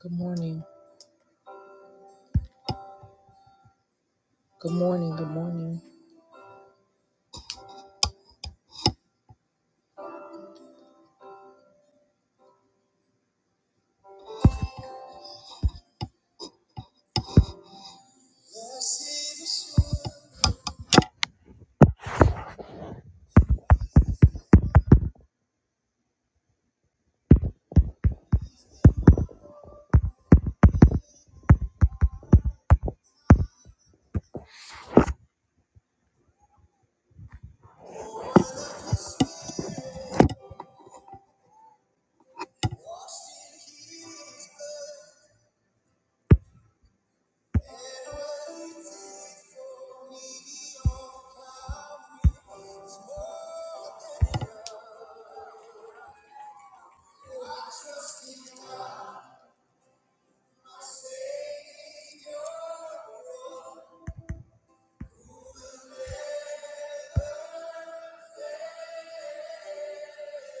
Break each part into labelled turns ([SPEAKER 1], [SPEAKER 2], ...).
[SPEAKER 1] Good morning. Good morning. Good morning.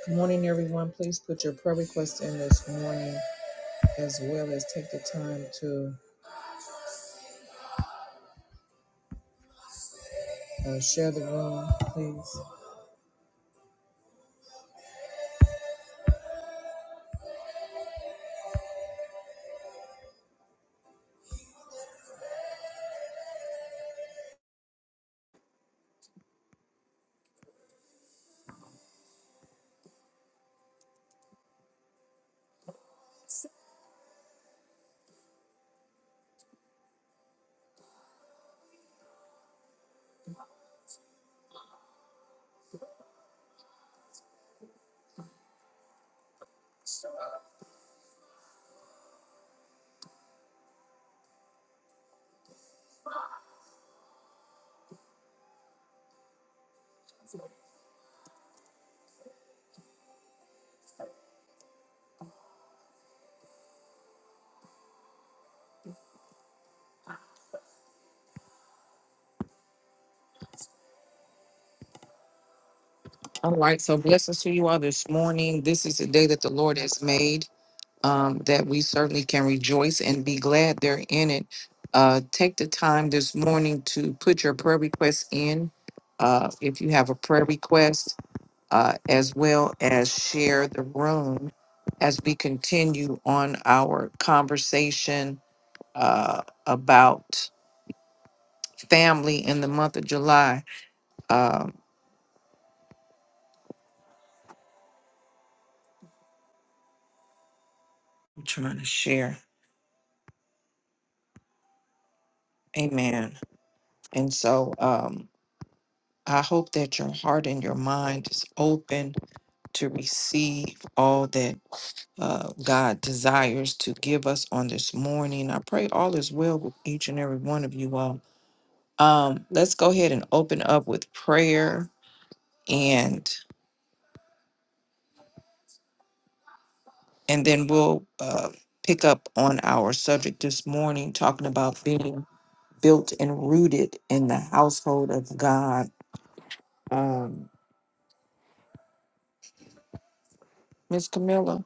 [SPEAKER 1] Good morning, everyone. Please put your prayer requests in this morning as well as take the time to uh, share the room, please. All right. So, blessings to you all this morning. This is the day that the Lord has made, um, that we certainly can rejoice and be glad they're in it. Uh, take the time this morning to put your prayer requests in. Uh, if you have a prayer request, uh, as well as share the room as we continue on our conversation uh, about family in the month of July. Um, I'm trying to share. Amen. And so um, I hope that your heart and your mind is open to receive all that uh, God desires to give us on this morning. I pray all is well with each and every one of you all. Um, let's go ahead and open up with prayer and and then we'll uh, pick up on our subject this morning, talking about being built and rooted in the household of God. Um, Miss Camilla,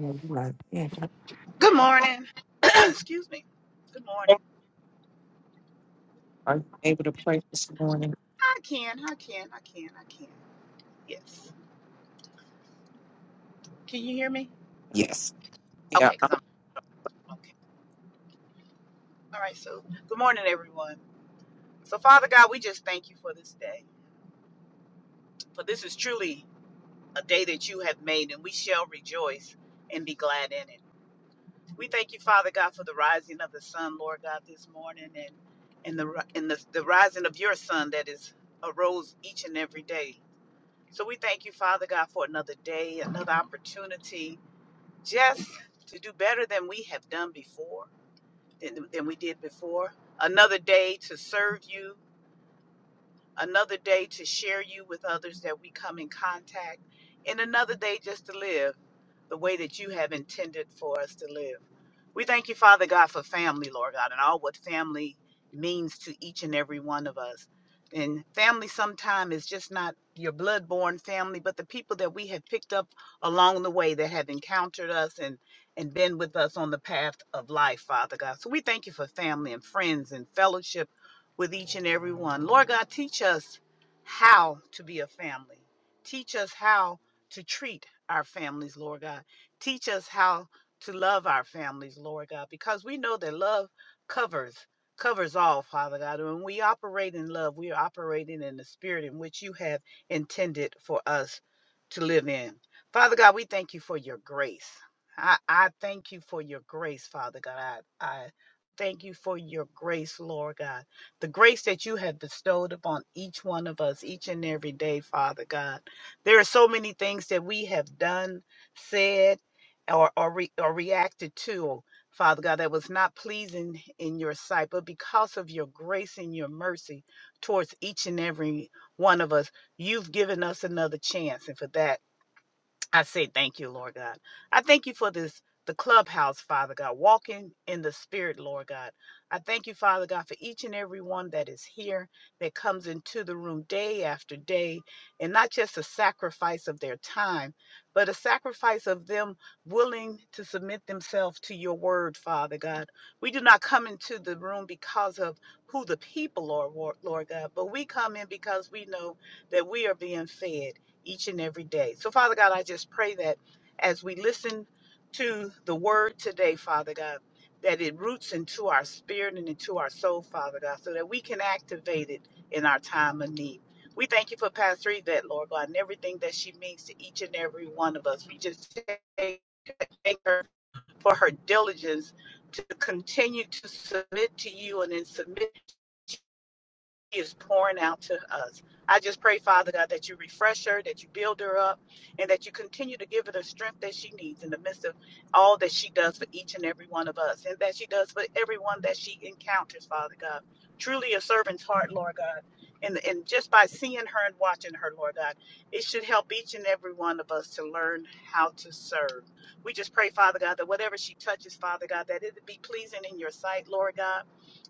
[SPEAKER 1] are you right? Yeah.
[SPEAKER 2] Good morning. Excuse me. Good morning.
[SPEAKER 1] are you able to pray this morning?
[SPEAKER 2] I can, I can, I can, I can. Yes. Can you hear me?
[SPEAKER 1] Yes.
[SPEAKER 2] Okay, because I'm okay. All right, so good morning, everyone. So, Father God, we just thank you for this day. For this is truly a day that you have made, and we shall rejoice and be glad in it. We thank you, Father God, for the rising of the sun, Lord God, this morning, and and the ri- and the, the rising of your sun that is arose each and every day. So we thank you, Father God, for another day, another opportunity just to do better than we have done before, than, than we did before. Another day to serve you, another day to share you with others that we come in contact, and another day just to live the way that you have intended for us to live. We thank you, Father God, for family, Lord God, and all what family means to each and every one of us. And family sometimes is just not your blood-born family, but the people that we have picked up along the way that have encountered us and, and been with us on the path of life, Father God. So we thank you for family and friends and fellowship with each and every one. Lord God, teach us how to be a family. Teach us how to treat our families, Lord God. Teach us how to love our families, Lord God, because we know that love covers covers all, Father God. And When we operate in love, we are operating in the spirit in which you have intended for us to live in. Father God, we thank you for your grace. I, I thank you for your grace, Father God. I, I thank you for your grace, Lord God. The grace that you have bestowed upon each one of us each and every day, Father God. There are so many things that we have done, said, or, or, re, or reacted to, Father God, that was not pleasing in your sight. But because of your grace and your mercy towards each and every one of us, you've given us another chance. And for that, I say thank you, Lord God. I thank you for this, the clubhouse, Father God, walking in the Spirit, Lord God. I thank you, Father God, for each and every one that is here, that comes into the room day after day, and not just a sacrifice of their time, but a sacrifice of them willing to submit themselves to your word, Father God. We do not come into the room because of who the people are, Lord God, but we come in because we know that we are being fed each and every day. So, Father God, I just pray that as we listen to the word today, Father God, that it roots into our spirit and into our soul, Father God, so that we can activate it in our time of need. We thank you for Pastor Yvette, Lord God, and everything that she means to each and every one of us. We just thank thank her for her diligence to continue to submit to you and then submit is pouring out to us. I just pray, Father God, that you refresh her, that you build her up, and that you continue to give her the strength that she needs in the midst of all that she does for each and every one of us, and that she does for everyone that she encounters, Father God. Truly a servant's heart, Lord God. And, and just by seeing her and watching her, Lord God, it should help each and every one of us to learn how to serve. We just pray, Father God, that whatever she touches, Father God, that it be pleasing in your sight, Lord God.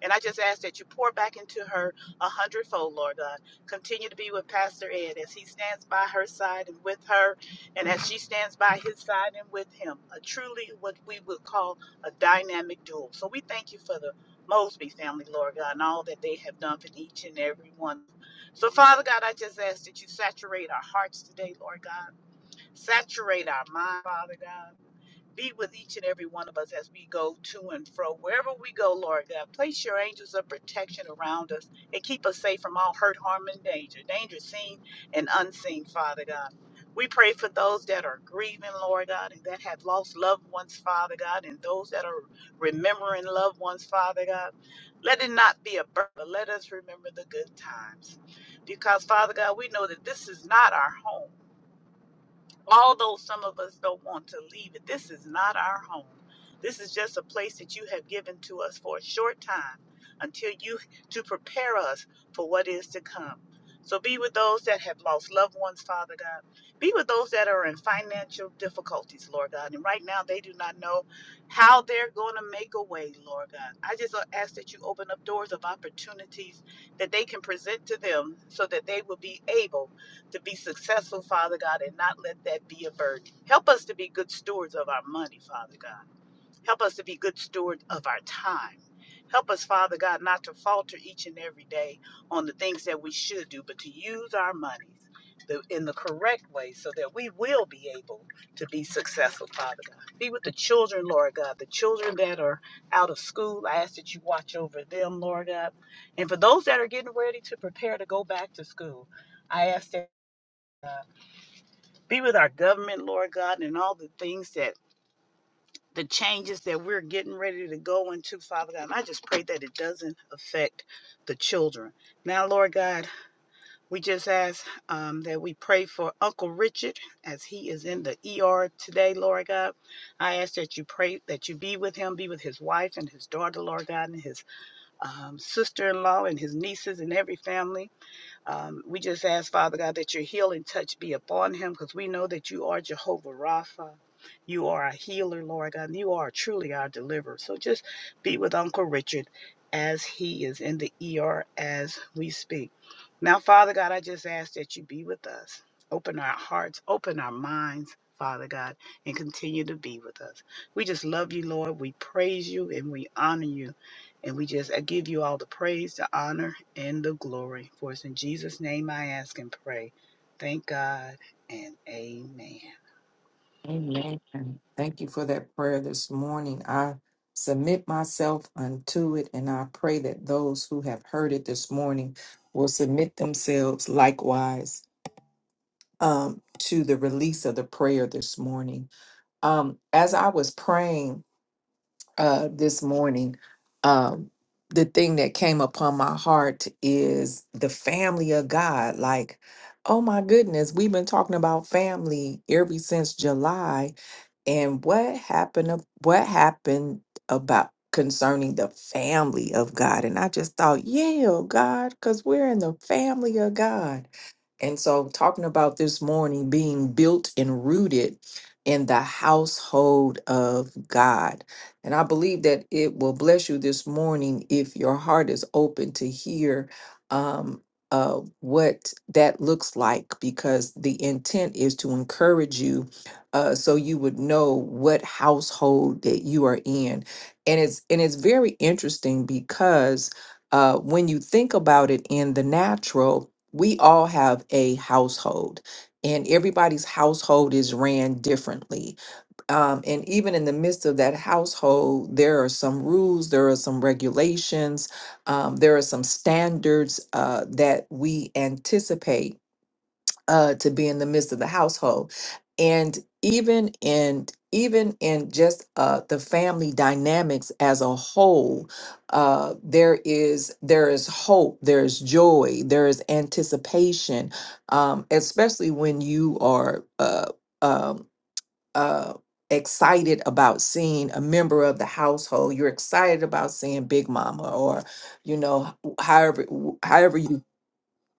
[SPEAKER 2] And I just ask that you pour back into her a hundredfold, Lord God. Continue to be with Pastor Ed as he stands by her side and with her, and as she stands by his side and with him. A truly what we would call a dynamic duel. So we thank you for the Mosby family, Lord God, and all that they have done for each and every one. So, Father God, I just ask that you saturate our hearts today, Lord God. Saturate our mind, Father God. Be with each and every one of us as we go to and fro. Wherever we go, Lord God, place your angels of protection around us and keep us safe from all hurt, harm, and danger, danger seen and unseen, Father God. We pray for those that are grieving, Lord God, and that have lost loved ones, Father God, and those that are remembering loved ones, Father God. Let it not be a burden, but let us remember the good times. Because, Father God, we know that this is not our home. Although some of us don't want to leave it, this is not our home. This is just a place that you have given to us for a short time until you to prepare us for what is to come. So be with those that have lost loved ones, Father God. Be with those that are in financial difficulties, Lord God. And right now they do not know how they're going to make a way, Lord God. I just uh, ask that you open up doors of opportunities that they can present to them so that they will be able to be successful, Father God, and not let that be a burden. Help us to be good stewards of our money, Father God. Help us to be good stewards of our time. Help us, Father God, not to falter each and every day on the things that we should do, but to use our monies the, in the correct way so that we will be able to be successful, Father God. Be with the children, Lord God, the children that are out of school. I ask that you watch over them, Lord God. And for those that are getting ready to prepare to go back to school, I ask that. Be with our government, Lord God, and all the things that the changes that we're getting ready to go into, Father God. And I just pray that it doesn't affect the children. Now, Lord God, we just ask um, that we pray for Uncle Richard as he is in the ER today, Lord God. I ask that you pray that you be with him, be with his wife and his daughter, Lord God, and his um, sister in law and his nieces and every family um, we just ask, Father God, that your healing touch be upon him because we know that you are Jehovah Rapha. You are a healer, Lord God, and you are truly our deliverer. So just be with Uncle Richard as he is in the ER as we speak. Now, Father God, I just ask that you be with us. Open our hearts, open our minds, Father God, and continue to be with us. We just love you, Lord. We praise you and we honor you. And we just I give you all the praise, the honor, and the glory. For it's in Jesus' name I ask and pray. Thank God and amen.
[SPEAKER 1] Amen. Thank you for that prayer this morning. I submit myself unto it, and I pray that those who have heard it this morning will submit themselves likewise um, to the release of the prayer this morning. Um, as I was praying, uh, this morning, um, the thing that came upon my heart is the family of God. Like, oh my goodness, we've been talking about family ever since July, and what happened? ab- What happened about concerning the family of God? And I just thought, yeah, oh God, because we're in the family of God. And so, talking about this morning being built and rooted in the household of God and I believe that it will bless you this morning if your heart is open to hear um, uh, what that looks like, because the intent is to encourage you uh, so you would know what household that you are in. And it's and it's very interesting because uh, when you think about it in the natural, we all have a household, and everybody's household is ran differently um, and even in the midst of that household, there are some rules, there are some regulations, um, there are some standards uh, that we anticipate uh, to be in the midst of the household, and even in even in just uh, the family dynamics as a whole, uh, there is there is hope, there is joy, there is anticipation, um, especially when you are. Uh, um, uh, excited about seeing a member of the household. You're excited about seeing Big Mama, or you know, however however you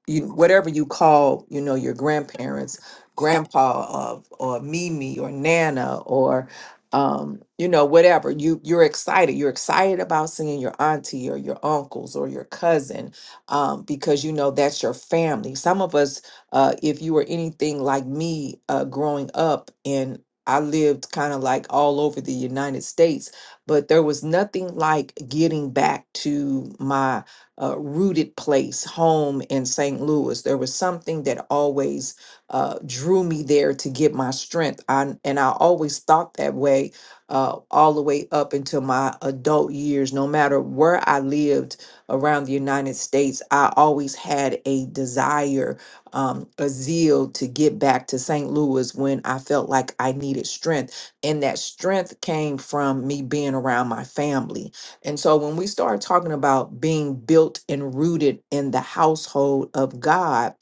[SPEAKER 1] you whatever you call you know your grandparents grandpa of or mimi or nana or um you know whatever you you're excited you're excited about seeing your auntie or your uncles or your cousin um because you know that's your family some of us uh if you were anything like me uh growing up and I lived kind of like all over the United States, but there was nothing like getting back to my uh, rooted place, home in St. Louis. There was something that always uh, drew me there to get my strength. I, and I always thought that way uh, all the way up until my adult years. No matter where I lived around the United States, I always had a desire, um, a zeal to get back to St. Louis when I felt like I needed strength. And that strength came from me being around my family and so when we start talking about being built and rooted in the household of God,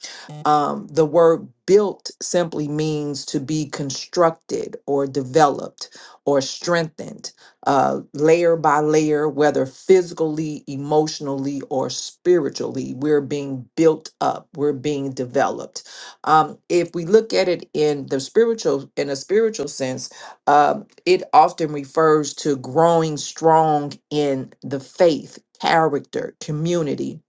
[SPEAKER 1] um, the word built simply means to be constructed or developed or strengthened uh, layer by layer, whether physically, emotionally, or spiritually. We're being built up, we're being developed. Um, if we look at it in the spiritual, in a spiritual sense, um, it often refers to growing strong in the faith, character, community,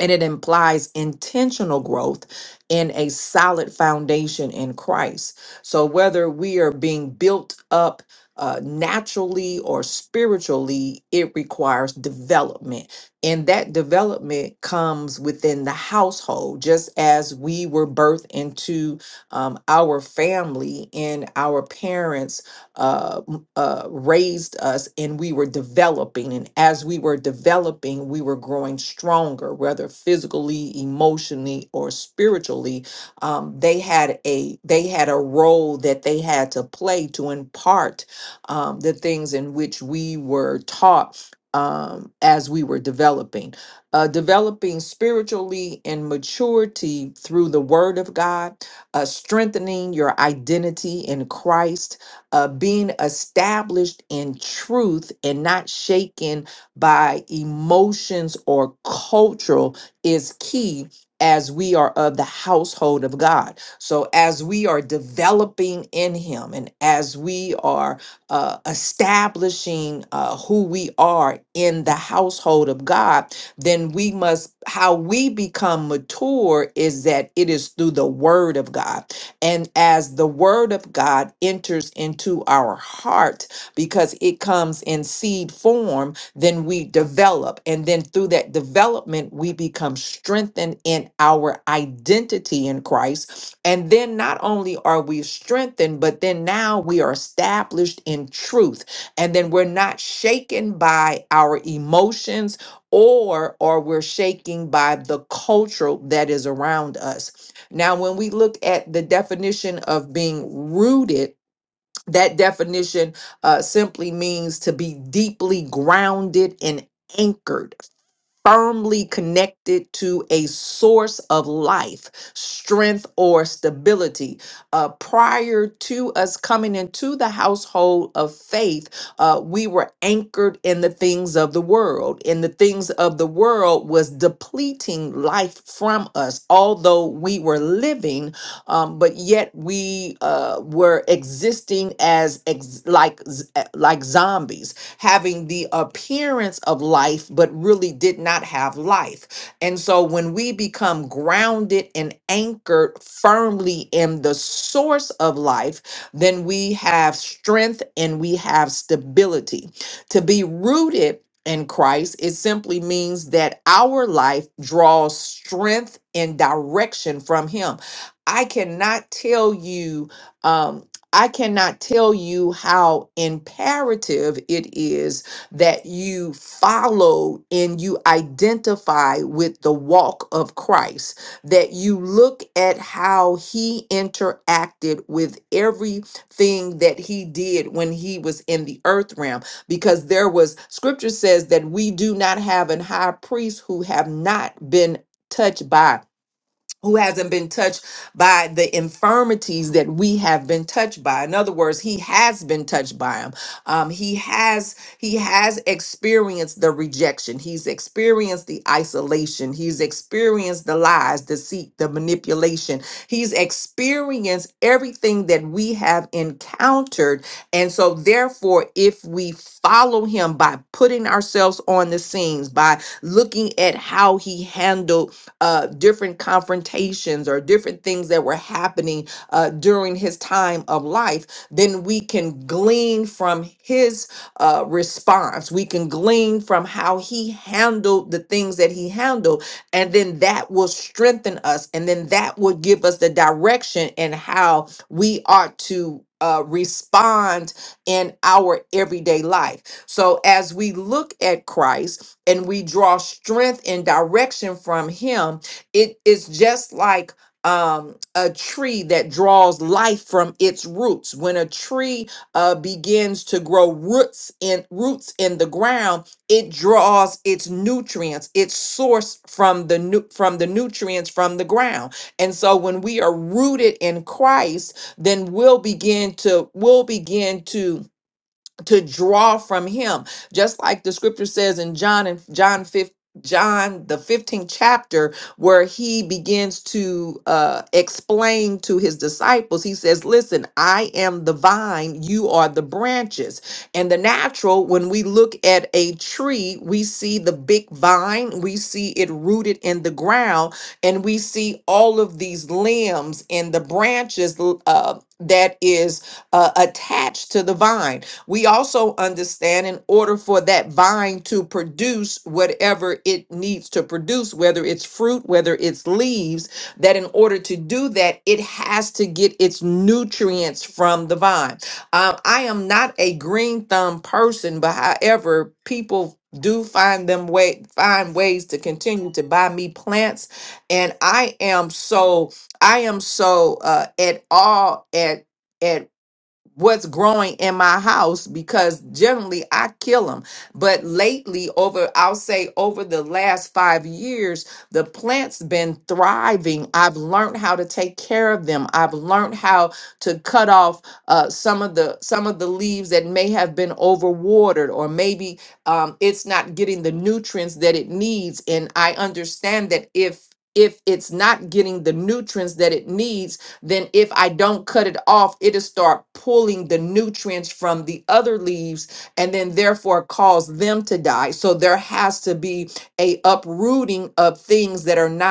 [SPEAKER 1] and it implies intentional growth in a solid foundation in Christ. So, whether we are being built up uh, naturally or spiritually, it requires development. And that development comes within the household, just as we were birthed into um, our family and our parents uh, m- uh, raised us and we were developing. And as we were developing, we were growing stronger, whether physically, emotionally, or spiritually. Um, they had a they had a role that they had to play to impart um, the things in which we were taught um, as we were developing. Uh, developing spiritually and maturity through the word of God, uh, strengthening your identity in Christ, uh, being established in truth and not shaken by emotions or cultural is key as we are of the household of God. So, as we are developing in Him and as we are uh, establishing uh, who we are in the household of God, then we must, how we become mature is that it is through the Word of God. And as the word of God enters into our heart, because it comes in seed form, then we develop. And then through that development, we become strengthened in our identity in Christ. And then not only are we strengthened, but then now we are established in truth. And then we're not shaken by our emotions or or we're shaken by the culture that is around us now, when we look at the definition of being rooted, that definition uh, simply means to be deeply grounded and anchored firmly connected to a source of life, strength, or stability. Uh, prior to us coming into the household of faith, uh, we were anchored in the things of the world, and the things of the world was depleting life from us, although we were living, um, but yet we uh, were existing as ex- like z- eh, like zombies having the appearance of life, but really did not have life. And so when we become grounded and anchored firmly in the source of life, then we have strength and we have stability. To be rooted in Christ, it simply means that our life draws strength and direction from Him. I cannot tell you um, I cannot tell you how imperative it is that you follow and you identify with the walk of Christ, that you look at how he interacted with everything that he did when he was in the earth realm, because there was scripture says that we do not have an high priest who have not been touched by who hasn't been touched by the infirmities that we have been touched by in other words he has been touched by them. um, he has he has experienced the rejection he's experienced the isolation he's experienced the lies deceit the manipulation he's experienced everything that we have encountered and so therefore if we follow him by putting ourselves on the scenes by looking at how he handled uh, different confrontations or different things that were happening uh, during his time of life, then we can glean from his uh, response. We can glean from how he handled the things that he handled. And then that will strengthen us. And then that will give us the direction and how we ought to. Uh, respond in our everyday life. So, as we look at Christ, and we draw strength and direction from him it is just like um a tree that draws life from its roots when a tree uh begins to grow roots in roots in the ground it draws its nutrients its source from the nu- from the nutrients from the ground and so when we are rooted in Christ then we'll begin to we'll begin to to draw from him just like the scripture says in john and john 5 john the 15th chapter where he begins to uh explain to his disciples he says listen i am the vine you are the branches and the natural when we look at a tree we see the big vine we see it rooted in the ground and we see all of these limbs and the branches uh that is uh, attached to the vine we also understand in order for that vine to produce whatever it needs to produce, whether it's fruit, whether it's leaves, that in order to do that, it has to get its nutrients from the vine. Um, I am not a green thumb person, but however, people do find them way find ways to continue to buy me plants and i am so i am so uh at all at at what's growing in my house because generally I kill them. But lately, over I'll say over the last five years, the plant's been thriving. I've learned how to take care of them. I've learned how to cut off uh, some of the some of the leaves that may have been overwatered or maybe um, it's not getting the nutrients that it needs. And I understand that if if it's not getting the nutrients that it needs then if I don't cut it off, it'll start pulling the nutrients from the other leaves and then therefore cause them to die. So there has to be a uprooting of things that are not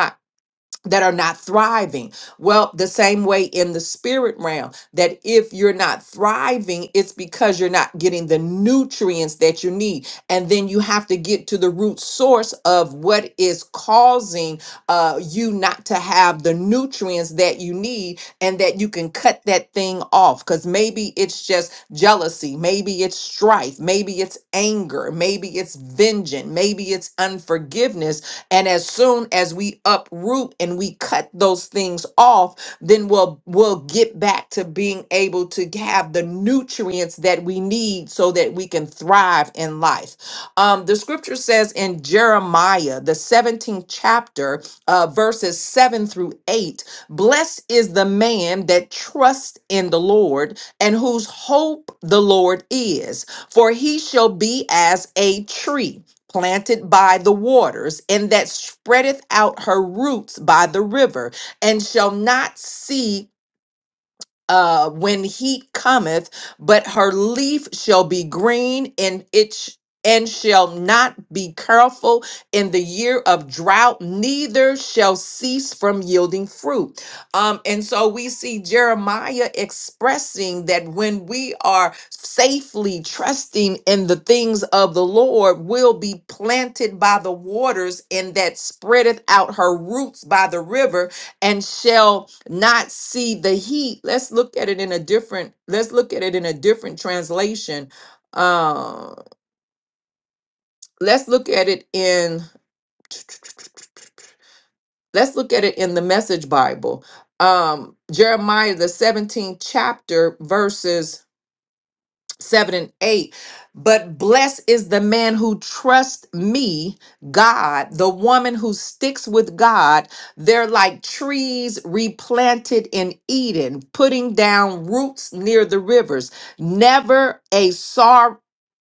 [SPEAKER 1] that are not thriving. Well, the same way in the spirit realm, that if you're not thriving, it's because you're not getting the nutrients that you need. And then you have to get to the root source of what is causing uh, you not to have the nutrients that you need and that you can cut that thing off. Because maybe it's just jealousy, maybe it's strife, maybe it's anger, maybe it's vengeance, maybe it's unforgiveness and as soon as we uproot and we cut those things off, then we'll we'll get back to being able to have the nutrients that we need so that we can thrive in life. Um, the scripture says in Jeremiah, the 17th chapter, uh, verses 7 through 8, blessed is the man that trusts in the Lord and whose hope the Lord is, for he shall be as a tree planted by the waters, and that spreadeth out her roots by the river, and shall not see uh, when heat cometh, but her leaf shall be green and it sh- and shall not be careful in the year of drought, neither shall cease from yielding fruit. Um, and so we see Jeremiah expressing that when we are safely trusting in the things of the Lord, we'll be planted by the waters, and that spreadeth out her roots by the river, and shall not see the heat. Let's look at it in a different, let's look at it in a different translation. Uh, let's look at it in let's look at it in the message Bible. Um, Jeremiah the 17th chapter, verses 7 and 8. But blessed is the man who trusts me, God, the woman who sticks with God. They're like trees replanted in Eden, putting down roots near the rivers. Never a sorrow.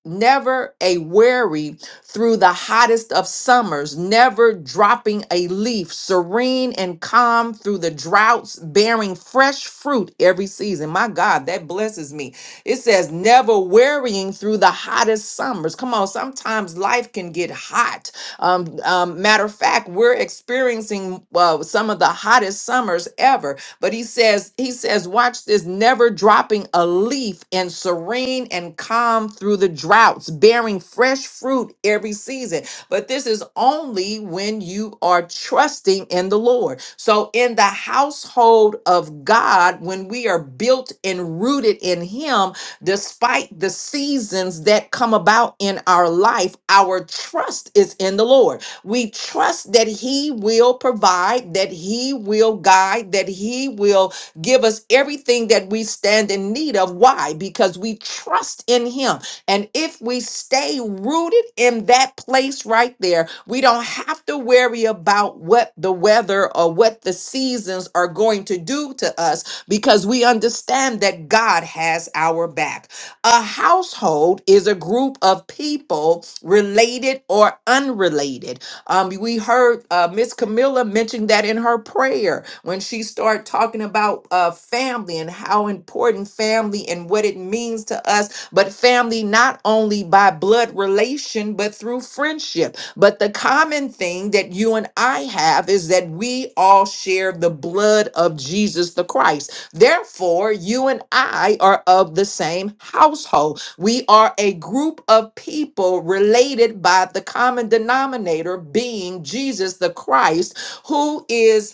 [SPEAKER 1] Never a weary through the hottest of summers, never dropping a leaf, serene and calm through the droughts, bearing fresh fruit every season. My God, that blesses me it says, never wearying through the hottest summers. Come on, sometimes life can get hot. Um, um, matter of fact, we're experiencing uh, some of the hottest summers ever. But he says, he says, watch this, never dropping a leaf and serene and calm through the droughts, bearing fresh fruit every season. But this is only when you are trusting in the Lord. So in the household of God, when we are built and rooted in him, Despite the seasons that come about in our life, our trust is in the Lord. We trust that He will provide, that He will guide, that He will give us everything that we stand in need of. Why? Because we trust in Him. And if we stay rooted in that place right there, we don't have to worry about what the weather or what the seasons are going to do to us because we understand that God has our back. A household is a group of people related or unrelated. Um, we heard uh, Miss Camilla mention that in her prayer when she started talking about uh, family and how important family and what it means to us, but family not only by blood relation, but through friendship. But the common thing that you and I have is that we all share the blood of Jesus the Christ. Therefore, you and I are of the same household. We are a group of people related by the common denominator being Jesus the Christ, who is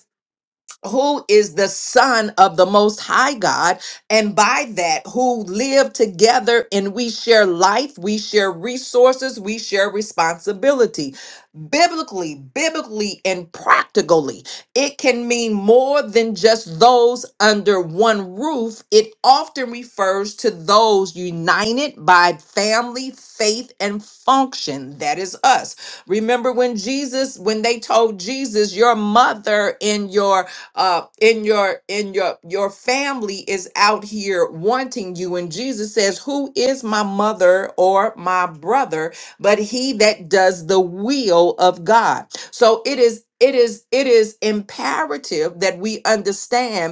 [SPEAKER 1] who is the son of the most high god and by that who live together and we share life we share resources we share responsibility biblically biblically and practically it can mean more than just those under one roof it often refers to those united by family faith and function that is us remember when jesus when they told jesus your mother and your uh in your in your your family is out here wanting you and jesus says who is my mother or my brother but he that does the will of god so it is it is it is imperative that we understand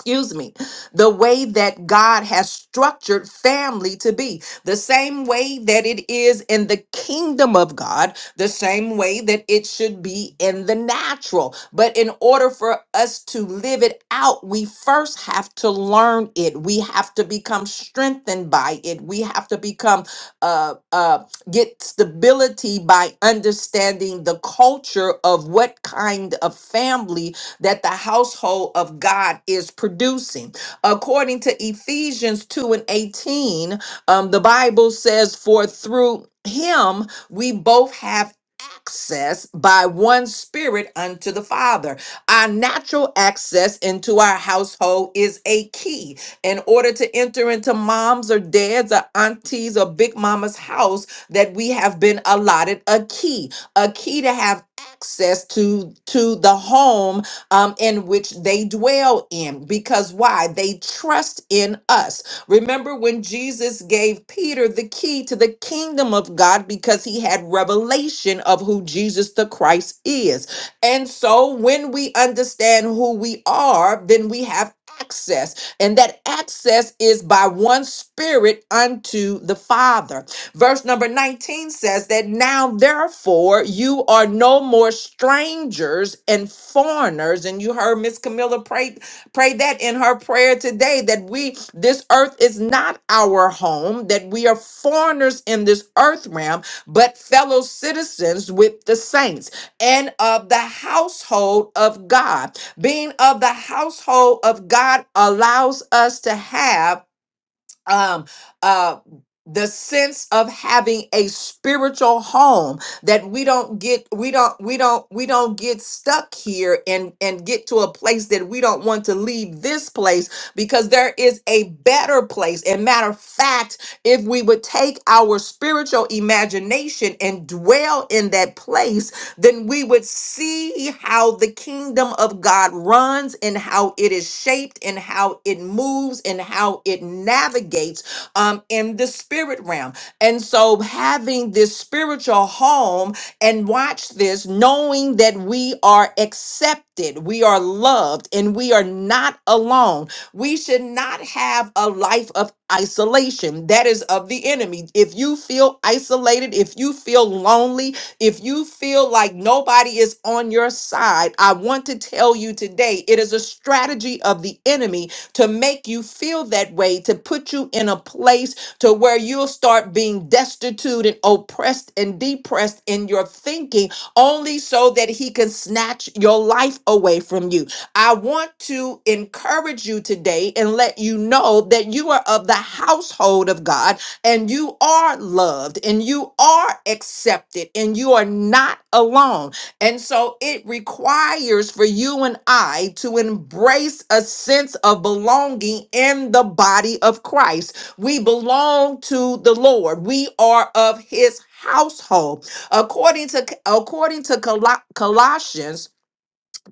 [SPEAKER 1] excuse me, the way that God has structured family to be, the same way that it is in the kingdom of God, the same way that it should be in the natural. But in order for us to live it out, we first have to learn it. We have to become strengthened by it. We have to become, uh, uh, get stability by understanding the culture of what kind of family that the household of God is producing. According to Ephesians 2 and 18, um, the Bible says, For through him we both have access by one spirit unto the Father. Our natural access into our household is a key. In order to enter into moms or dads or aunties or big mama's house, that we have been allotted a key, a key to have access to to the home um, in which they dwell in. Because why? They trust in us. Remember when Jesus gave Peter the key to the kingdom of God because he had revelation of who Jesus the Christ is. And so when we understand who we are, then we have access. And that access is by one spirit unto the Father. Verse number 19 says that now, therefore, you are no more strangers and foreigners. And you heard Miss Camilla pray, pray that in her prayer today that we, this earth is not our home, that we are foreigners in this earth realm, but fellow citizens with the saints and of the household of God. Being of the household of God allows us to have um uh the sense of having a spiritual home that we don't get we don't we don't we don't get stuck here and and get to a place that we don't want to leave this place because there is a better place and matter of fact if we would take our spiritual imagination and dwell in that place then we would see how the kingdom of God runs and how it is shaped and how it moves and how it navigates um, in the spirit realm. And so, having this spiritual home and watch this, knowing that we are accepted, we are loved, and we are not alone. We should not have a life of isolation. That is of the enemy. If you feel isolated, if you feel lonely, if you feel like nobody is on your side, I want to tell you today it is a strategy of the enemy to make you feel that way, to put you in a place to where you'll start being destitute and oppressed and depressed in your thinking, only so that he can snatch your life away from you. I want to encourage you today and let you know that you are of the household of God and you are loved and you are accepted and you are not alone. And so it requires for you and I to embrace a sense of belonging in the body of Christ. We belong to the Lord. We are of his household. According to according to Col- Colossians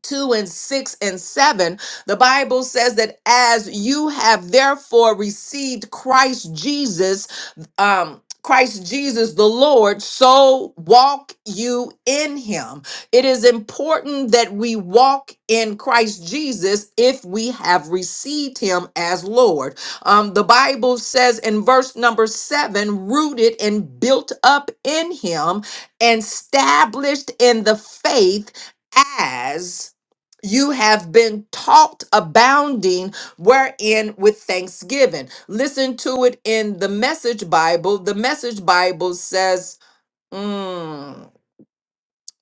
[SPEAKER 1] 2 and 6 and 7, the Bible says that as you have therefore received Christ Jesus um Christ Jesus the Lord, so walk you in him. It is important that we walk in Christ Jesus if we have received him as Lord. Um, the Bible says in verse number seven, rooted and built up in him and established in the faith as you have been taught, abounding we're in with thanksgiving. Listen to it in the Message Bible. The Message Bible says, mm,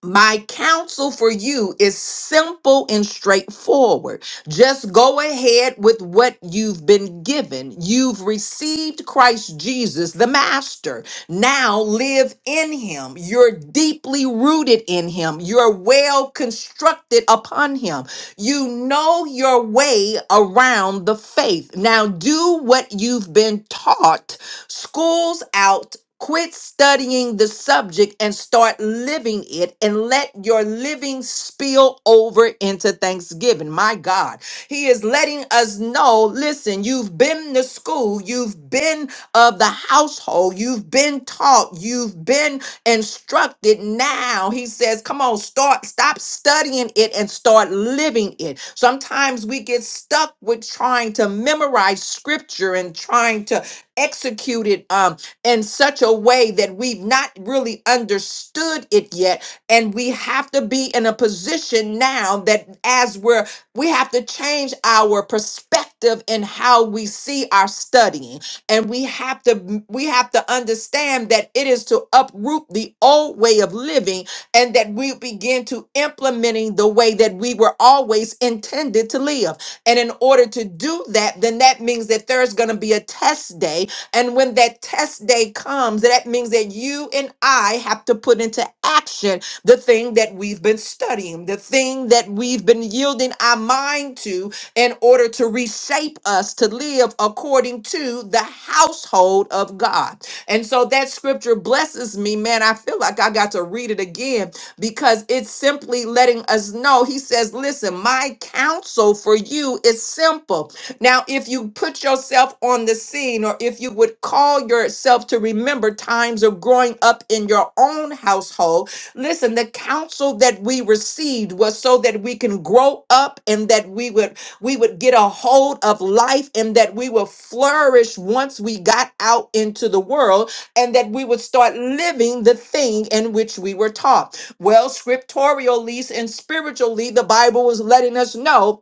[SPEAKER 1] my counsel for you is simple and straightforward. Just go ahead with what you've been given. You've received Christ Jesus, the Master. Now live in Him. You're deeply rooted in Him. You're well constructed upon Him. You know your way around the faith. Now do what you've been taught. School's out, Quit studying the subject and start living it and let your living spill over into Thanksgiving. My God, He is letting us know listen, you've been to school, you've been of the household, you've been taught, you've been instructed. Now He says, come on, start, stop studying it and start living it. Sometimes we get stuck with trying to memorize scripture and trying to execute it. Um, in such a way that we've not really understood it yet. And we have to be in a position now that as we're, we have to change our perspective in how we see our studying. And we have to, we have to understand that it is to uproot the old way of living and that we begin to implementing the way that we were always intended to live. And in order to do that, then that means that there's going to be a test day and when that test day comes, that means that you and I have to put into action the thing that we've been studying, the thing that we've been yielding our mind to in order to reshape us to live according to the household of God. And so that scripture blesses me, man. I feel like I got to read it again because it's simply letting us know. He says, Listen, my counsel for you is simple. Now, if you put yourself on the scene, or if you would call yourself to remember times of growing up in your own household, listen, the counsel that we received was so that we can grow up and that we would we would get a hold of life and that we would flourish once we got out into the world and that we would start living the thing in which we were taught. Well, scripturally and spiritually, the Bible was letting us know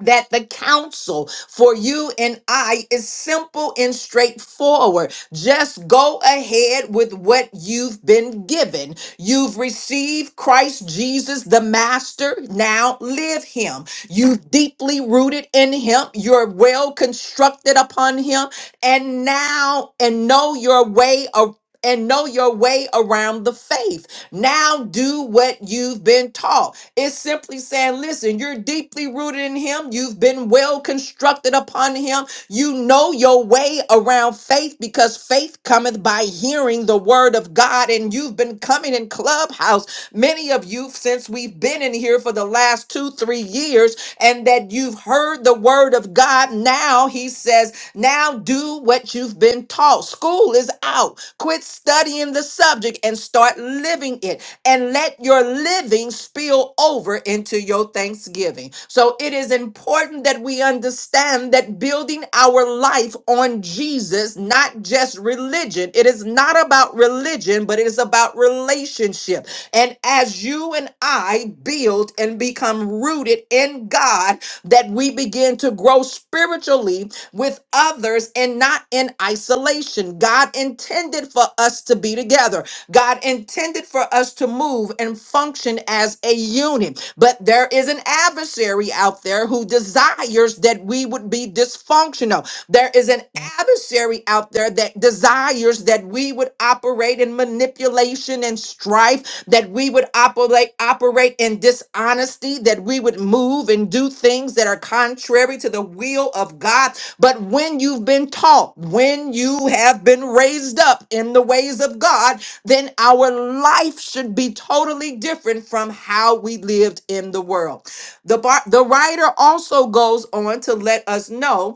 [SPEAKER 1] that the counsel for you and I is simple and straightforward. Just go ahead with what you've been given. You've received Christ Jesus, the Master. Now live Him. You deeply rooted in Him. You're well constructed upon Him. And now, and know your way of and know your way around the faith. Now do what you've been taught. It's simply saying, listen, you're deeply rooted in Him. You've been well constructed upon Him. You know your way around faith because faith cometh by hearing the word of God. And you've been coming in Clubhouse, many of you, since we've been in here for the last two, three years, and that you've heard the word of God. Now He says, now do what you've been taught. School is out. Quit studying the subject and start living it and let your living spill over into your thanksgiving. So it is important that we understand that building our life on Jesus, not just religion, it is not about religion, but it is about relationship. And as you and I build and become rooted in God, that we begin to grow spiritually with others and not in isolation. God intended for us to be together. God intended for us to move and function as a unit. But there is an adversary out there who desires that we would be dysfunctional. There is an adversary out there that desires that we would operate in manipulation and strife, that we would operate operate in dishonesty, that we would move and do things that are contrary to the will of God. But when you've been taught, when you have been raised up in the ways of God, then our life should be totally different from how we lived in the world. The, bar- the writer also goes on to let us know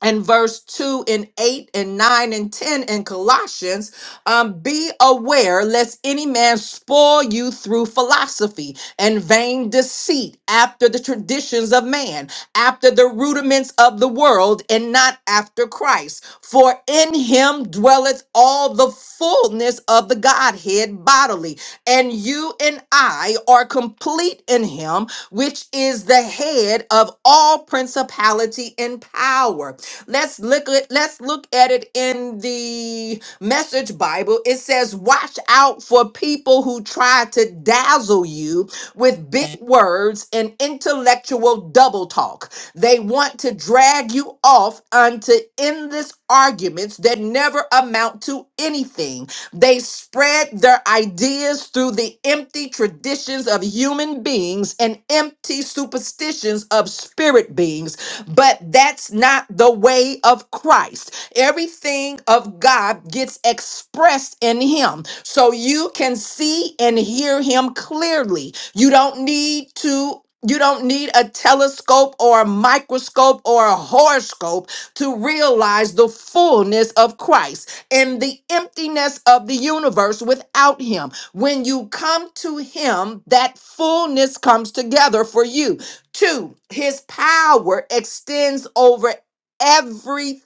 [SPEAKER 1] and verse 2 and 8 and 9 and 10 in Colossians, um, be aware lest any man spoil you through philosophy and vain deceit after the traditions of man, after the rudiments of the world, and not after Christ. For in him dwelleth all the fullness of the Godhead bodily, and you and I are complete in him, which is the head of all principality and power. Let's look at let's look at it in the message Bible. It says, watch out for people who try to dazzle you with big words and intellectual double talk. They want to drag you off onto endless arguments that never amount to anything. They spread their ideas through the empty traditions of human beings and empty superstitions of spirit beings but that's not the way of Christ. Everything of God gets expressed in Him. So you can see and hear Him clearly. You don't need to. You don't need a telescope or a microscope or a horoscope to realize the fullness of Christ and the emptiness of the universe without Him. When you come to Him, that fullness comes together for you. Two, his power extends over everything.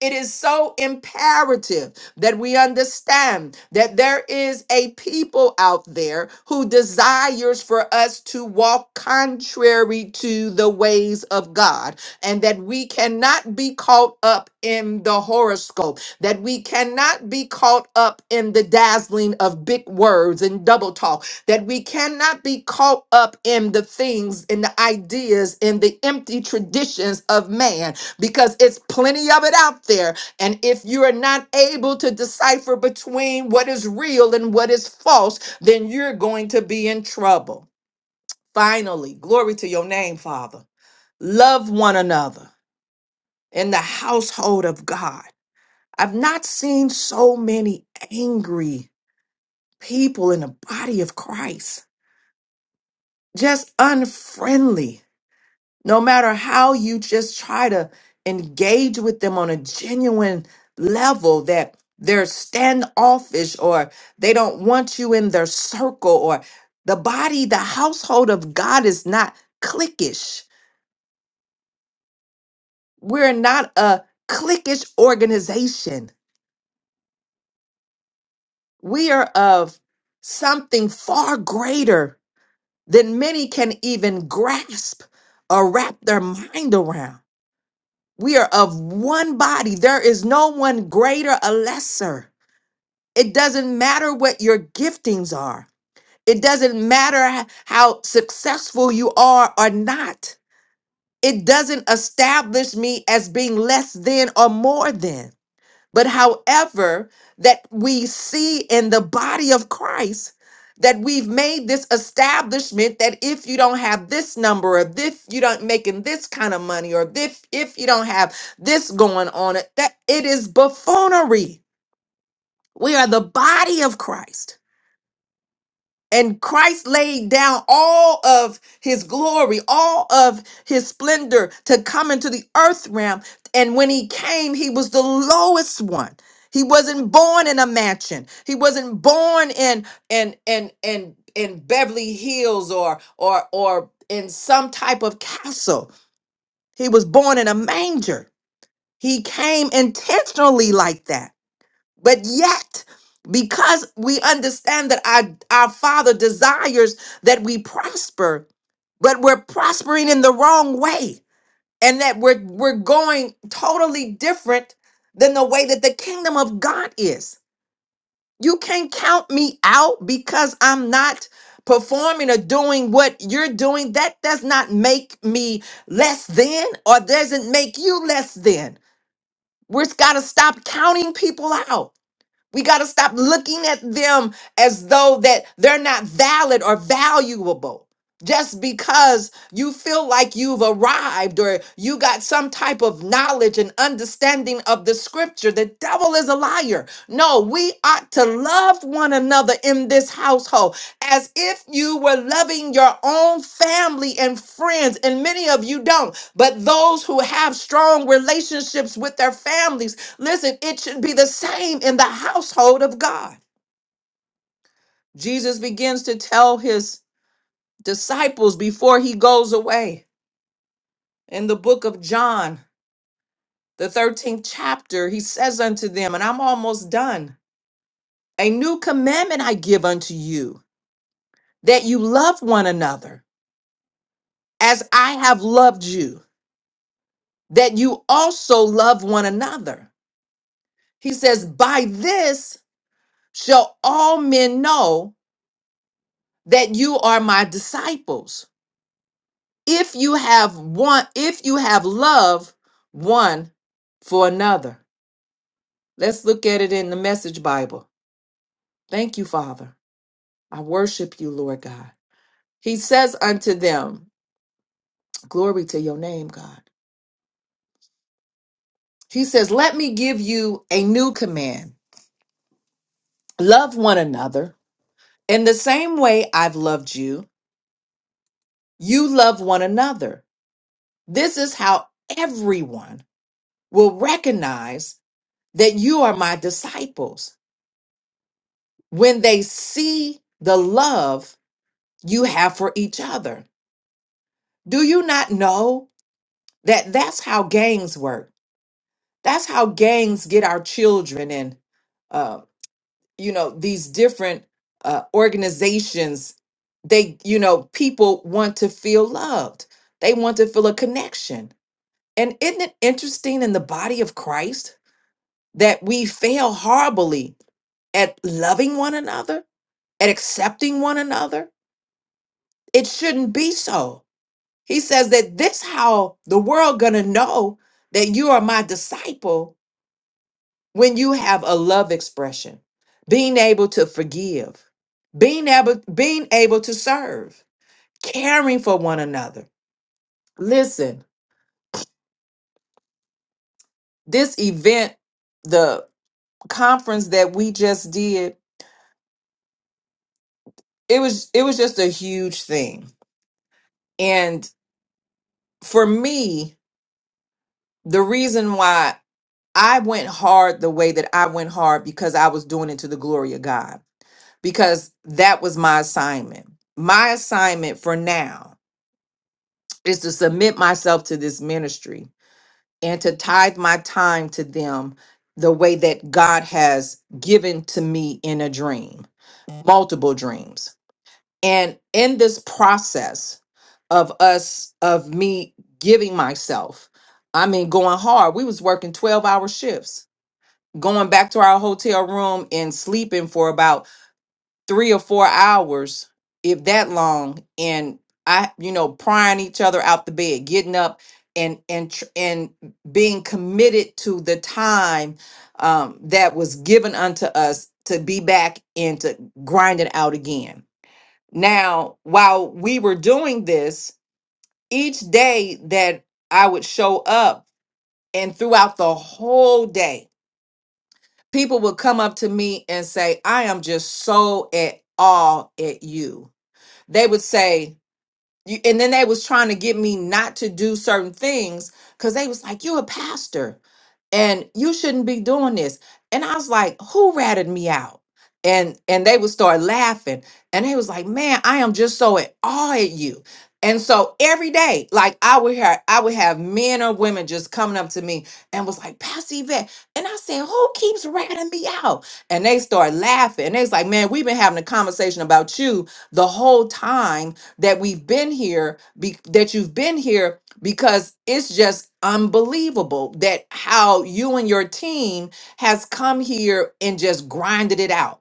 [SPEAKER 1] It is so imperative that we understand that there is a people out there who desires for us to walk contrary to the ways of God and that we cannot be caught up in the horoscope, that we cannot be caught up in the dazzling of big words and double talk that we cannot be caught up in the things in the ideas in the empty traditions of man because it's plenty of it out there and if you are not able to decipher between what is real and what is false then you're going to be in trouble finally glory to your name father love one another in the household of god i've not seen so many angry people in the body of christ just unfriendly no matter how you just try to engage with them on a genuine level that they're standoffish or they don't want you in their circle or the body the household of god is not cliquish we're not a cliquish organization we are of something far greater than many can even grasp or wrap their mind around We are of one body. There is no one greater or lesser. It doesn't matter what your giftings are. It doesn't matter h- how successful you are or not. It doesn't establish me as being less than or more than. But however, that we see in the body of Christ that we've made this establishment that if you don't have this number or if you don't making this kind of money or if if you don't have this going on it that it is buffoonery. We are the body of Christ. And Christ laid down all of his glory, all of his splendor to come into the earth realm. And when he came, he was the lowest one. He wasn't born in a mansion. He wasn't born in in in in in Beverly Hills or or or in some type of castle. He was born in a manger. He came intentionally like that but yet, because we understand that our, our Father desires that we prosper, but we're prospering in the wrong way, and that we're we're going totally different than the way that the kingdom of God is. You can't count me out because I'm not performing or doing what you're doing. That does not make me less than or doesn't make you less than. We've got to stop counting people out we got to stop looking at them as though that they're not valid or valuable. Just because you feel like you've arrived or you got some type of knowledge and understanding of the scripture, the devil is a liar. No, we ought to love one another in this household as if you were loving your own family and friends. And many of you don't, but those who have strong relationships with their families Listen, it should be the same in the household of God. Jesus begins to tell his disciples before he goes away in the book of John, the 13th chapter, he says unto them, and I'm almost done, a new commandment I give unto you, that you love one another as I have loved you, that you also love one another. He says, By this shall all men know that you are my disciples if you have one if you have love one for another let's look at it in the message bible thank you father i worship you lord god he says unto them glory to your name god he says let me give you a new command love one another in the same way i've loved you you love one another this is how everyone will recognize that you are my disciples when they see the love you have for each other. Do you not know that that's how gangs work? That's how gangs get our children and uh, you know these different uh, organizations. They, you know, people want to feel loved. They want to feel a connection. And isn't it interesting in the body of Christ that we fail horribly at loving one another, at accepting one another? It shouldn't be so He says that this how the world gonna know that you are my disciple when you have a love expression, being able to forgive, being able being able to serve, caring for one another. Listen, this event, the conference that we just did, it was it was just a huge thing. And for me, the reason why I went hard the way that I went hard because I was doing it to the glory of God because that was my assignment. My assignment for now is to submit myself to this ministry and to tithe my time to them the way that God has given to me in a dream, multiple dreams. And in this process of us, of me giving myself, I mean, going hard, we was working 12 hour shifts, going back to our hotel room and sleeping for about three or four hours, if that long, and I, you know, prying each other out the bed, getting up, and and tr- and being committed to the time um, that was given unto us to be back and to grind it out again. Now, while we were doing this, each day that I would show up, and throughout the whole day, people would come up to me and say, "I am just so at awe at you." they would say you and then they was trying to get me not to do certain things because they was like you're a pastor and you shouldn't be doing this and i was like who ratted me out and and they would start laughing and they was like man i am just so at awe at you and so every day like i would have i would have men or women just coming up to me and was like pastor yvette and i said who keeps ratting me out and they start laughing and they was like man we've been having a conversation about you the whole time that we've been here be, that you've been here because it's just unbelievable that how you and your team has come here and just grinded it out.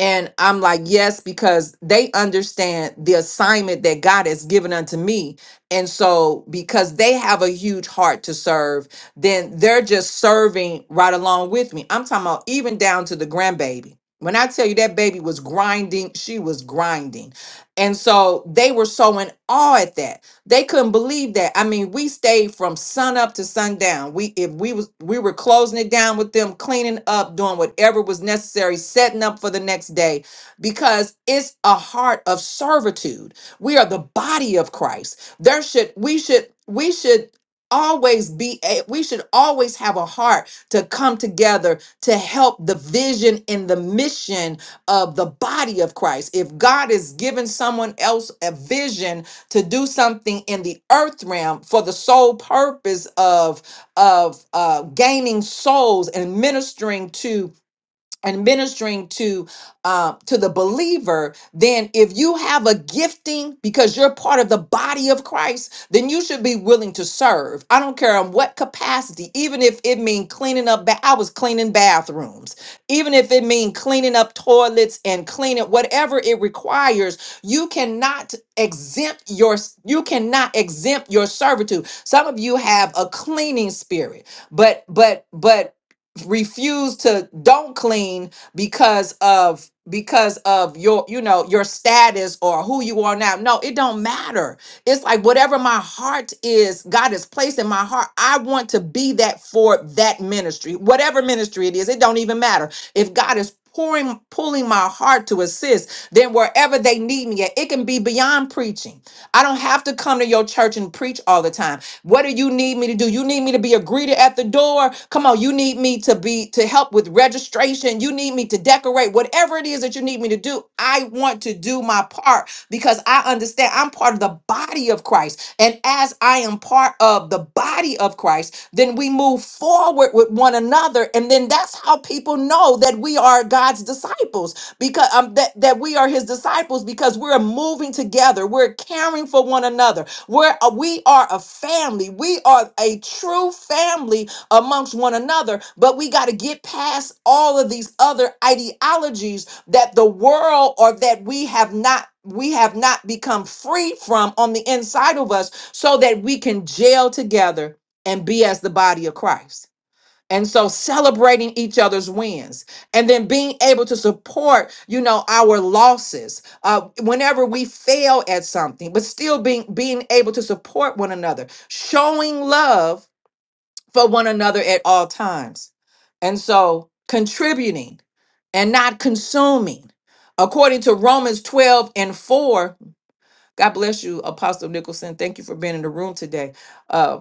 [SPEAKER 1] And I'm like, yes, because they understand the assignment that God has given unto me. And so, because they have a huge heart to serve, then they're just serving right along with me. I'm talking about even down to the grandbaby. When I tell you that baby was grinding, she was grinding. And so, they were so in awe at that they couldn't believe that. I mean, we stayed from sun up to sundown. We if we was we were closing it down with them, cleaning up, doing whatever was necessary, setting up for the next day because it's a heart of servitude. We are the body of Christ. There should we should we should always be a, we should always have a heart to come together to help the vision and the mission of the body of Christ. If God is giving someone else a vision to do something in the earth realm for the sole purpose of of uh, gaining souls and ministering to and ministering to uh, to the believer then if you have a gifting because you're part of the body of christ then you should be willing to serve i don't care in what capacity even if it mean cleaning up ba- i was cleaning bathrooms even if it mean cleaning up toilets and cleaning whatever it requires you cannot exempt your you cannot exempt your servitude some of you have a cleaning spirit but but but refuse to don't clean because of because of your you know your status or who you are now no it don't matter it's like whatever my heart is god has placed in my heart i want to be that for that ministry whatever ministry it is it don't even matter if god is pouring pulling my heart to assist then wherever they need me at it can be beyond preaching I don't have to come to your church and preach all the time. What do you need me to do? You need me to be a greeter at the door. Come on, you need me to be to help with registration. You need me to decorate. Whatever it is that you need me to do, I want to do my part because I understand I'm part of the body of Christ. And as I am part of the body of Christ, then we move forward with one another. And then that's how people know that we are God's disciples because um, that, that we are his disciples because we're moving together we're caring for one another we're uh, we are a family we are a true family amongst one another but we got to get past all of these other ideologies that the world or that we have not we have not become free from on the inside of us so that we can jail together and be as the body of christ and so celebrating each other's wins and then being able to support, you know, our losses uh, whenever we fail at something, but still being being able to support one another, showing love for one another at all times. And so contributing and not consuming. According to Romans 12 and 4, God bless you, Apostle Nicholson. Thank you for being in the room today Uh,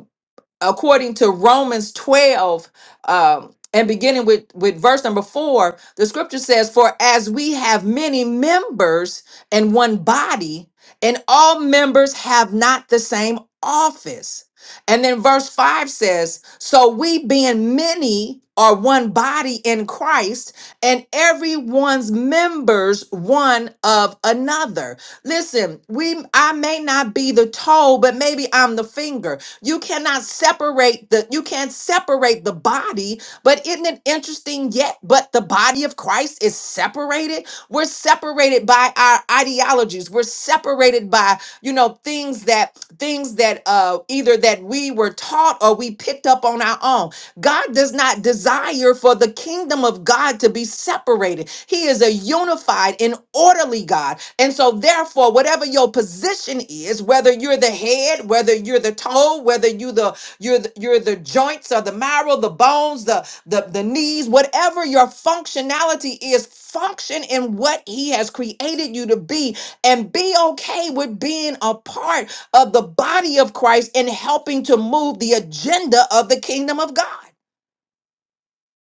[SPEAKER 1] according to Romans 12 um, and beginning with, with verse number four, the scripture says, For as we have many members in one body, and all members have not the same office. And then verse five says, So we being many are one body in Christ, and everyone's members one of another. Listen, we I may not be the toe, but maybe I'm the finger. You cannot separate the you can't separate the body, but isn't it interesting yet? But the body of Christ is separated. We're separated by our ideologies. We're separated by, you know, things that things that uh either that we were taught or we picked up on our own. God does not desire for the kingdom of God to be separated. He is a unified and orderly God. And so, therefore, whatever your position is, whether you're the head, whether you're the toe, whether you the you're the, you're the joints or the marrow, the bones, the, the the knees, whatever your functionality is, function in what He has created you to be, and be okay with being a part of the body of Christ in helping to move the agenda of the kingdom of God.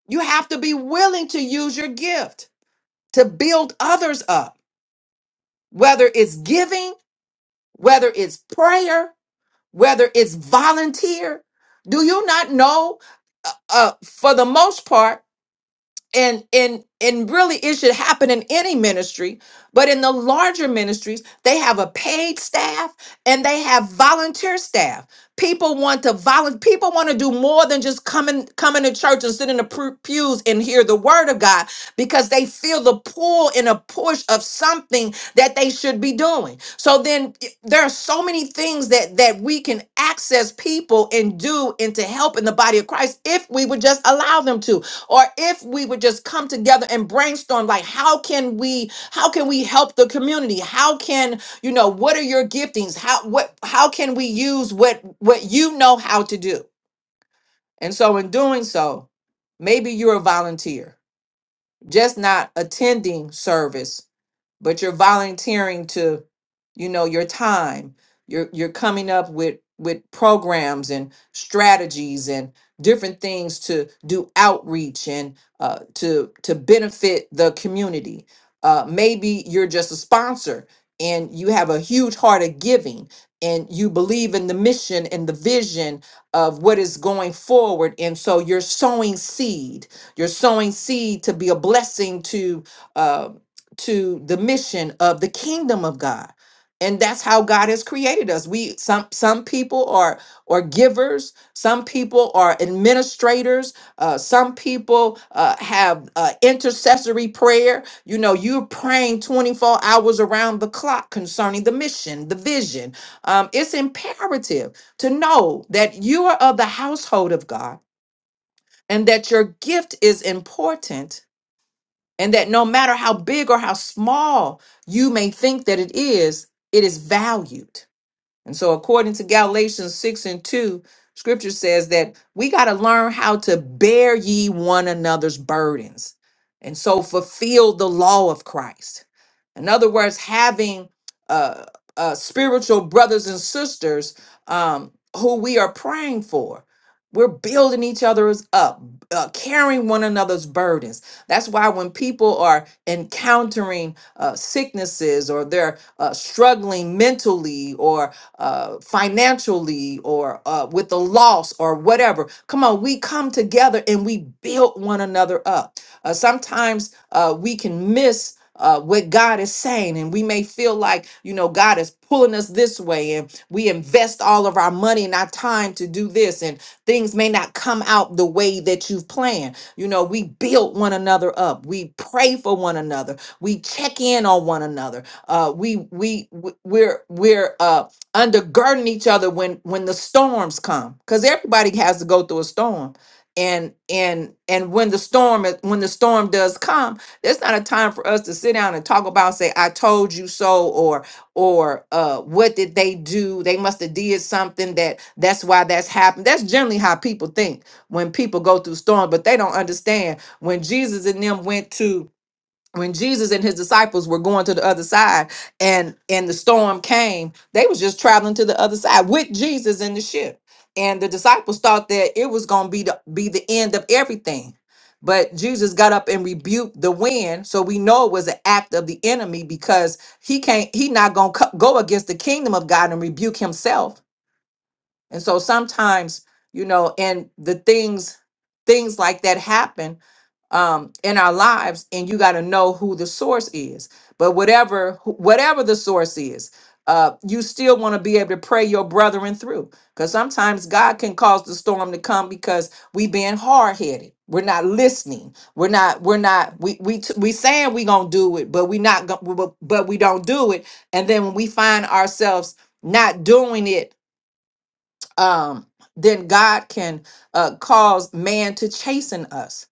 [SPEAKER 1] You have to be willing to use your gift to build others up, whether it's giving, whether it's prayer, whether it's volunteer. Do you not know? Uh, uh, for the most part, and and and really it should happen in any ministry but in the larger ministries they have a paid staff and they have volunteer staff people want to volunteer people want to do more than just come in come into church and sit in the pu- pews and hear the word of god because they feel the pull and a push of something that they should be doing so then y- there are so many things that that we can access people and do and to help in the body of christ if we would just allow them to or if we would just come together and brainstorm like how can we how can we help the community how can you know what are your giftings how what how can we use what what you know how to do and so in doing so maybe you're a volunteer just not attending service but you're volunteering to you know your time you're you're coming up with with programs and strategies and different things to do outreach and uh, to to benefit the community uh, maybe you're just a sponsor and you have a huge heart of giving and you believe in the mission and the vision of what is going forward and so you're sowing seed you're sowing seed to be a blessing to um, to the mission of the kingdom of God. And that's how God has created us. We some some people are are givers, some people are administrators, uh, some people uh, have uh, intercessory prayer. You know, you're praying 24 hours around the clock concerning the mission, the vision. Um, it's imperative to know that you are of the household of God and that your gift is important and that no matter how big or how small you may think that it is, it is valued. And so, according to Galatians 6 and 2, scripture says that we got to learn how to bear ye one another's burdens. And so, fulfill the law of Christ. In other words, having uh, uh, spiritual brothers and sisters um, who we are praying for. We're building each other's up, uh, carrying one another's burdens. That's why when people are encountering uh, sicknesses or they're uh, struggling mentally or uh, financially or uh, with a loss or whatever. Come on, we come together and we build one another up. Uh, sometimes uh, we can miss. Uh, what God is saying, and we may feel like you know God is pulling us this way, and we invest all of our money and our time to do this, and things may not come out the way that you've planned. You know, we build one another up, we pray for one another, we check in on one another. Uh, we we we- we're we're uh undergirding each other when when the storms come because everybody has to go through a storm and and and when the storm is- when the storm does come there's not a time for us to sit down and talk about say i told you so or or uh what did they do they must have did something that that's why that's happened that's generally how people think when people go through storms but they don't understand when jesus and them went to when Jesus and his disciples were going to the other side and and the storm came, they was just traveling to the other side with Jesus in the ship. And the disciples thought that it was going to be the be the end of everything. But Jesus got up and rebuked the wind, so we know it was an act of the enemy because he can't he not going to go against the kingdom of God and rebuke himself. And so sometimes, you know, and the things things like that happen um, in our lives, and you got to know who the source is. But whatever wh- whatever the source is, uh, you still want to be able to pray your brethren through, because sometimes God can cause the storm to come because we being hard headed. We're not listening. We're not. We're not. We we t- we saying we gonna do it, but we not. Go, but but we don't do it. And then when we find ourselves not doing it um, then God can uh, cause man to chasten us.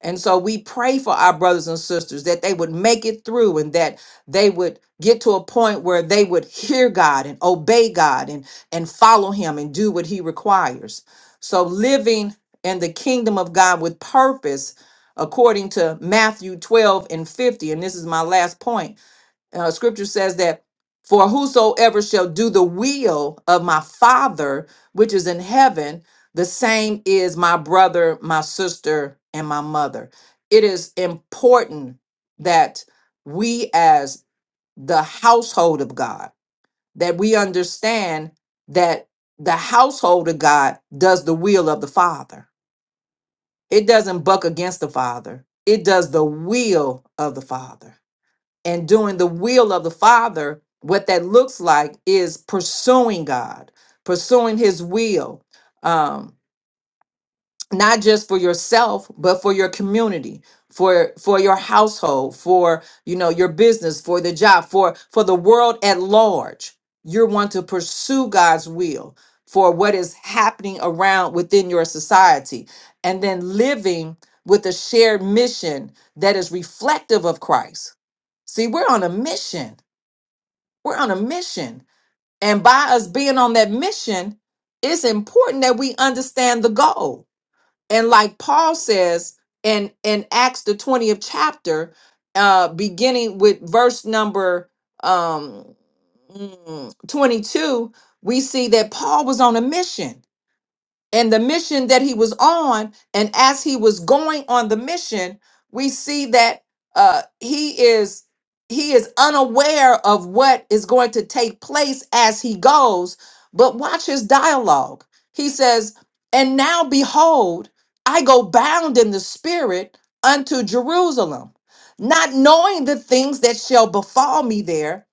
[SPEAKER 1] And so we pray for our brothers and sisters that they would make it through and that they would get to a point where they would hear God and obey God and, and follow Him and do what He requires. So living in the kingdom of God with purpose, according to Matthew 12 and 50, and this is my last point uh, scripture says that for whosoever shall do the will of my father which is in heaven the same is my brother my sister and my mother it is important that we as the household of god that we understand that the household of god does the will of the father it doesn't buck against the father it does the will of the father and doing the will of the Father, what that looks like is pursuing God, pursuing His will, um, not just for yourself, but for your community, for for your household, for you know your business, for the job, for for the world at large. You want to pursue God's will for what is happening around within your society, and then living with a shared mission that is reflective of Christ. See, we're on a mission we're on a mission. And by us being on that mission, it's important that we understand the goal. And like Paul says in, in Acts, the 20th chapter, uh, beginning with verse number um, mm, 22, we see that Paul was on a mission and the mission that he was on and as he was going on the mission we see that uh he is he is unaware of what is going to take place as he goes but watch his dialogue he says and now behold i go bound in the spirit unto jerusalem not knowing the things that shall befall me there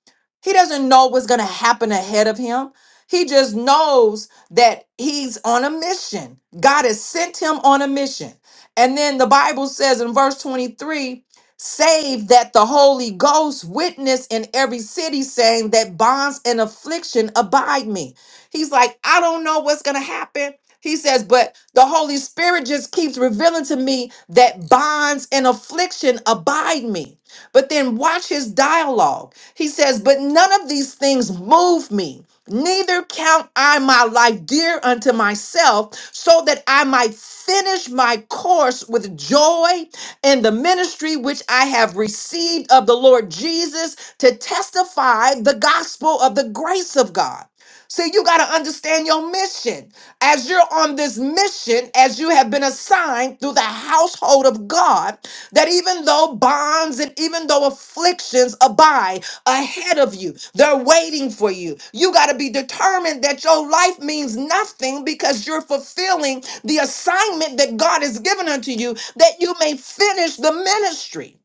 [SPEAKER 1] he doesn't know what's going to happen ahead of him he just knows that he's on a mission. God has sent him on a mission. And then the Bible says in verse 23 save that the Holy Ghost witness in every city, saying that bonds and affliction abide me. He's like, I don't know what's going to happen. He says, but the Holy Spirit just keeps revealing to me that bonds and affliction abide me. But then watch his dialogue. He says, but none of these things move me Neither count I my life dear unto myself, so that I might finish my course with joy in the ministry which I have received of the Lord Jesus to testify the gospel of the grace of God. See, you got to understand your mission. As you're on this mission, as you have been assigned through the household of God, that even though bonds and even though afflictions abide, ahead of you. They're waiting for you. You got to be determined that your life means nothing because you're fulfilling the assignment that God has given unto you that you may finish the ministry,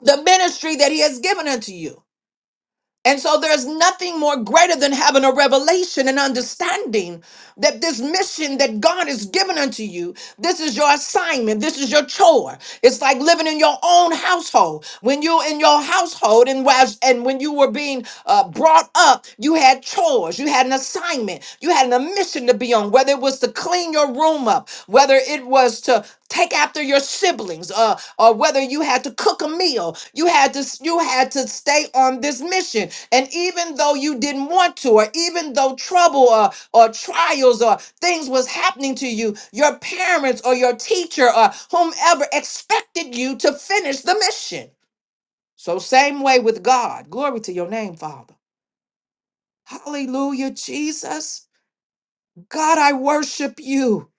[SPEAKER 1] the ministry that He has given unto you. And so there's nothing more greater than having a revelation and understanding that this mission that God has given unto you, this is your assignment, this is your chore. It's like living in your own household. When you're in your household and was and when you were being uh, brought up, you had chores, you had an assignment, you had a mission to be on, whether it was to clean your room up, whether it was to take after your siblings uh, or whether you had to cook a meal you had to you had to stay on this mission and even though you didn't want to, or even though trouble or, or trials or things was happening to you, your parents or your teacher or whomever expected you to finish the mission. So, same way with God. Glory to your name, Father. Hallelujah, Jesus. God, I worship you.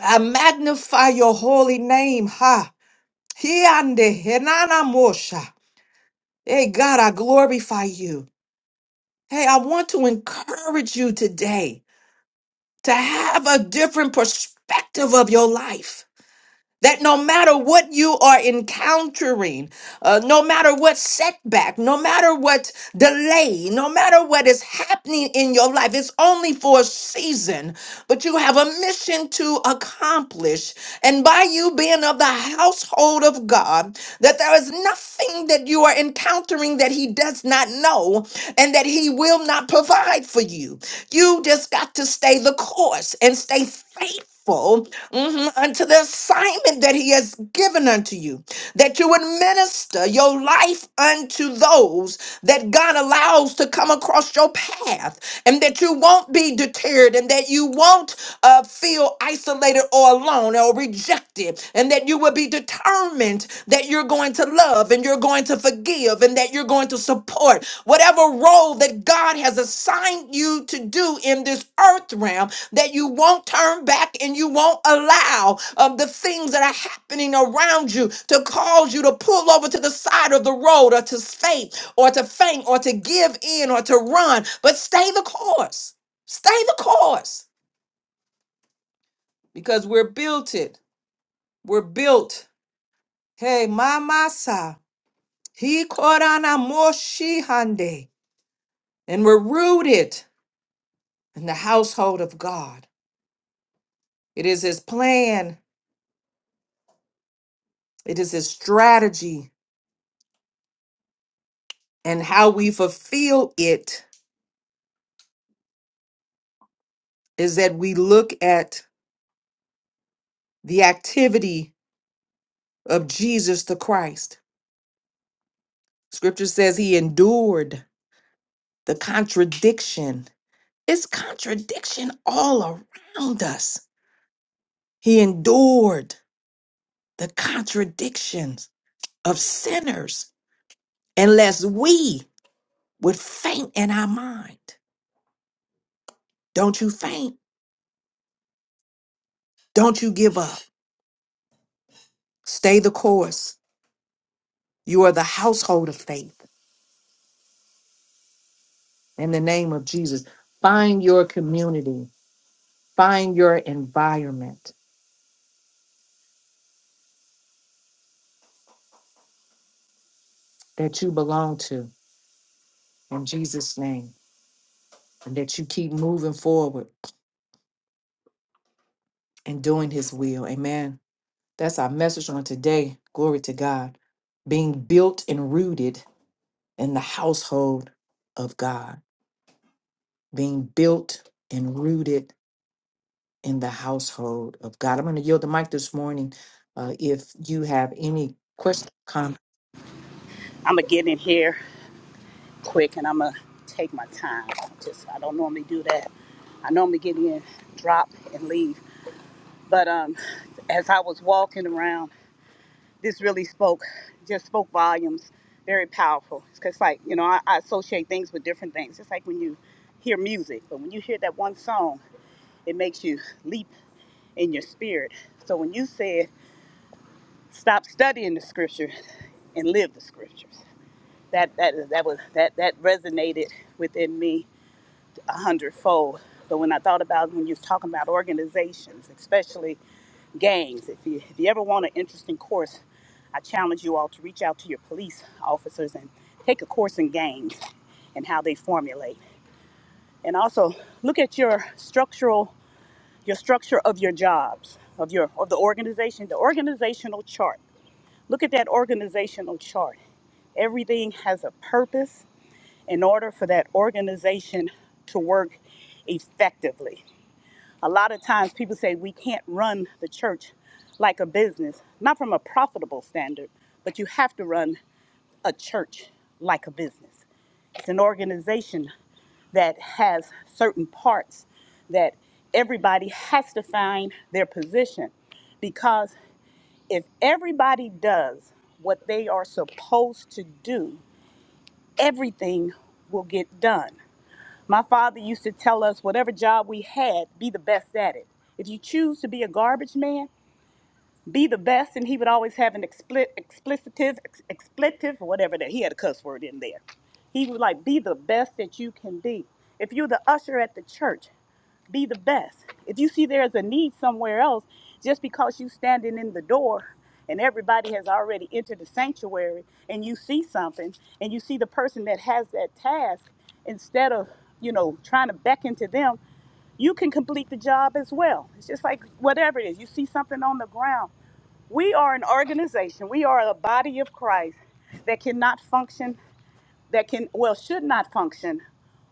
[SPEAKER 1] I magnify your holy name. Ha. Hiande henana mosha. Hey, God, I glorify you. Hey, I want to encourage you today. to have a different perspective of your life. That no matter what you are encountering, uh, no matter what setback, no matter what delay, no matter what is happening in your life, it's only for a season, but you have a mission to accomplish. And by you being of the household of God, that there is nothing that you are encountering that He does not know and that He will not provide for you. You just got to stay the course and stay faithful faithful mhm, unto the assignment that He has given unto you, that you would minister your life unto those that God allows to come across your path, and that you won't be deterred, and that you won't uh, feel isolated or alone or rejected, and that you will be determined determined that you're going to love and you're going to forgive and that you're going to support whatever role that God has assigned you to do in this earth realm, that you won't turn back and you won't allow um, the things that are happening around you to cause you to pull over to the side of the road or to faint or to faint or to give in or to run, but stay the course. Stay the course because we're built it. We're built. Hey, my, my, He korana moshi hande, and we're rooted in the household of God. It is his plan, it is his strategy, and how we fulfill it is that we look at the activity of Jesus the Christ. Scripture says he endured the contradiction. It's contradiction all around us. He endured the contradictions of sinners unless we would faint in our mind. Don't you faint. Don't you give up. Stay the course. You are the household of faith in the name of Jesus. Find your community, find your environment that you belong to in Jesus' name, and that you keep moving forward and doing His will. Amen. That's our message on today. Glory to God. Being built and rooted in the household of God, being built and rooted in the household of God. I'm going to yield the mic this morning. Uh, if you have any questions, comments.
[SPEAKER 2] I'm gonna get in here quick and I'm gonna take my time. Just I don't normally do that. I normally get in, drop, and leave. But um, as I was walking around, this really spoke, just spoke volumes. Very powerful. Because like you know, I, I associate things with different things. It's like when you hear music, but when you hear that one song, it makes you leap in your spirit. So when you said stop studying the scripture and live the scriptures, that that that was that that resonated within me a hundredfold. But when I thought about when you was talking about organizations, especially gangs, if you if you ever want an interesting course, I challenge you all to reach out to your police officers and take a course in gangs and how they formulate. And also look at your structural your structure of your jobs, of your of the organization, the organizational chart. Look at that organizational chart. Everything has a purpose in order for that organization to work effectively. A lot of times people say we can't run the church like a business, not from a profitable standard, but you have to run a church like a business. It's an organization that has certain parts that everybody has to find their position because if everybody does what they are supposed to do, everything will get done. My father used to tell us whatever job we had, be the best at it. If you choose to be a garbage man, be the best, and he would always have an expli- explicative, ex- expletive, or whatever that he had a cuss word in there. He would like, be the best that you can be. If you're the usher at the church, be the best. If you see there's a need somewhere else, just because you are standing in the door and everybody has already entered the sanctuary and you see something and you see the person that has that task, instead of, you know, trying to beckon to them, you can complete the job as well. It's just like whatever it is, you see something on the ground. We are an organization, we are a body of Christ that cannot function, that can, well, should not function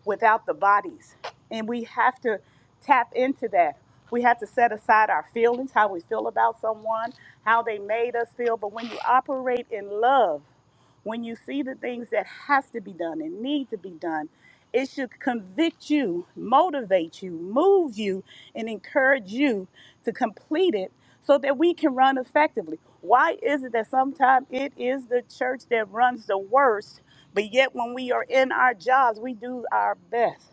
[SPEAKER 2] without the bodies. And we have to tap into that. We have to set aside our feelings, how we feel about someone, how they made us feel. But when you operate in love, when you see the things that have to be done and need to be done, it should convict you, motivate you, move you, and encourage you to complete it so that we can run effectively. Why is it that sometimes it is the church that runs the worst, but yet when we are in our jobs, we do our best?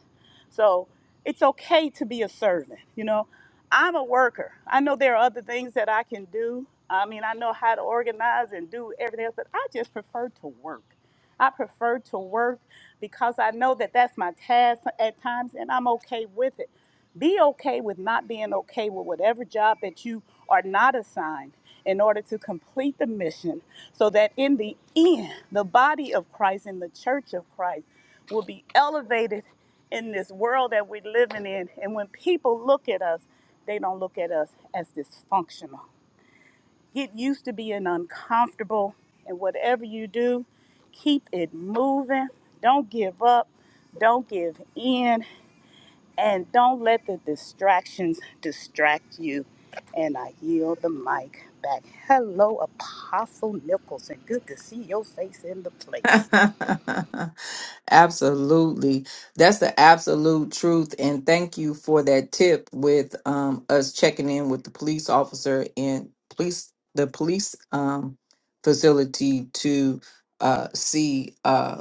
[SPEAKER 2] So it's okay to be a servant. You know, I'm a worker. I know there are other things that I can do. I mean, I know how to organize and do everything else, but I just prefer to work. I prefer to work because I know that that's my task at times and I'm okay with it. Be okay with not being okay with whatever job that you are not assigned in order to complete the mission so that in the end, the body of Christ and the church of Christ will be elevated in this world that we're living in. And when people look at us, they don't look at us as dysfunctional. Get used to being uncomfortable. And whatever you do, keep it moving. Don't give up. Don't give in. And don't let the distractions distract you. And I yield the mic back. Hello, Apostle Nicholson. Good to see your face in the place.
[SPEAKER 1] absolutely that's the absolute truth and thank you for that tip with um us checking in with the police officer in police the police um facility to uh see Uh,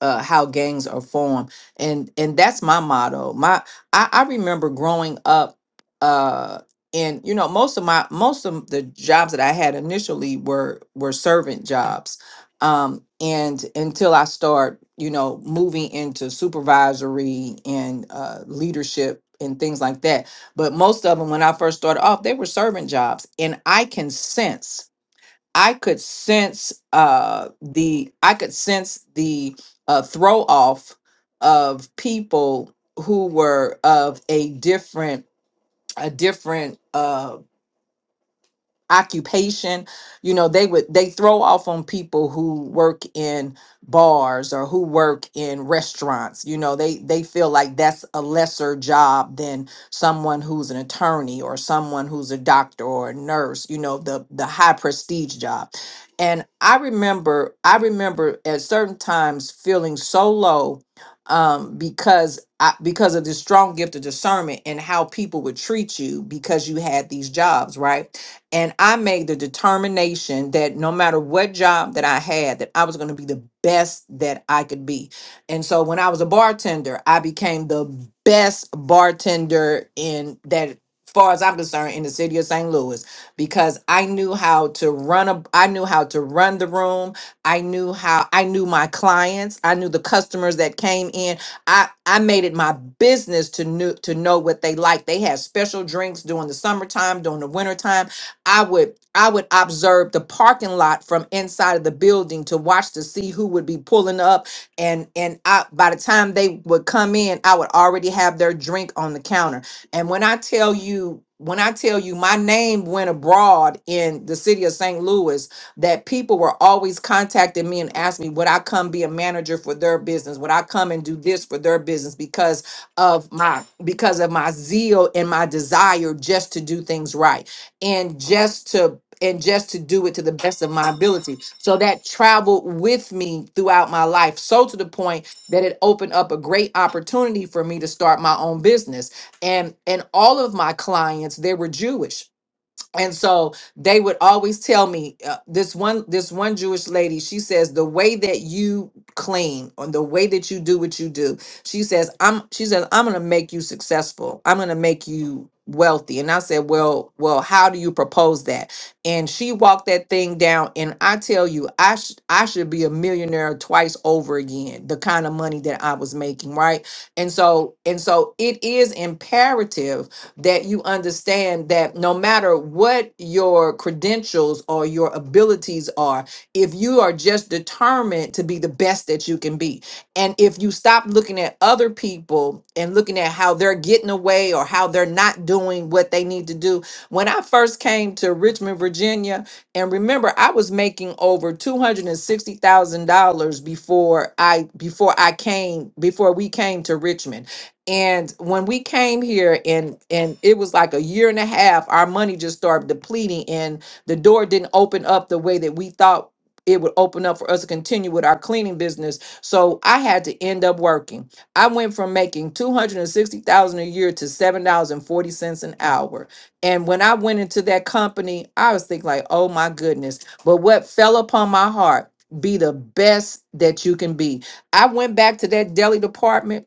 [SPEAKER 1] uh, how gangs are formed and and that's my motto my i, I remember growing up uh and you know most of my most of the jobs that i had initially were were servant jobs um and until i start you know moving into supervisory and uh leadership and things like that but most of them when i first started off they were servant jobs and i can sense I could sense uh the I could sense the uh throw off of people who were of a different a different uh, occupation you know they would they throw off on people who work in bars or who work in restaurants you know they they feel like that's a lesser job than someone who's an attorney or someone who's a doctor or a nurse you know the the high prestige job and i remember i remember at certain times feeling so low um because I, because of this strong gift of discernment and how people would treat you because you had these jobs right and I made the determination that no matter what job that I had, that I was going to be the best that I could be. And so when I was a bartender, I became the best bartender in that far as I'm concerned in the city of St. Louis because I knew how to run a I knew how to run the room. I knew how I knew my clients, I knew the customers that came in. I I made it my business to know to know what they liked. They had special drinks during the summertime, during the wintertime I would I would observe the parking lot from inside of the building to watch to see who would be pulling up and and I by the time they would come in I would already have their drink on the counter. And when I tell you when I tell you my name went abroad in the city of St. Louis that people were always contacting me and asking me would I come be a manager for their business? Would I come and do this for their business because of my because of my zeal and my desire just to do things right and just to and just to do it to the best of my ability so that traveled with me throughout my life so to the point that it opened up a great opportunity for me to start my own business and and all of my clients they were jewish and so they would always tell me uh, this one this one jewish lady she says the way that you clean or the way that you do what you do she says i'm she says i'm going to make you successful i'm going to make you wealthy and i said well well how do you propose that and she walked that thing down and i tell you i sh- i should be a millionaire twice over again the kind of money that i was making right and so and so it is imperative that you understand that no matter what your credentials or your abilities are, if you are just determined to be the best that you can be, and if you stop looking at other people and looking at how they're getting away or how they're not doing what they need to do. When I first came to Richmond, Virginia, and remember I was making over $260,000 before I before I came before we came to Richmond and when we came here and and it was like a year and a half, our money just started depleting and the door didn't open up the way that we thought it would open up for us to continue with our cleaning business. So I had to end up working. I went from making 260,000 a year to $7.40 an hour. And when I went into that company, I was thinking like, "Oh my goodness." But what fell upon my heart, be the best that you can be. I went back to that deli department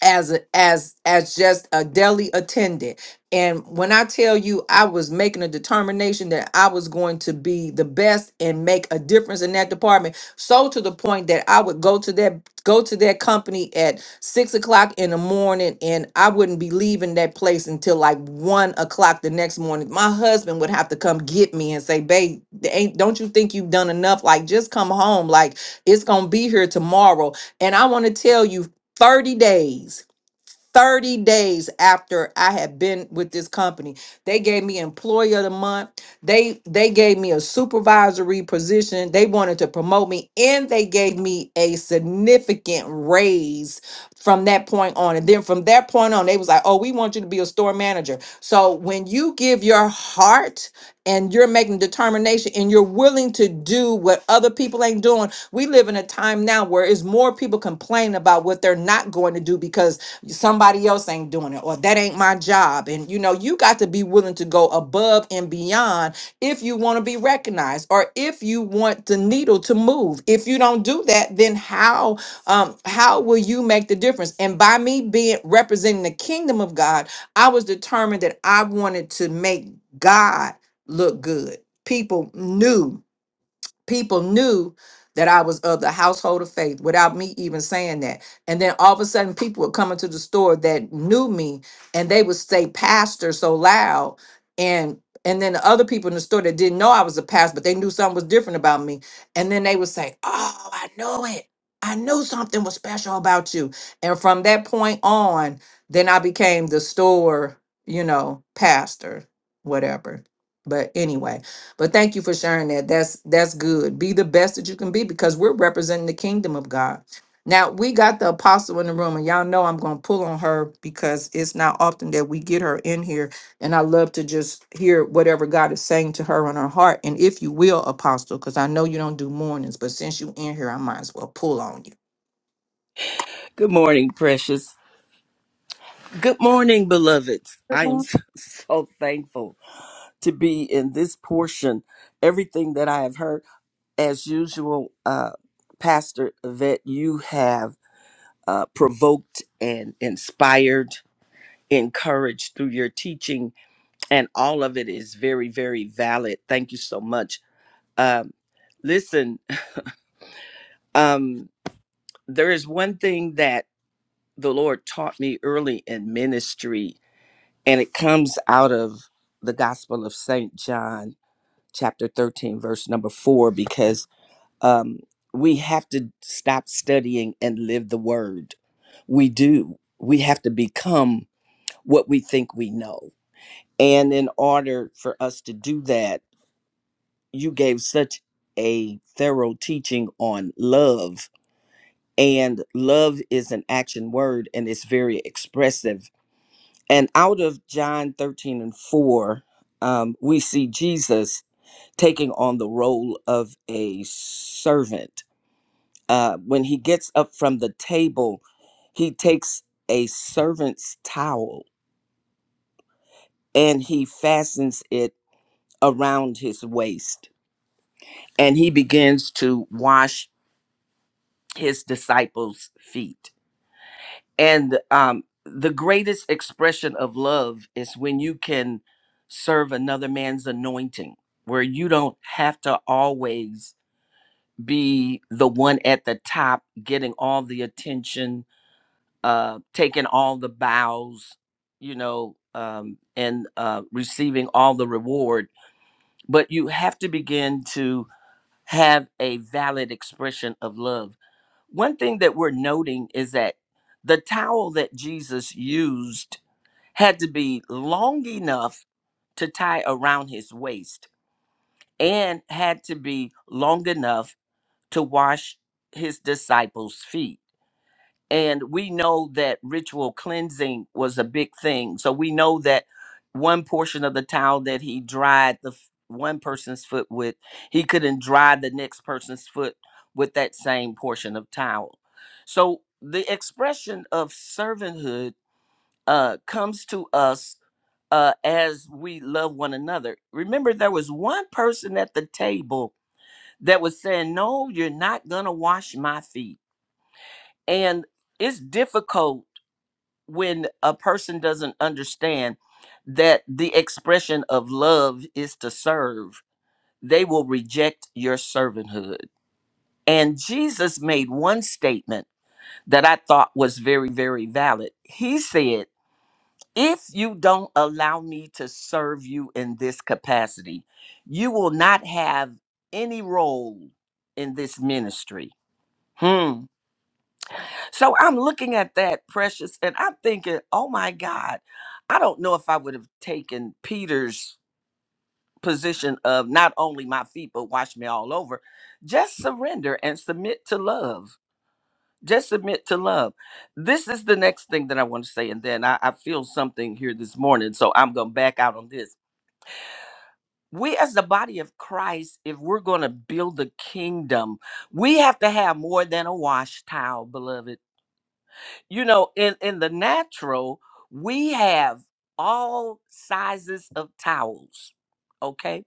[SPEAKER 1] as a, as as just a deli attendant and when i tell you i was making a determination that i was going to be the best and make a difference in that department so to the point that i would go to that go to that company at six o'clock in the morning and i wouldn't be leaving that place until like one o'clock the next morning my husband would have to come get me and say babe ain't don't you think you've done enough like just come home like it's gonna be here tomorrow and I want to tell you, 30 days. 30 days after I had been with this company. They gave me employee of the month. They they gave me a supervisory position. They wanted to promote me and they gave me a significant raise from that point on. And then from that point on, they was like, "Oh, we want you to be a store manager." So when you give your heart and you're making determination and you're willing to do what other people ain't doing, we live in a time now where it's more people complaining about what they're not going to do because somebody else ain't doing it or that ain't my job and you know you got to be willing to go above and beyond if you want to be recognized or if you want the needle to move if you don't do that then how um how will you make the difference and by me being representing the kingdom of god i was determined that i wanted to make god look good people knew people knew that I was of the household of faith without me even saying that. And then all of a sudden, people would come into the store that knew me, and they would say "pastor" so loud, and and then the other people in the store that didn't know I was a pastor, but they knew something was different about me, and then they would say, "Oh, I know it." I knew something was special about you. And from that point on, then I became the store, you know, pastor, whatever. But anyway, but thank you for sharing that. That's that's good. Be the best that you can be because we're representing the kingdom of God. Now we got the apostle in the room, and y'all know I'm gonna pull on her because it's not often that we get her in here. And I love to just hear whatever God is saying to her on her heart. And if you will, apostle, because I know you don't do mornings, but since you in here, I might as well pull on you.
[SPEAKER 3] Good morning, precious. Good morning, beloveds.
[SPEAKER 1] Good
[SPEAKER 3] I am
[SPEAKER 1] morning.
[SPEAKER 3] so, so thankful to be in this portion. Everything that I have heard, as usual, uh, Pastor Yvette, you have uh, provoked and inspired, encouraged through your teaching, and all of it is very, very valid. Thank you so much. Um, listen, um, there is one thing that the Lord taught me early in ministry and it comes out of the gospel of saint john chapter 13 verse number 4 because um we have to stop studying and live the word we do we have to become what we think we know and in order for us to do that you gave such a thorough teaching on love and love is an action word and it's very expressive And out of John 13 and 4, um, we see Jesus taking on the role of a servant. Uh, when he gets up from the table, he takes a servant's towel and he fastens it around his waist and he begins to wash his disciples' feet. and um, the greatest expression of love is when you can serve another man's anointing where you don't have to always be the one at the top getting all the attention uh taking all the bows you know um and uh receiving all the reward but you have to begin to have a valid expression of love one thing that we're noting is that the towel that jesus used had to be long enough to tie around his waist and had to be long enough to wash his disciples' feet. And we know that ritual cleansing was a big thing. So we know that one portion of the towel that he dried the f- one person's foot with, he couldn't dry the next person's foot with that same portion of towel. So the expression of servanthood uh, comes to us uh, as we love one another. Remember, there was one person at the table that was saying, No, you're not going to wash my feet. And it's difficult when a person doesn't understand that the expression of love is to serve, they will reject your servanthood. And Jesus made one statement that I thought was very, very valid. He said, if you don't allow me to serve you in this capacity, you will not have any role in this ministry. Hmm. So I'm looking at that, precious, and I'm thinking, oh my God, I don't know if I would have taken Peter's position of not only my feet, but wash me all over. Just surrender and submit to love. Just submit to love. This is the next thing that I want to say. And then I, I feel something here this morning. So I'm going to back out on this we as the body of Christ, if we're going to build the kingdom, we have to have more than a wash towel, beloved. You know, in in the natural, we have all sizes of towels. Okay?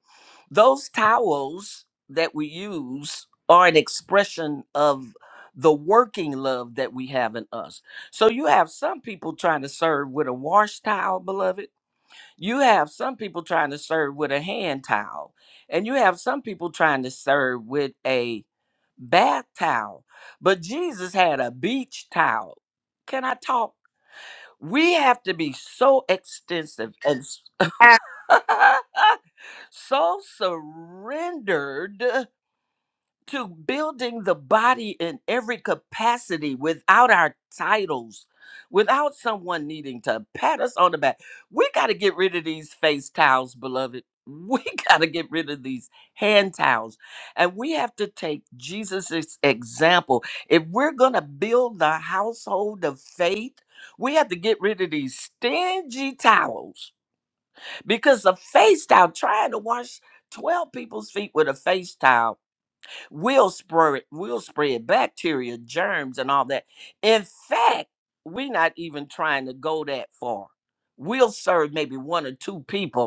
[SPEAKER 3] Those towels that we use are an expression of the working love that we have in us. So you have some people trying to serve with a wash towel, beloved you have some people trying to serve with a hand towel, and you have some people trying to serve with a bath towel. But Jesus had a beach towel. Can I talk? We have to be so extensive and s- so surrendered to building the body in every capacity without our titles, without someone needing to pat us on the back. We got to get rid of these face towels, beloved. We got to get rid of these hand towels. And we have to take Jesus' example. If we're going to build the household of faith, we have to get rid of these stingy towels because a face towel, trying to wash 12 people's feet with a face towel We'll spread we'll spread bacteria, germs, and all that. In fact, we're not even trying to go that far. We'll serve maybe one or two people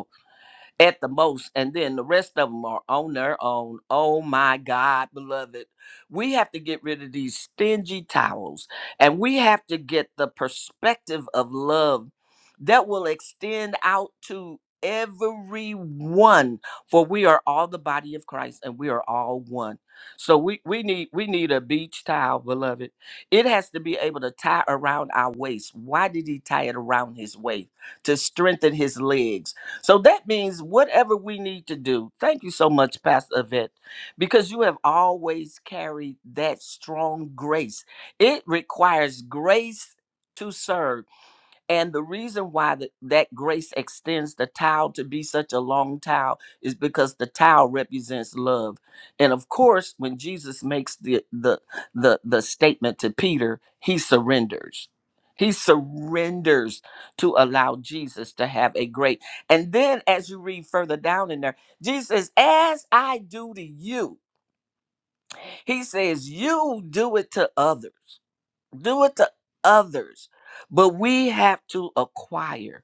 [SPEAKER 3] at the most, and then the rest of them are on their own. Oh my God, beloved. We have to get rid of these stingy towels and we have to get the perspective of love that will extend out to everyone for we are all the body of Christ and we are all one. So we we need we need a beach towel, beloved. It has to be able to tie around our waist. Why did he tie it around his waist? To strengthen his legs so that means whatever we need to do. Thank you so much, Pastor Yvette, because you have always carried that strong grace. It requires grace to serve. And the reason why that that grace extends the towel to be such a long towel is because the towel represents love. And of course, when Jesus makes the the the, the statement to Peter, he surrenders. He surrenders to allow Jesus to have a great. And then as you read further down in there, Jesus says, as I do to you, he says, you do it to others do it to others but we have to acquire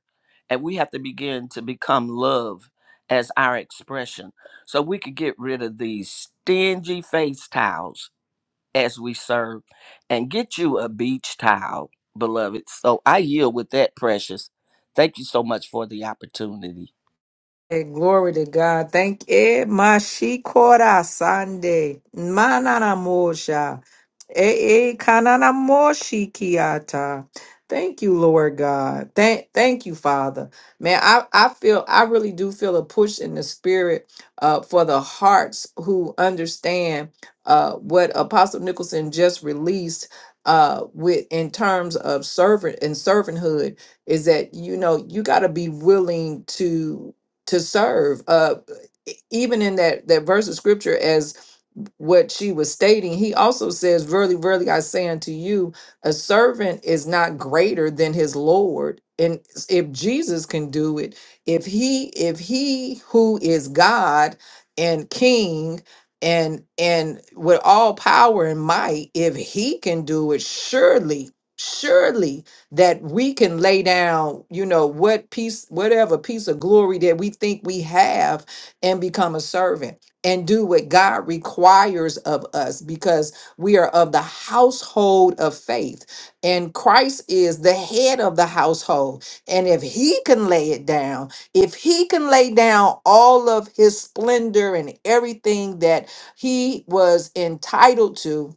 [SPEAKER 3] and we have to begin to become love as our expression so we could get rid of these stingy face towels as we serve and get you a beach towel beloved so i yield with that precious thank you so much for the opportunity
[SPEAKER 1] Hey, glory to God. Thank it. Mashikora Sunday. Manana mosha. Eh eh kanana moshikiata. Thank you, Lord God. Thank thank you, Father. Man, I, I feel I really do feel a push in the spirit uh for the hearts who understand uh what Apostle Nicholson just released uh with in terms of servant and servanthood is that you know you got to be willing to to serve uh e- even in that that verse of scripture as what she was stating, he also says, Verily, verily, I say unto you, a servant is not greater than his Lord. And if Jesus can do it, if he, if he who is God and King and and with all power and might, if he can do it, surely, surely that we can lay down, you know, what piece, whatever piece of glory that we think we have and become a servant and do what God requires of us because we are of the household of faith. And Christ is the head of the household. And if he can lay it down, if he can lay down all of his splendor and everything that he was entitled to,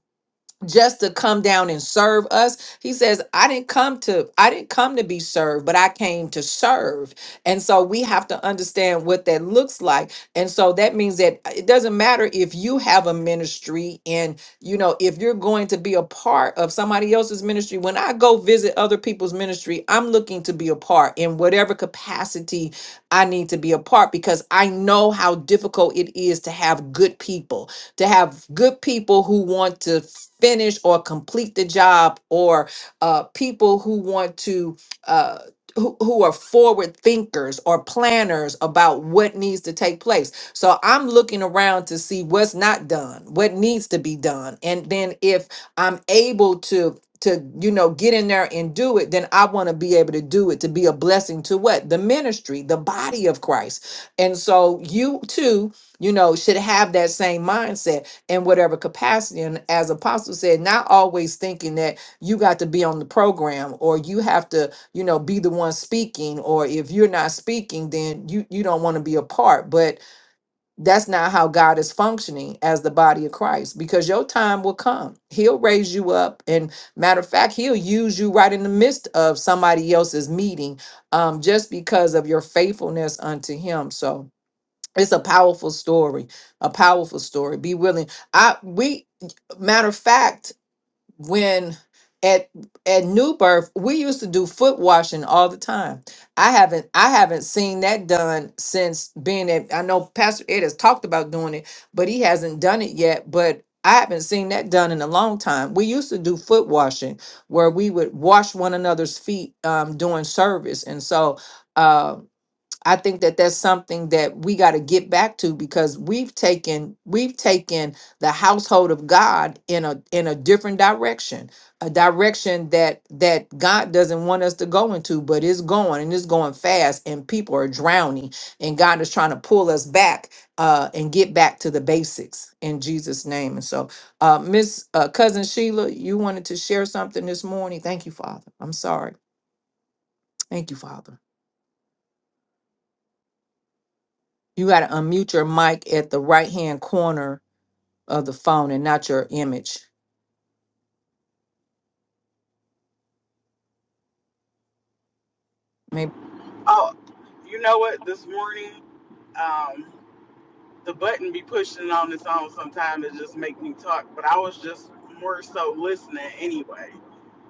[SPEAKER 1] just to come down and serve us he says i didn't come to i didn't come to be served but i came to serve and so we have to understand what that looks like and so that means that uh, it doesn't matter if you have a ministry and you know if you're going to be a part of somebody else's ministry when i go visit other people's ministry i'm looking to be a part in whatever capacity i need to be a part because i know how difficult it is to have good people to have good people who want to finish or complete the job or uh, people who want to uh, who, who are forward thinkers or planners about what needs to take place so i'm looking around to see what's not done what needs to be done and then if i'm able to to you know get in there and do it then i want to be able to do it to be a blessing to what the ministry the body of christ and so you too you know should have that same mindset in whatever capacity. And as Apostle said, not always thinking that you got to be on the program or you have to, you know, be the one speaking, or if you're not speaking, then you you don't want to be a part. But that's not how God is functioning as the body of Christ, because your time will come. He'll raise you up. And matter of fact, he'll use you right in the midst of somebody else's meeting um, just because of your faithfulness unto him. So it's a powerful story a powerful story be willing i we matter of fact when at at new birth we used to do foot washing all the time i haven't i haven't seen that done since being at i know pastor ed has talked about doing it but he hasn't done it yet but i haven't seen that done in a long time we used to do foot washing where we would wash one another's feet um, during service and so Um, I think that that's something that we got to get back to because we've taken we've taken the household of God in a in a different direction, a direction that that God doesn't want us to go into, but it's going and it's going fast, and people are drowning, and God is trying to pull us back uh, and get back to the basics in Jesus' name. And so, uh, Miss uh, Cousin Sheila, you wanted to share something this morning. Thank you, Father. I'm sorry. Thank you, Father. You got to unmute your mic at the right hand corner of the phone and not your image. Maybe.
[SPEAKER 4] Oh, you know what? This morning, um, the button be pushing on its own sometime to just make me talk, but I was just more so listening anyway.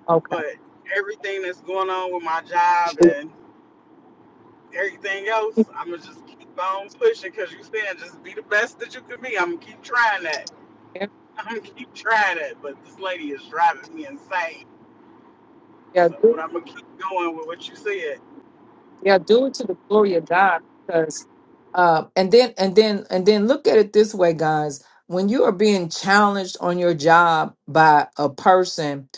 [SPEAKER 1] Okay.
[SPEAKER 4] But everything that's going on with my job and everything else, I'm gonna just keep on pushing because you saying just be the best that you can be. I'm gonna keep trying that. I'm gonna keep trying that. But this lady is driving me insane.
[SPEAKER 1] Yeah,
[SPEAKER 4] So, but I'm gonna keep going with what you said.
[SPEAKER 1] Yeah, do it to the glory of God because uh, and then and then and then look at it this way, guys. When you are being challenged on your job by a person,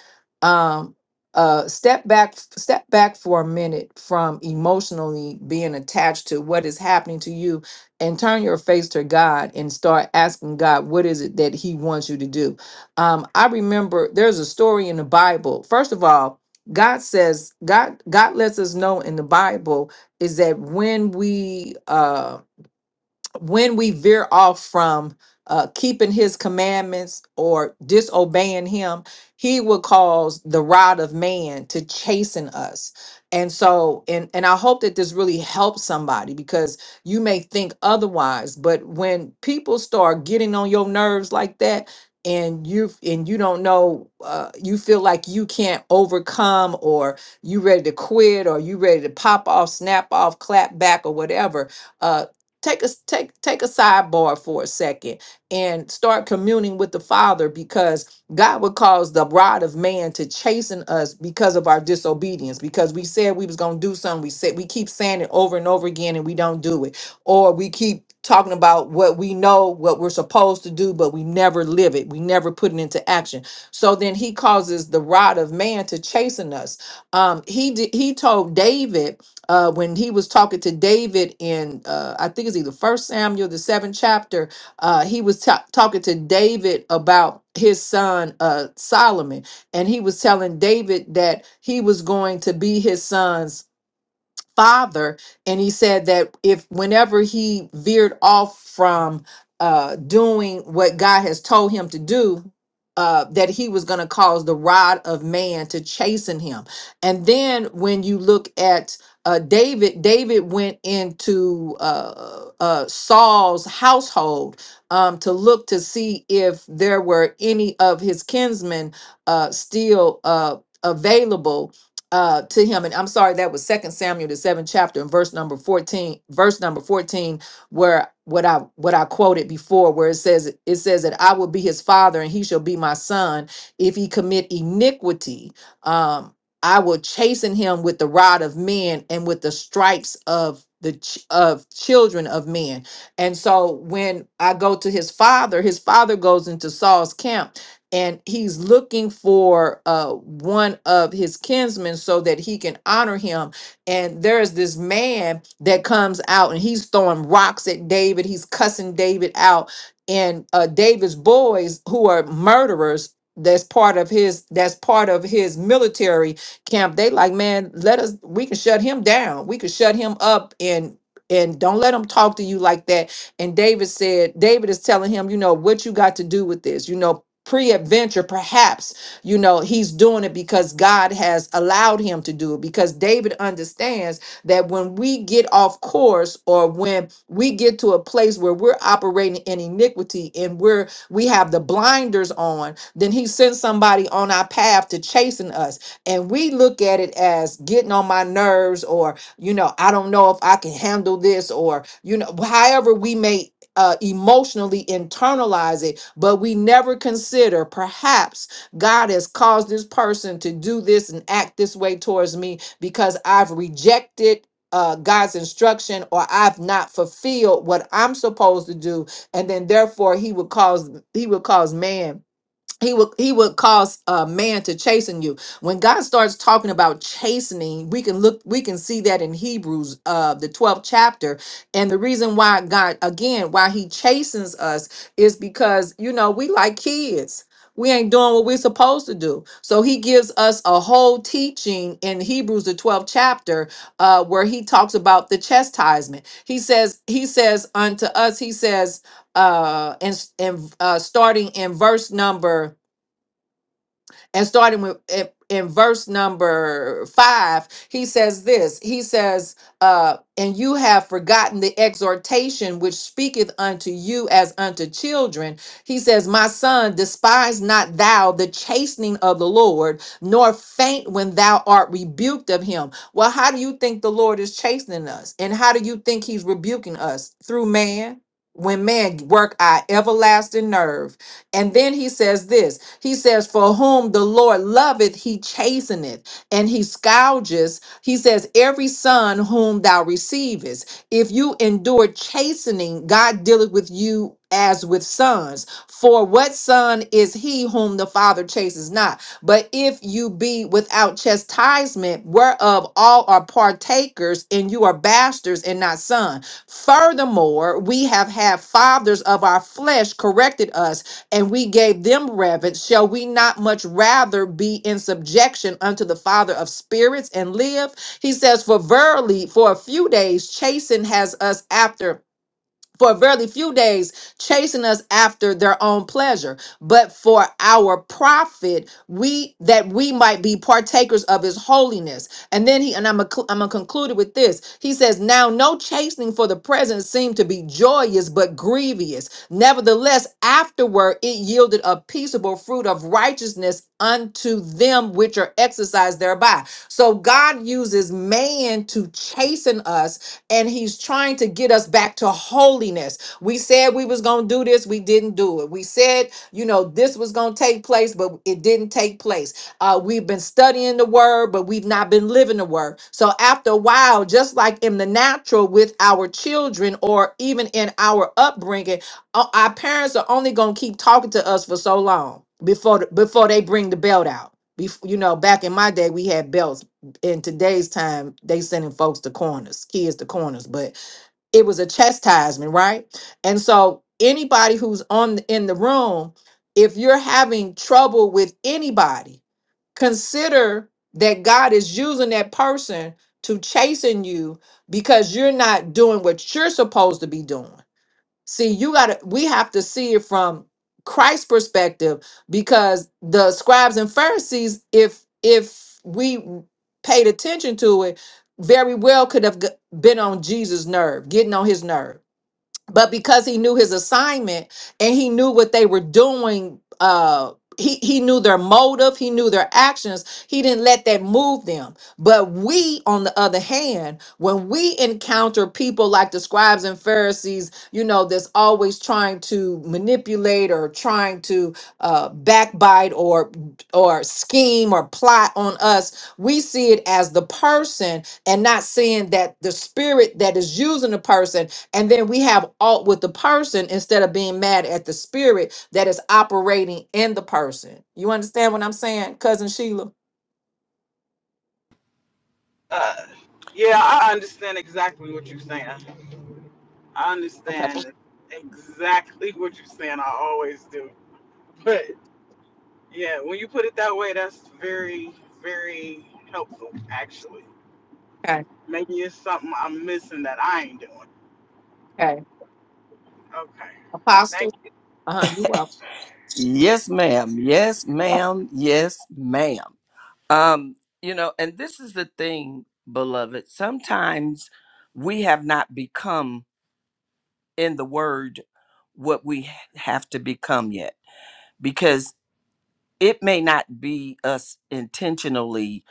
[SPEAKER 1] um, uh, step back, step back for a minute from emotionally being attached to what is happening to you, and turn your face to God and start asking God, what is it that He wants you to do? Um, I remember there's a story in the Bible. First of all, God says God God lets us know in the Bible is that when we um when we veer off from uh, keeping his commandments or disobeying him, he will cause the rod of man to chasten us. And so, and, and I hope that this really helps somebody because you may think otherwise, but when people start getting on your nerves like that, and you and you don't know uh, you feel like you can't overcome or you ready to quit or you ready to pop off snap off clap back or whatever uh, take a take take a sidebar for a second and start communing with the father because god would cause the rod of man to chasten us because of our disobedience because we said we was gonna do something we said we keep saying it over and over again and we don't do it or we keep talking about what we know what we're supposed to do but we never live it we never put it into action so then he causes the rod of man to chasten us um he did, he told david uh, when he was talking to David in, uh, I think it's either First Samuel, the seventh chapter, uh, he was ta- talking to David about his son uh, Solomon, and he was telling David that he was going to be his son's father and he said that if whenever he veered off from uh doing what God has told him to do uh that he was going to cause the rod of man to chasten him and then when you look at uh David David went into uh uh Saul's household um to look to see if there were any of his kinsmen uh still uh available uh to him and i'm sorry that was second samuel the seventh chapter and verse number 14 verse number 14 where what i what i quoted before where it says it says that i will be his father and he shall be my son if he commit iniquity um i will chasten him with the rod of men and with the stripes of the ch- of children of men and so when i go to his father his father goes into saul's camp and he's looking for uh, one of his kinsmen so that he can honor him. And there's this man that comes out and he's throwing rocks at David, he's cussing David out. And uh, David's boys, who are murderers, that's part of his that's part of his military camp they like man let us we can shut him down we can shut him up and and don't let him talk to you like that and David said, David is telling him, you know, what you got to do with this. You know, pre-adventure perhaps you know he's doing it because god has allowed him to do it because david understands that when we get off course or when we get to a place where we're operating in iniquity and we're we have the blinders on then he sends somebody on our path to chasten us and we look at it as getting on my nerves or you know i don't know if i can handle this or you know however we may uh, emotionally internalize it, but we never consider perhaps God has caused this person to do this and act this way towards me because I've rejected. Uh, God's instruction, or I've not fulfilled what I'm supposed to do, and then therefore He would cause He would cause man he would he would cause a man to chasten you when god starts talking about chastening we can look we can see that in hebrews uh the 12th chapter and the reason why god again why he chastens us is because you know we like kids we ain't doing what we're supposed to do so he gives us a whole teaching in hebrews the 12th chapter uh where he talks about the chastisement he says he says unto us he says uh and, and uh starting in verse number and starting with in, in verse number five, he says this. He says, uh, "And you have forgotten the exhortation which speaketh unto you as unto children." He says, "My son, despise not thou the chastening of the Lord, nor faint when thou art rebuked of Him." Well, how do you think the Lord is chastening us, and how do you think He's rebuking us through man? When man work our everlasting nerve, and then he says this. He says, For whom the Lord loveth, he chasteneth, and he scourges. He says, Every son whom thou receivest. If you endure chastening, God dealeth with you as with sons. For what son is he whom the father chases not? But if you be without chastisement, whereof all are partakers, and you are bastards and not sons. Furthermore, we have had fathers of our flesh corrected us and we gave them reverence, shall we not much rather be in subjection unto the Father of spirits and live? He says, For verily, for a few days, chasten has us after for a very few days chasing us after their own pleasure but for our profit we that we might be partakers of his holiness and then he and i'm going I'm gonna conclude it with this he says now no chastening for the present seemed to be joyous but grievous nevertheless afterward it yielded a peaceable fruit of righteousness unto them which are exercised thereby so god uses man to chasten us and he's trying to get us back to holiness. We said we was going to do this, we didn't do it. We said, you know, this was going to take place, but it didn't take place. Uh we've been studying the word, but we've not been living the word. So after a while, just like in the natural with our children or even in our upbringing, o- our parents are only going to keep talking to us for so long before before they bring the belt out. Before, you know, back in my day, we had belts in today's time, they sending folks to corners, kids to corners, but it was a chastisement, right? And so anybody who's on the, in the room, if you're having trouble with anybody, consider that God is using that person to chasten you because you're not doing what you're supposed to be doing. See, you got to, we have to see it from Christ's perspective because the scribes and Pharisees, if, if we paid attention to it, very well could have g- been on Jesus' nerve, getting on his nerve but because he knew his assignment and he knew what they were doing uh he, he knew their motive he knew their actions he didn't let that move them but we on the other hand when we encounter people like the scribes and pharisees you know that's always trying to manipulate or trying to uh, backbite or or scheme or plot on us we see it as the person and not seeing that the spirit that is using the person and then we have alt with the person instead of being mad at the spirit that is operating in the person. You understand what I'm saying, cousin Sheila?
[SPEAKER 4] Uh, yeah, I understand exactly what you're saying. I
[SPEAKER 1] Okay.
[SPEAKER 4] understand exactly what you're saying. I always do. But yeah, when you put it that way, that's very, very helpful, actually.
[SPEAKER 1] Okay.
[SPEAKER 4] Maybe it's something I'm missing that I ain't doing.
[SPEAKER 1] Okay.
[SPEAKER 4] Okay.
[SPEAKER 1] Apostle.
[SPEAKER 4] Thank you.
[SPEAKER 1] Uh-huh. You welcome.
[SPEAKER 3] Yes, ma'am. Yes, ma'am. Yes, ma'am. Um, you know, and this is the thing, beloved. Sometimes we have not become in the word what we ha- have to become yet because it may not be us intentionally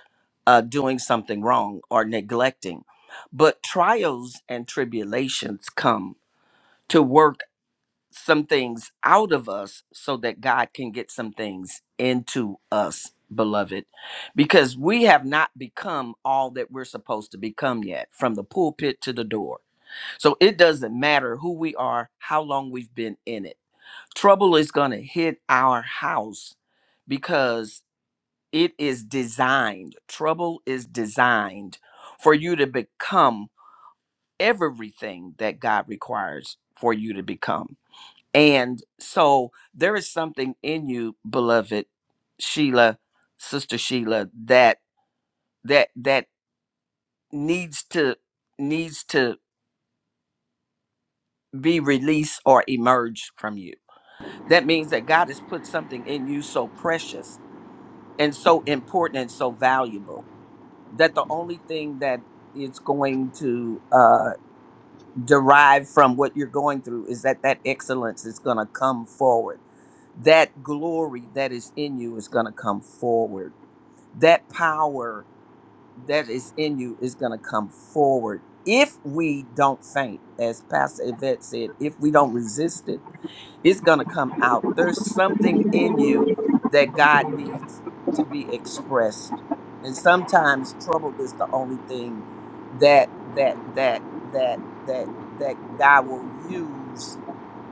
[SPEAKER 3] uh, doing something wrong or neglecting, but trials and tribulations come to work. some things out of us so that God can get some things into us, beloved, because we have not become all that we're supposed to become yet, from the pulpit to the door. So it doesn't matter who we are, how long we've been in it. Trouble is going to hit our house because it is designed, trouble is designed for you to become everything that God requires for you to become. And so there is something in you, beloved Sheila, sister Sheila, that that that needs to needs to be released or emerge from you. That means that God has put something in you so precious and so important and so valuable that the only thing that it's going to uh derive from what you're going through is that that excellence is going to come forward. That glory that is in you is going to come forward. That power that is in you is going to come forward. If we don't faint, as Pastor Yvette said, if we don't resist it, it's gonna come out. There's something in you that God needs to be expressed. And sometimes trouble is the only thing that that that that that that God will use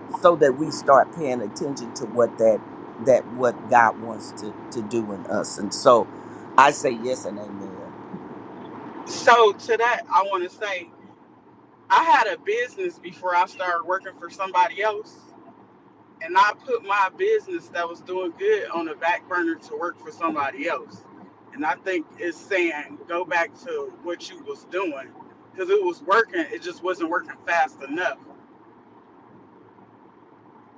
[SPEAKER 3] so that we start paying attention to what that that what God wants to to do in us. And so I say yes and amen.
[SPEAKER 4] So, to that, I want to say I had a business before I started working for somebody else. and I put my business that was doing good on the back burner to work for somebody else. And I think it's saying go back to what you was doing because it was working. It just wasn't working fast enough.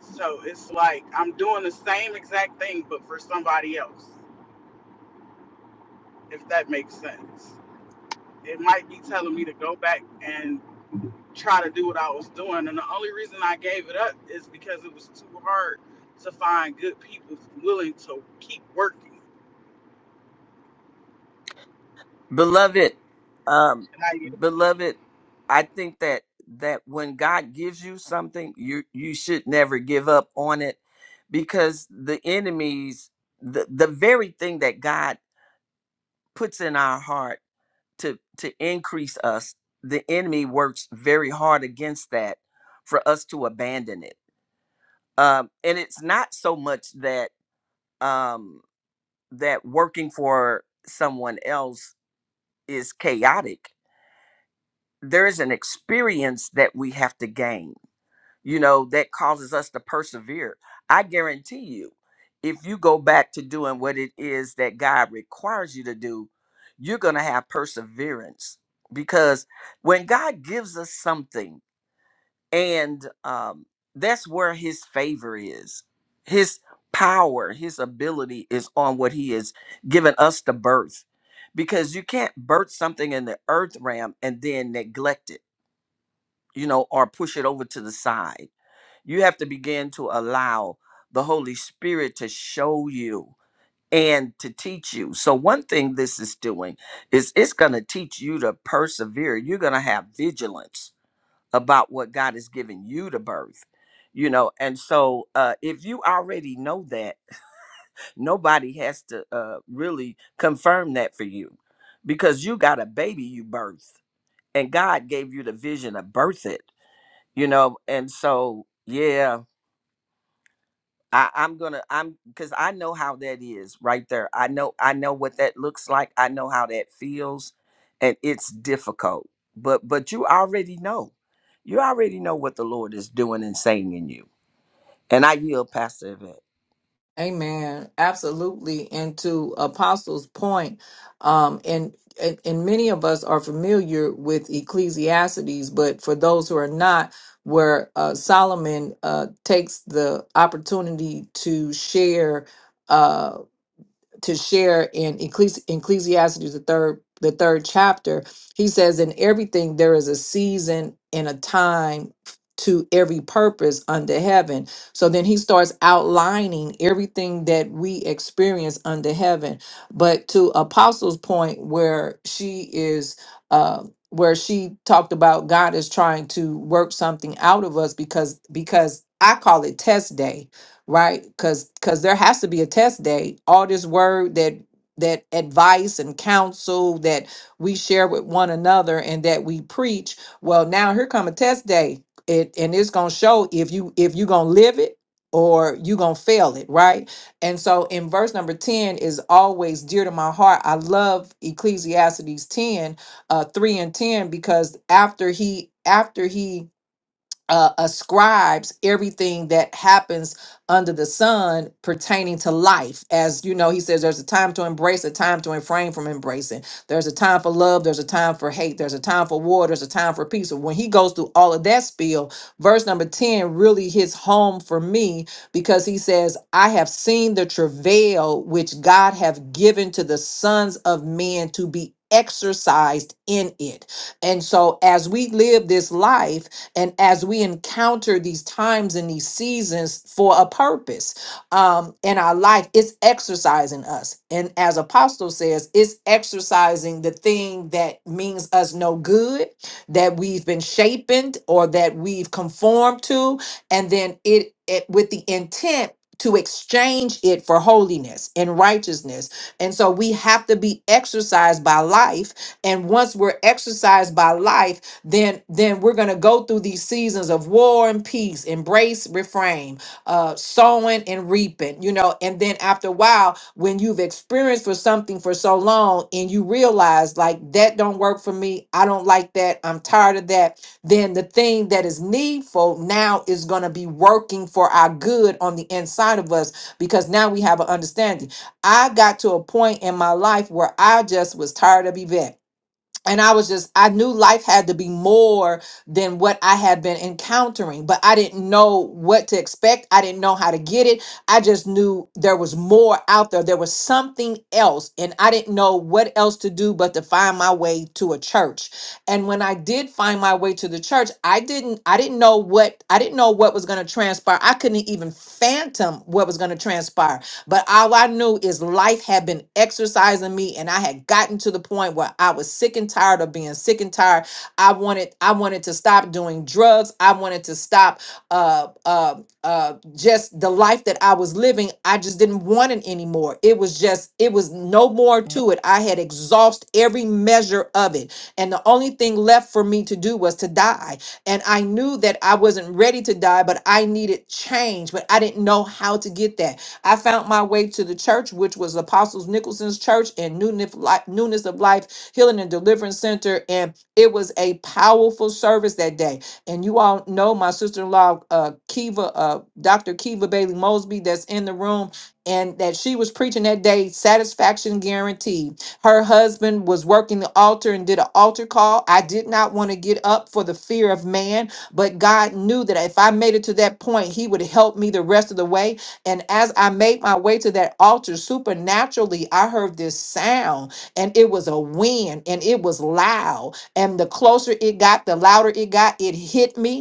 [SPEAKER 4] So it's like I'm doing the same exact thing, but for somebody else, if that makes sense. It might be telling me to go back and try to do what I was doing. And the only reason I gave it up is because it was too hard to find good people willing to keep working.
[SPEAKER 3] beloved um beloved i think that that when god gives you something you you should never give up on it because the enemies the, the very thing that god puts in our heart to to increase us the enemy works very hard against that for us to abandon it um and it's not so much that um that working for someone else is chaotic there is an experience that we have to gain, you know, that causes us to persevere. I guarantee you, if you go back to doing what it is that God requires you to do, you're going to have perseverance because when God gives us something, and um, that's where His favor is, His power, His ability is on what He has given us to birth. Because you can't birth something in the earth realm and then neglect it you know, or push it over to the side. You have to begin to allow the Holy Spirit to show you and to teach you. So, one thing this is doing is it's going to teach you to persevere. You're going to have vigilance about what God has given you to birth. You know, and so uh, if you already know that, nobody has to uh, really confirm that for you because you got a baby you birthed and God gave you the vision to birth it you know and so yeah I, i'm gonna i'm because i know how that is right there i know i know what that looks like i know how that feels and it's difficult but but you already know you already know what the lord is doing and saying in you and i yield pastor Yvette.
[SPEAKER 1] Amen. Absolutely. And to Apostle's point, um, and, and and many of us are familiar with Ecclesiastes, but for those who are not, where uh, Solomon uh, takes the opportunity to share. Uh, to share in Ecclesi- Ecclesiastes the third the third chapter. He says, "In everything there is a season and a time." To every purpose under heaven. So then he starts outlining everything that we experience under heaven. But to Apostle's point, where she is, uh, where she talked about God is trying to work something out of us because because I call it test day right because because there has to be a test day all this word that that advice and counsel that we share with one another and that we preach well now here come a test day it and it's gonna show if you if you gonna live it or you gonna fail it right and so in verse number 10 is always dear to my heart i love ecclesiastes 10 uh 3 and 10 because after he after he uh, ascribes everything that happens under the sun pertaining to life. As you know, he says there's a time to embrace, a time to refrain from embracing. There's a time for love, there's a time for hate, there's a time for war, there's a time for peace. So when he goes through all of that spiel, verse number 10 really hits home for me because he says, I have seen the travail which God have given to the sons of men to be exercised in it. And so as we live this life, and as we encounter these times and these seasons for a purpose um, in our life, it's exercising us. And as Apostle says, it's exercising the thing that means us no good, that we've been shapen or that we've conformed to, and then it, it with the intent to exchange it for holiness and righteousness. And so we have to be exercised by life. And once we're exercised by life, then then we're going to go through these seasons of war and peace embrace refrain uh sowing and reaping you know and then after a while when you've experienced for something for so long and you realize like that don't work for me i don't like that i'm tired of that then the thing that is needful now is going to be working for our good on the inside of us because now we have an understanding i got to a point in my life where i just was tired of yvette and I was just, I knew life had to be more than what I had been encountering, but I didn't know what to expect. I didn't know how to get it. I just knew there was more out there. There was something else, and I didn't know what else to do but to find my way to a church. And when I did find my way to the church, I didn't, I didn't know what, I didn't know what was going to transpire. I couldn't even phantom what was going to transpire but all I knew is life had been exercising me, and I had gotten to the point where I was sick and tired of being sick and tired. I wanted, I wanted to stop doing drugs. I wanted to stop uh, uh, uh, just the life that I was living. I just didn't want it anymore. It was just, it was no more to it. I had exhausted every measure of it, and the only thing left for me to do was to die. And I knew that I wasn't ready to die, but I needed change, but I didn't know how to get that. I found my way to the church, which was Apostles Nicholson's church and Newness Li- Newness of Life Healing and Deliverance Center. And it was a powerful service that day. And you all know my sister in law, uh, Kiva, uh, Dr. Kiva Bailey Mosby, that's in the room, and that she was preaching that day, satisfaction guaranteed. Her husband was working the altar and did an altar call. I did not want to get up for the fear of man, but God knew that if I made it to that point, He would help me the rest of the way and as I made my way to that altar, supernaturally, I heard this sound, and it was a wind, and it was loud. And the closer it got, the louder it got. It hit me,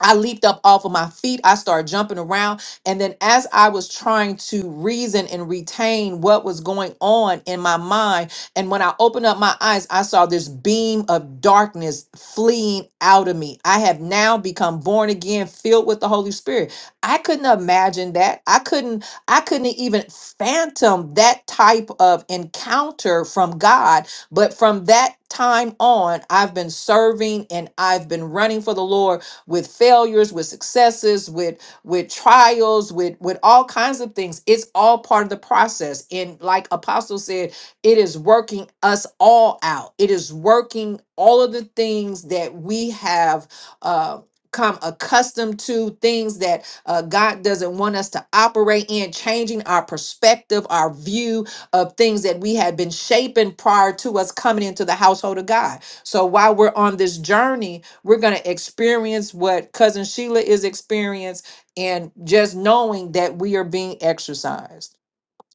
[SPEAKER 1] I leaped up off of my feet. I started jumping around. And then, as I was trying to reason and retain what was going on in my mind, and when I opened up my eyes, I saw this beam of darkness fleeing out of me. I have now become born again, filled with the Holy Spirit. I couldn't imagine that. I couldn't, I couldn't even phantom that type of encounter from God. But from that time on, I've been serving and I've been running for the Lord with failures with successes with with trials with with all kinds of things it's all part of the process and like apostle said it is working us all out it is working all of the things that we have uh come accustomed to things that uh, god doesn't want us to operate in changing our perspective our view of things that we had been shaping prior to us coming into the household of god so while we're on this journey we're going to experience what cousin Sheila is experiencing and just knowing that we are being exercised.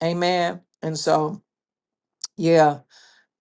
[SPEAKER 1] Amen. And so, yeah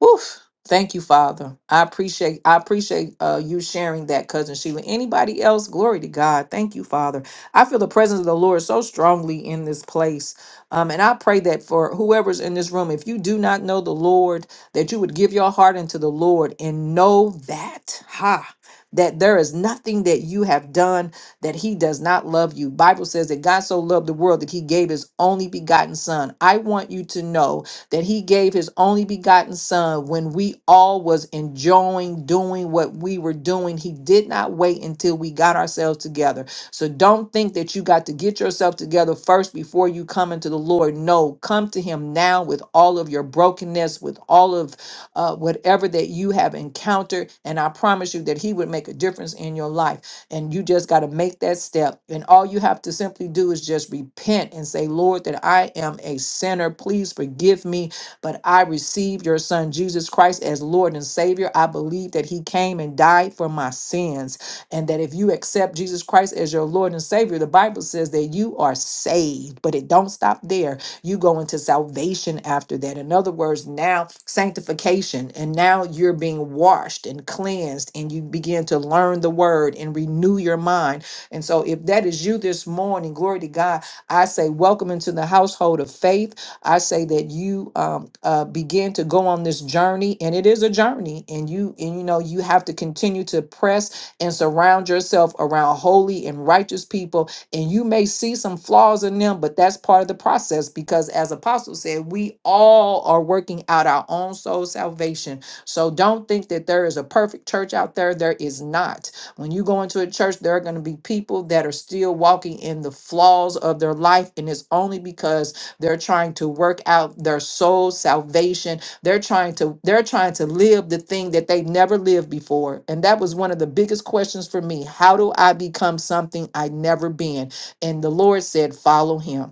[SPEAKER 1] Oof. Thank you, Father. I appreciate I appreciate uh, you sharing that, cousin Sheila. Anybody else? Glory to God. Thank you, Father. I feel the presence of the Lord so strongly in this place, um, and I pray that for whoever's in this room, if you do not know the Lord, that you would give your heart into the Lord and know that ha that there is nothing that you have done that he does not love you. Bible says that God so loved the world that he gave his only begotten son. I want you to know that he gave his only begotten son when we all was enjoying doing what we were doing he did not wait until we got ourselves together so don't think that you got to get yourself together first before you come into the lord no come to him now with all of your brokenness with all of uh, whatever that you have encountered and i promise you that he would make a difference in your life and you just got to make that step. And all you have to simply do is just repent and say, Lord, that I am a sinner. Please forgive me. But I receive your son, Jesus Christ, as Lord and Savior. I believe that he came and died for my sins. And that if you accept Jesus Christ as your Lord and Savior, the Bible says that you are saved. But it don't stop there you go into salvation after that. In other words, now sanctification, and now you're being washed and cleansed, and you begin to learn the word and renew your mind. And so, if that is you this morning, glory to God, I say, welcome into the household of faith. I say that you um, uh, begin to go on this journey, and it is a journey, and you and you know you have to continue to press and surround yourself around holy and righteous people and you may see some flaws in them but that's part of the process because as apostle said we all are working out our own soul salvation so don't think that there is a perfect church out there there is not when you go into a church there are going to be people that are still walking in the flaws of their life and it's only because they're trying to work out their soul salvation they're trying to they're trying to live the thing that they never lived before. And that was one of the biggest questions for me. How do I become something I never been? And the Lord said, "Follow him."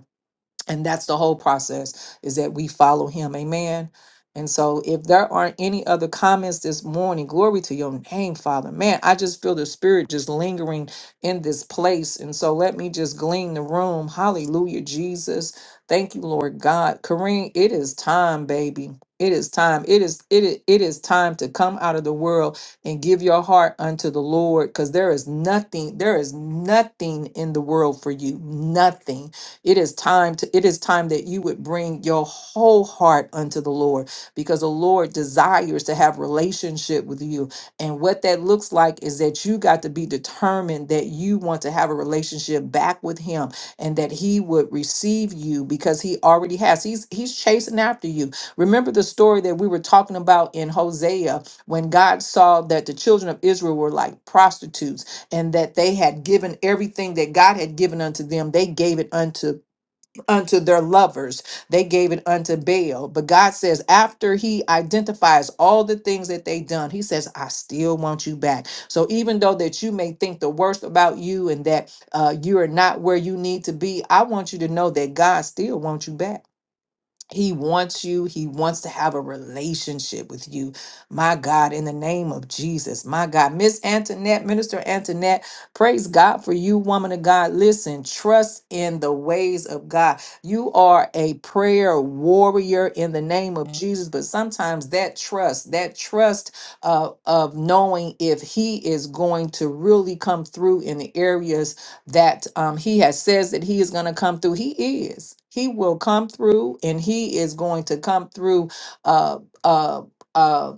[SPEAKER 1] and that's the whole process is that we follow him amen and so if there aren't any other comments this morning glory to your name father man i just feel the spirit just lingering in this place and so let me just glean the room hallelujah jesus thank you lord god kareem it is time baby it is time it is it is, it is time to come out of the world and give your heart unto the lord because there is nothing there is nothing in the world for you nothing it is time to it is time that you would bring your whole heart unto the Lord because the Lord desires to have relationship with you. And what that looks like is that you got to be determined that you want to have a relationship back with him and that he would receive you because he already has. He's he's chasing after you. Remember the story that we were talking about in Hosea when God saw that the children of Israel were like prostitutes and that they had given everything that God had given unto them. They gave it unto unto their lovers. They gave it unto Baal. But God says, after He identifies all the things that they done, He says, "I still want you back." So even though that you may think the worst about you and that uh, you are not where you need to be, I want you to know that God still wants you back. He wants you. He wants to have a relationship with you. My God, in the name of Jesus. My God. Miss Antoinette, Minister Antoinette, praise God for you, woman of God. Listen, trust in the ways of God. You are a prayer warrior in the name of Jesus, but sometimes that trust, that trust uh, of knowing if He is going to really come through in the areas that um, he has says that he is going to come through. He is. He will come through, and he is going to come through. Uh, uh, uh,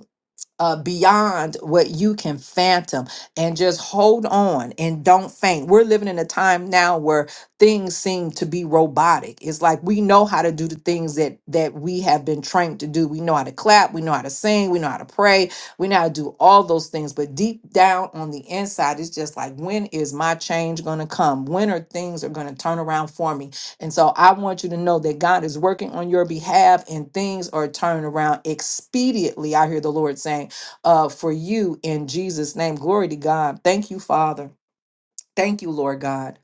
[SPEAKER 1] uh, beyond what you can phantom and just hold on and don't faint. We're living in a time now where things seem to be robotic. It's like we know how to do the things that that we have been trained to do. We know how to clap, we know how to sing, we know how to pray, we know how to do all those things. But deep down on the inside, it's just like, when is my change gonna come? When are things are gonna turn around for me? And so I want you to know that God is working on your behalf and things are turning around expediently. I hear the Lord saying uh, for you in Jesus' name. Glory to God. Thank you, Father. Thank you, Lord God.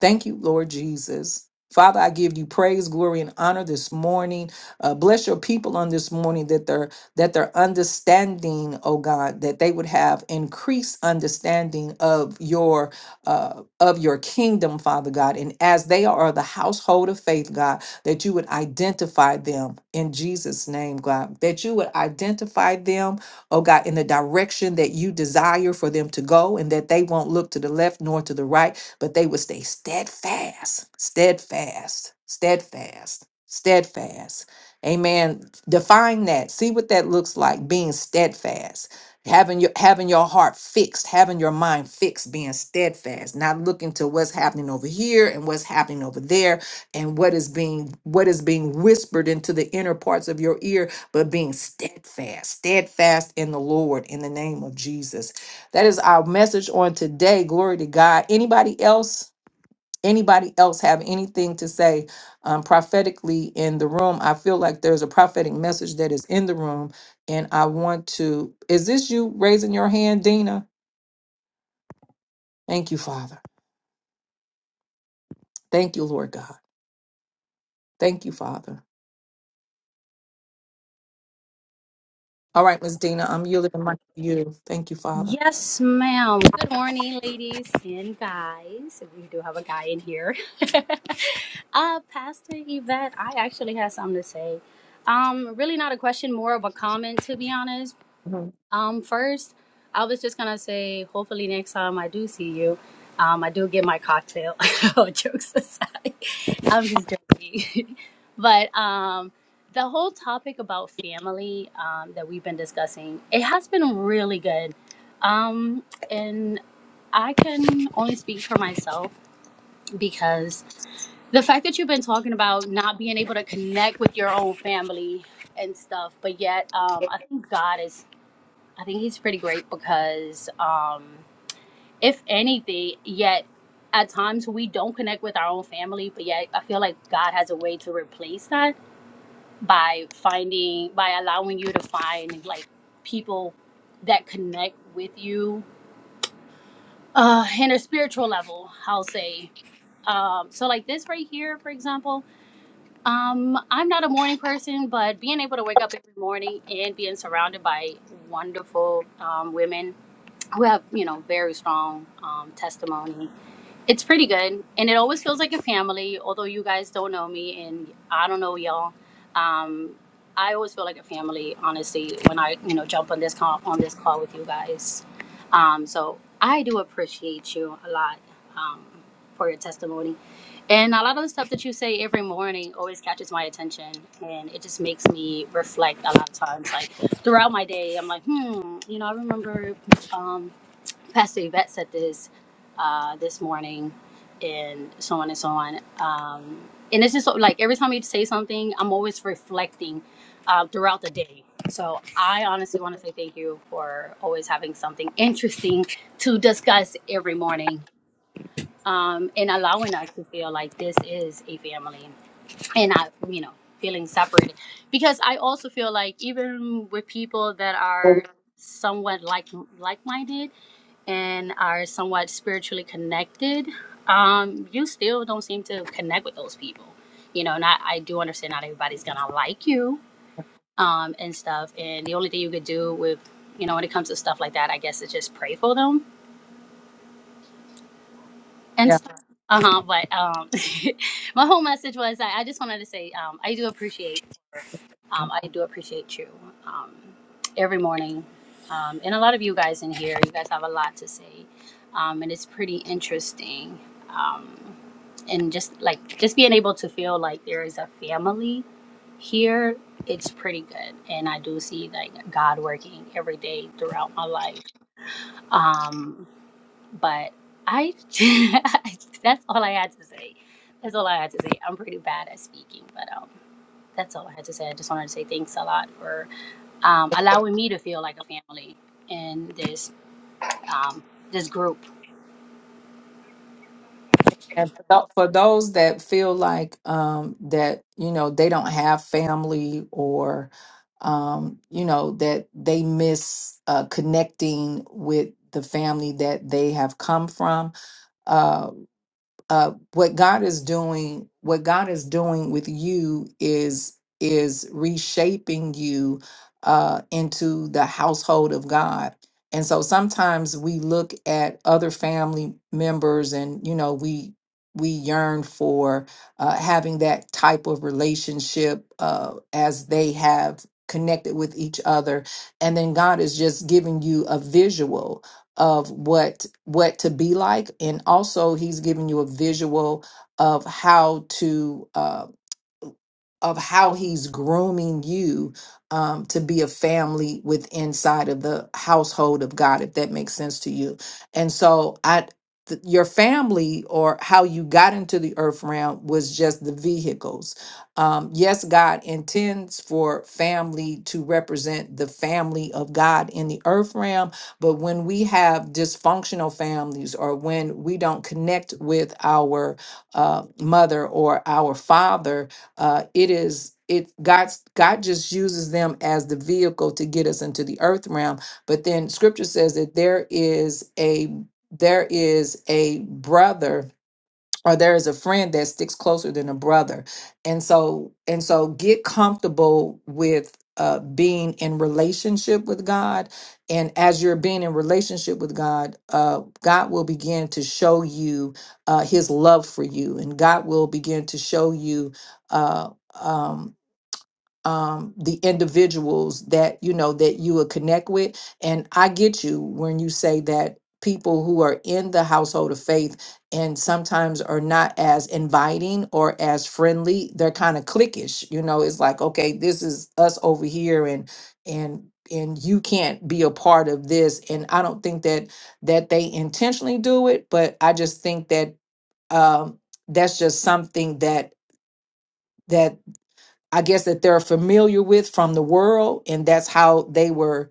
[SPEAKER 1] Thank you, Lord Jesus. Father, I give you praise, glory, and honor this morning. Uh, bless your people on this morning that their that their understanding, oh God, that they would have increased understanding of your uh, of your kingdom, Father God. And as they are the household of faith, God, that you would identify them in Jesus' name, God. That you would identify them oh God, in the direction that you desire for them to go, and that they won't look to the left nor to the right, but they will stay steadfast, steadfast, steadfast, steadfast. Amen. Define that. See what that looks like being steadfast. Having your having your heart fixed, having your mind fixed, being steadfast, not looking to what's happening over here and what's happening over there, and what is being what is being whispered into the inner parts of your ear but being steadfast, steadfast in the Lord in the name of Jesus. That is our message on today. Glory to God. Anybody else? Anybody else have anything to say um, prophetically in the room? I feel like there's a prophetic message that is in the room, and I want to. Is this you raising your hand, Dina? Thank you, Father. Thank you, Lord God. Thank you, Father. All right, Miss Dina, I'm yielding the mic to you. Thank you, Father.
[SPEAKER 5] Yes, ma'am. Good morning, ladies and guys. We do have a guy in here. uh, Pastor Yvette, I actually have something to say. Um, really not a question, more of a comment, to be honest.
[SPEAKER 1] Mhm.
[SPEAKER 5] Um, first, I was just gonna say, hopefully next time I do see you, um, I do get my cocktail. All Jokes aside, I'm just joking. but um, the whole topic about family um, that we've been discussing, it has been really good, um, and I can only speak for myself because the fact that you've been talking about not being able to connect with your own family and stuff, but yet um, I think God is I think he's pretty great because, um, if anything, yet at times we don't connect with our own family, but yet I feel like God has a way to replace that by finding, by allowing you to find like people that connect with you uh, in a spiritual level, I'll say. Um, so, like this right here, for example, um, I'm not a morning person, but being able to wake up every morning and being surrounded by wonderful um, women who have you know very strong um, testimony it's pretty good and it always feels like a family although you guys don't know me and i don't know y'all um, i always feel like a family honestly when i you know jump on this call on this call with you guys um, so i do appreciate you a lot um, for your testimony and a lot of the stuff that you say every morning always catches my attention and it just makes me reflect a lot of times like throughout my day i'm like hmm you know i remember Um, Pastor Yvette said this uh, this morning, and so on and so on. Um, and it's just so- like every time you say something, I'm always reflecting uh, throughout the day. So I honestly want to say thank you for always having something interesting to discuss every morning, um, and allowing us to feel like this is a family, and not you know feeling separated. Because I also feel like even with people that are somewhat like like minded and are somewhat spiritually connected, um, you still don't seem to connect with those people. You know, and I, I do understand not everybody's gonna like you um, and stuff. And the only thing you could do with, you know, when it comes to stuff like that, I guess is just pray for them and
[SPEAKER 1] Yeah.
[SPEAKER 5] stuff. Uh huh. But um, my whole message was I, I just wanted to say um, I do appreciate um, I do appreciate you um, every morning, um, and a lot of you guys in here. You guys have a lot to say, um, and it's pretty interesting. Um, and just like just being able to feel like there is a family here, it's pretty good. And I do see like God working every day throughout my life. Um, but I, that's all I had to say. That's all I had to say. I'm pretty bad at speaking, but um, that's all I had to say. I just wanted to say thanks a lot for um, allowing me to feel like a family in this um, this group.
[SPEAKER 1] And for tho- for those that feel like um, that, you know, they don't have family or, um, you know, that they miss uh, connecting with the family that they have come from, uh, uh, what God is doing, what God is doing with you is is reshaping you uh, into the household of God. And so sometimes we look at other family members, and you know we we yearn for uh, having that type of relationship uh, as they have connected with each other and then god is just giving you a visual of what what to be like and also he's giving you a visual of how to uh, of how he's grooming you um, to be a family with inside of the household of God, if that makes sense to you. And so I th- your family or how you got into the earth realm was just the vehicles. Um, yes, God intends for family to represent the family of God in the earth realm, but when we have dysfunctional families or when we don't connect with our uh, mother or our father, uh, it is it God's God just uses them as the vehicle to get us into the earth realm. But then Scripture says that there is a there is a brother or there is a friend that sticks closer than a brother and so and so get comfortable with uh being in relationship with god and as you're being in relationship with god uh god will begin to show you uh his love for you and god will begin to show you uh um um, the individuals that you know that you would connect with and i get you when you say that people who are in the household of faith and sometimes are not as inviting or as friendly they're kind of cliquish you know it's like okay this is us over here and and and you can't be a part of this and i don't think that that they intentionally do it but i just think that um that's just something that that I guess that they're familiar with from the world and that's how they were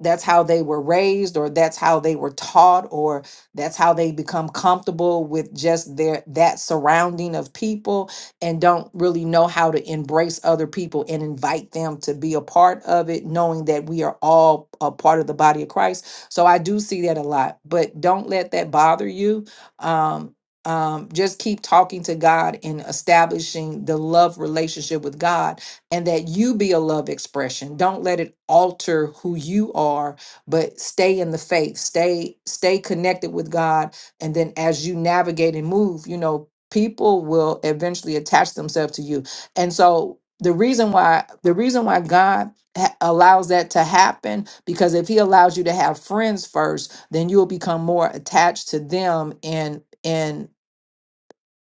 [SPEAKER 1] that's how they were raised or that's how they were taught or that's how they become comfortable with just their that surrounding of people and don't really know how to embrace other people and invite them to be a part of it knowing that we are all a part of the body of Christ. So I do see that a lot, but don't let that bother you. Um um, just keep talking to God and establishing the love relationship with God and that you be a love expression. Don't let it alter who you are, but stay in the faith. Stay stay connected with God and then as you navigate and move, you know, people will eventually attach themselves to you. And so the reason why the reason why God ha- allows that to happen because if he allows you to have friends first, then you'll become more attached to them and and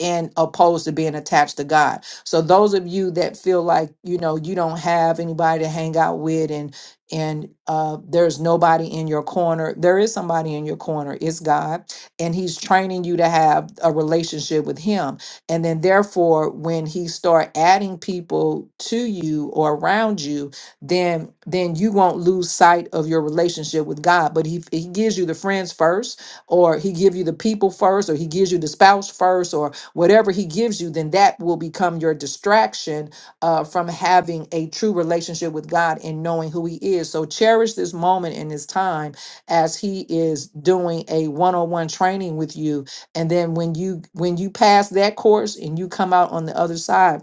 [SPEAKER 1] and opposed to being attached to God. So those of you that feel like you know you don't have anybody to hang out with and and uh there's nobody in your corner, there is somebody in your corner. It's God and he's training you to have a relationship with him. And then therefore when he start adding people to you or around you, then then you won't lose sight of your relationship with God. But he he gives you the friends first or he give you the people first or he gives you the spouse first or whatever he gives you, then that will become your distraction uh, from having a true relationship with God and knowing who he is. So cherish this moment in this time as he is doing a one-on-one training with you. And then when you when you pass that course and you come out on the other side,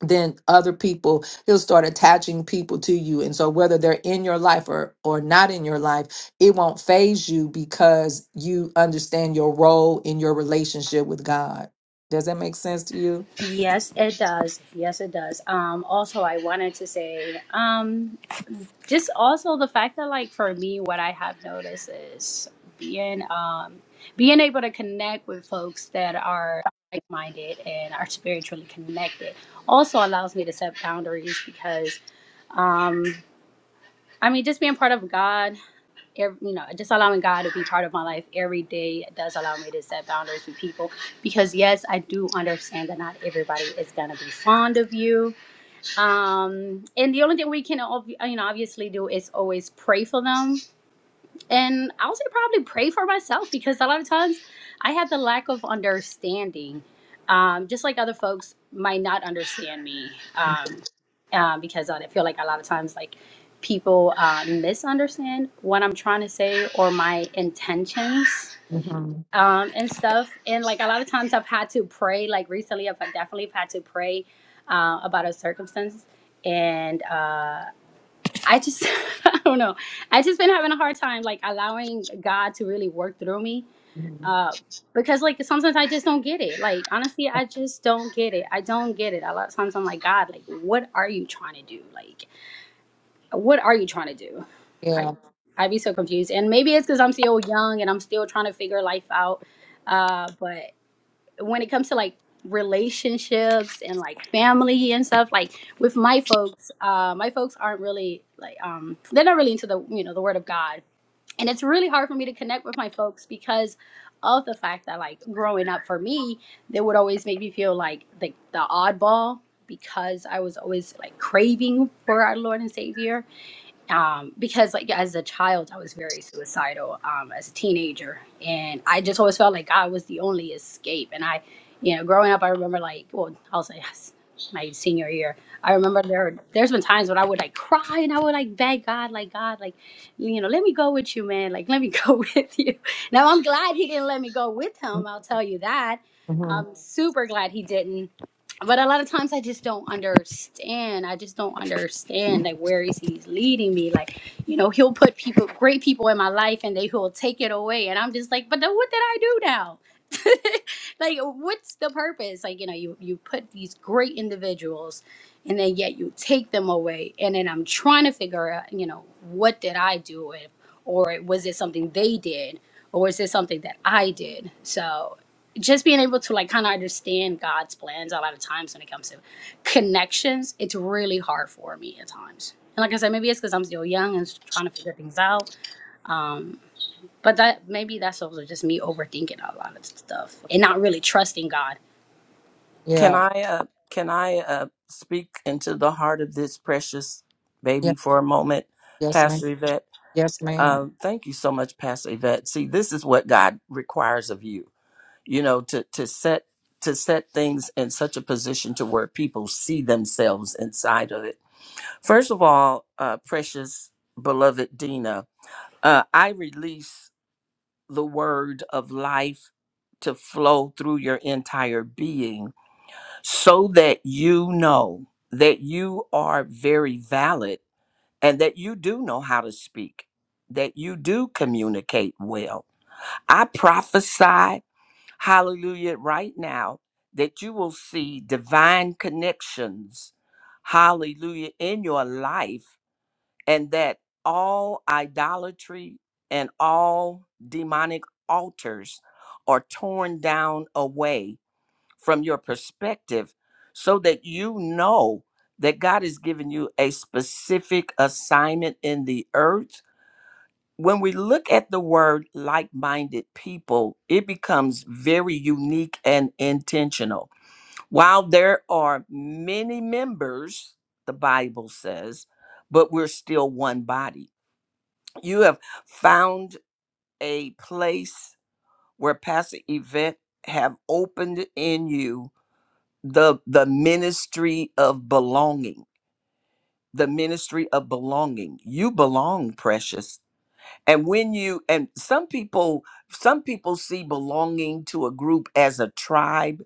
[SPEAKER 1] then other people he'll start attaching people to you and so whether they're in your life or or not in your life it won't phase you because you understand your role in your relationship with god does that make sense to you
[SPEAKER 5] Yes, it does. Yes, it does. Um, also, I wanted to say. Um, just also the fact that like for me what i have noticed is being um being able to connect with folks that are like-minded and are spiritually connected also allows me to set boundaries because um i mean just being part of god ev- you know, just allowing God to be part of my life every day does allow me to set boundaries with people because yes, I do understand that not everybody is gonna be fond of you um and the only thing we can you know obviously do is always pray for them and i would say probably pray for myself because a lot of times i had the lack of understanding um just like other folks might not understand me um uh, because i feel like a lot of times like people uh, misunderstand what i'm trying to say or my intentions
[SPEAKER 1] Mhm.
[SPEAKER 5] um, and stuff. And like a lot of times I've had to pray, like recently I've definitely had to pray uh, about a circumstance. And uh, I just, I don't know, I just been having a hard time like allowing God to really work through me
[SPEAKER 1] Mhm.
[SPEAKER 5] uh, because like sometimes I just don't get it. Like honestly, I just don't get it. I don't get it. A lot of times I'm like, God, like what are you trying to do? Like what are you trying to do? I,
[SPEAKER 1] yeah
[SPEAKER 5] I'd be so confused. And maybe it's because I'm still young and I'm still trying to figure life out. Uh, but when it comes to like relationships and like family and stuff like with my folks uh my folks aren't really like um they're not really into the you know the word of god and it's really hard for me to connect with my folks because of the fact that like growing up for me they would always make me feel like the, the oddball because i was always like craving for our lord and savior um, because like as a child i was very suicidal um, as a teenager and i just always felt like god was the only escape and i you know growing up i remember like well i'll say yes my senior year i remember there there's been times when i would like cry and i would like beg god like god like you know let me go with you man like let me go with you now i'm glad he didn't let me go with him i'll tell you that
[SPEAKER 1] Mm-hmm.
[SPEAKER 5] i'm super glad he didn't but a lot of times I just don't understand. I just don't understand like where is he's leading me. Like, you know, he'll put people, great people in my life, and they will take it away, and I'm just like, but then what did I do now? like, what's the purpose? Like, you know, you you put these great individuals, and then yet you take them away, and then I'm trying to figure out, you know, what did I do? or was it something they did or is it something that i did so just being able to like kind of understand god's plans a lot of times when it comes to connections it's really hard for me at times and like i said maybe it's because i'm still young and trying to figure things out but that maybe that's also just me overthinking a lot of stuff and not really trusting god
[SPEAKER 3] Can
[SPEAKER 1] Yeah.
[SPEAKER 3] I uh can I uh speak into the heart of this precious
[SPEAKER 1] Yeah.
[SPEAKER 3] baby for a moment,
[SPEAKER 1] Yes, ma'am.
[SPEAKER 3] Pastor Yvette?
[SPEAKER 1] Yes, ma'am.
[SPEAKER 3] Um, thank you so much, Pastor Yvette. See, this is what God requires of you. you know to to set to set things in such a position to where people see themselves inside of it first of all uh precious beloved dina uh i release the word of life to flow through your entire being so that you know that you are very valid and that you do know how to speak that you do communicate well i prophesy hallelujah, right now, that you will see divine connections, hallelujah, in your life, and that all idolatry and all demonic altars are torn down away from your perspective so that you know that God has given you a specific assignment in the earth when we look at the word like minded people, it becomes very unique and intentional. While there are many members, the Bible says, but we're still one body. You have found a place where Pastor Yvette have opened in you the the ministry of belonging. The ministry of belonging. You belong, precious and when you and some people some people see belonging to a group as a tribe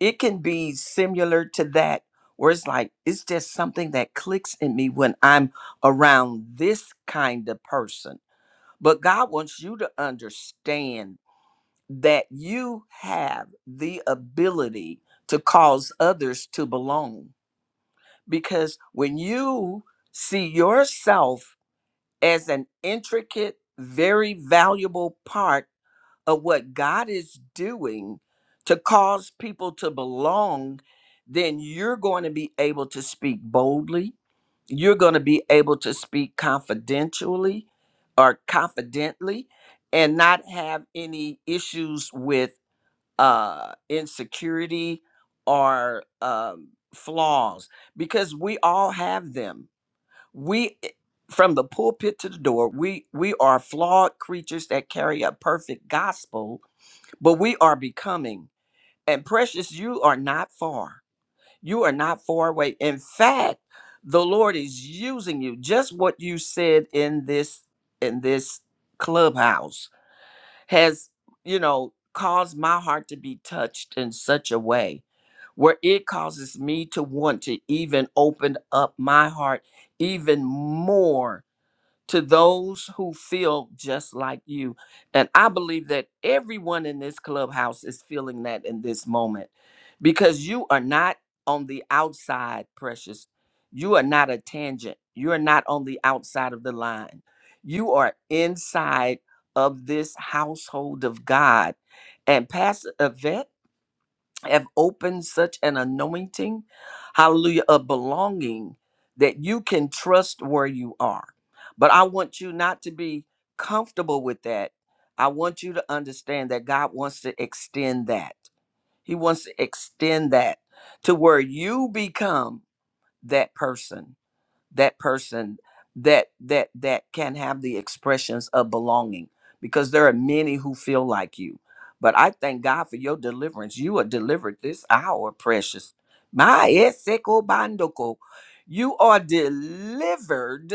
[SPEAKER 3] it can be similar to that where it's like it's just something that clicks in me when i'm around this kind of person but god wants you to understand that you have the ability to cause others to belong because when you see yourself as an intricate very valuable part of what God is doing to cause people to belong, then you're going to be able to speak boldly. You're going to be able to speak confidentially or confidently and not have any issues with uh, insecurity or um, flaws because we all have them. We eh, from the pulpit to the door, we we are flawed creatures that carry a perfect gospel but we are becoming. And precious, you are not far. You are not far away. In fact, the Lord is using you. Just what you said in this in this clubhouse has, you know, caused my heart to be touched in such a way where it causes me to want to even open up my heart even more to those who feel just like you. And I believe that everyone in this clubhouse is feeling that in this moment because you are not on the outside, precious. You are not a tangent. You are not on the outside of the line. You are inside of this household of God. And Pastor Yvette, have opened such an anointing, hallelujah, a belonging that you can trust where you are. But I want you not to be comfortable with that. I want you to understand that God wants to extend that. He wants to extend that to where you become that person that person that that that can have the expressions of belonging because there are many who feel like you but i thank god for your deliverance you are delivered this hour precious my eseko bandoko you are delivered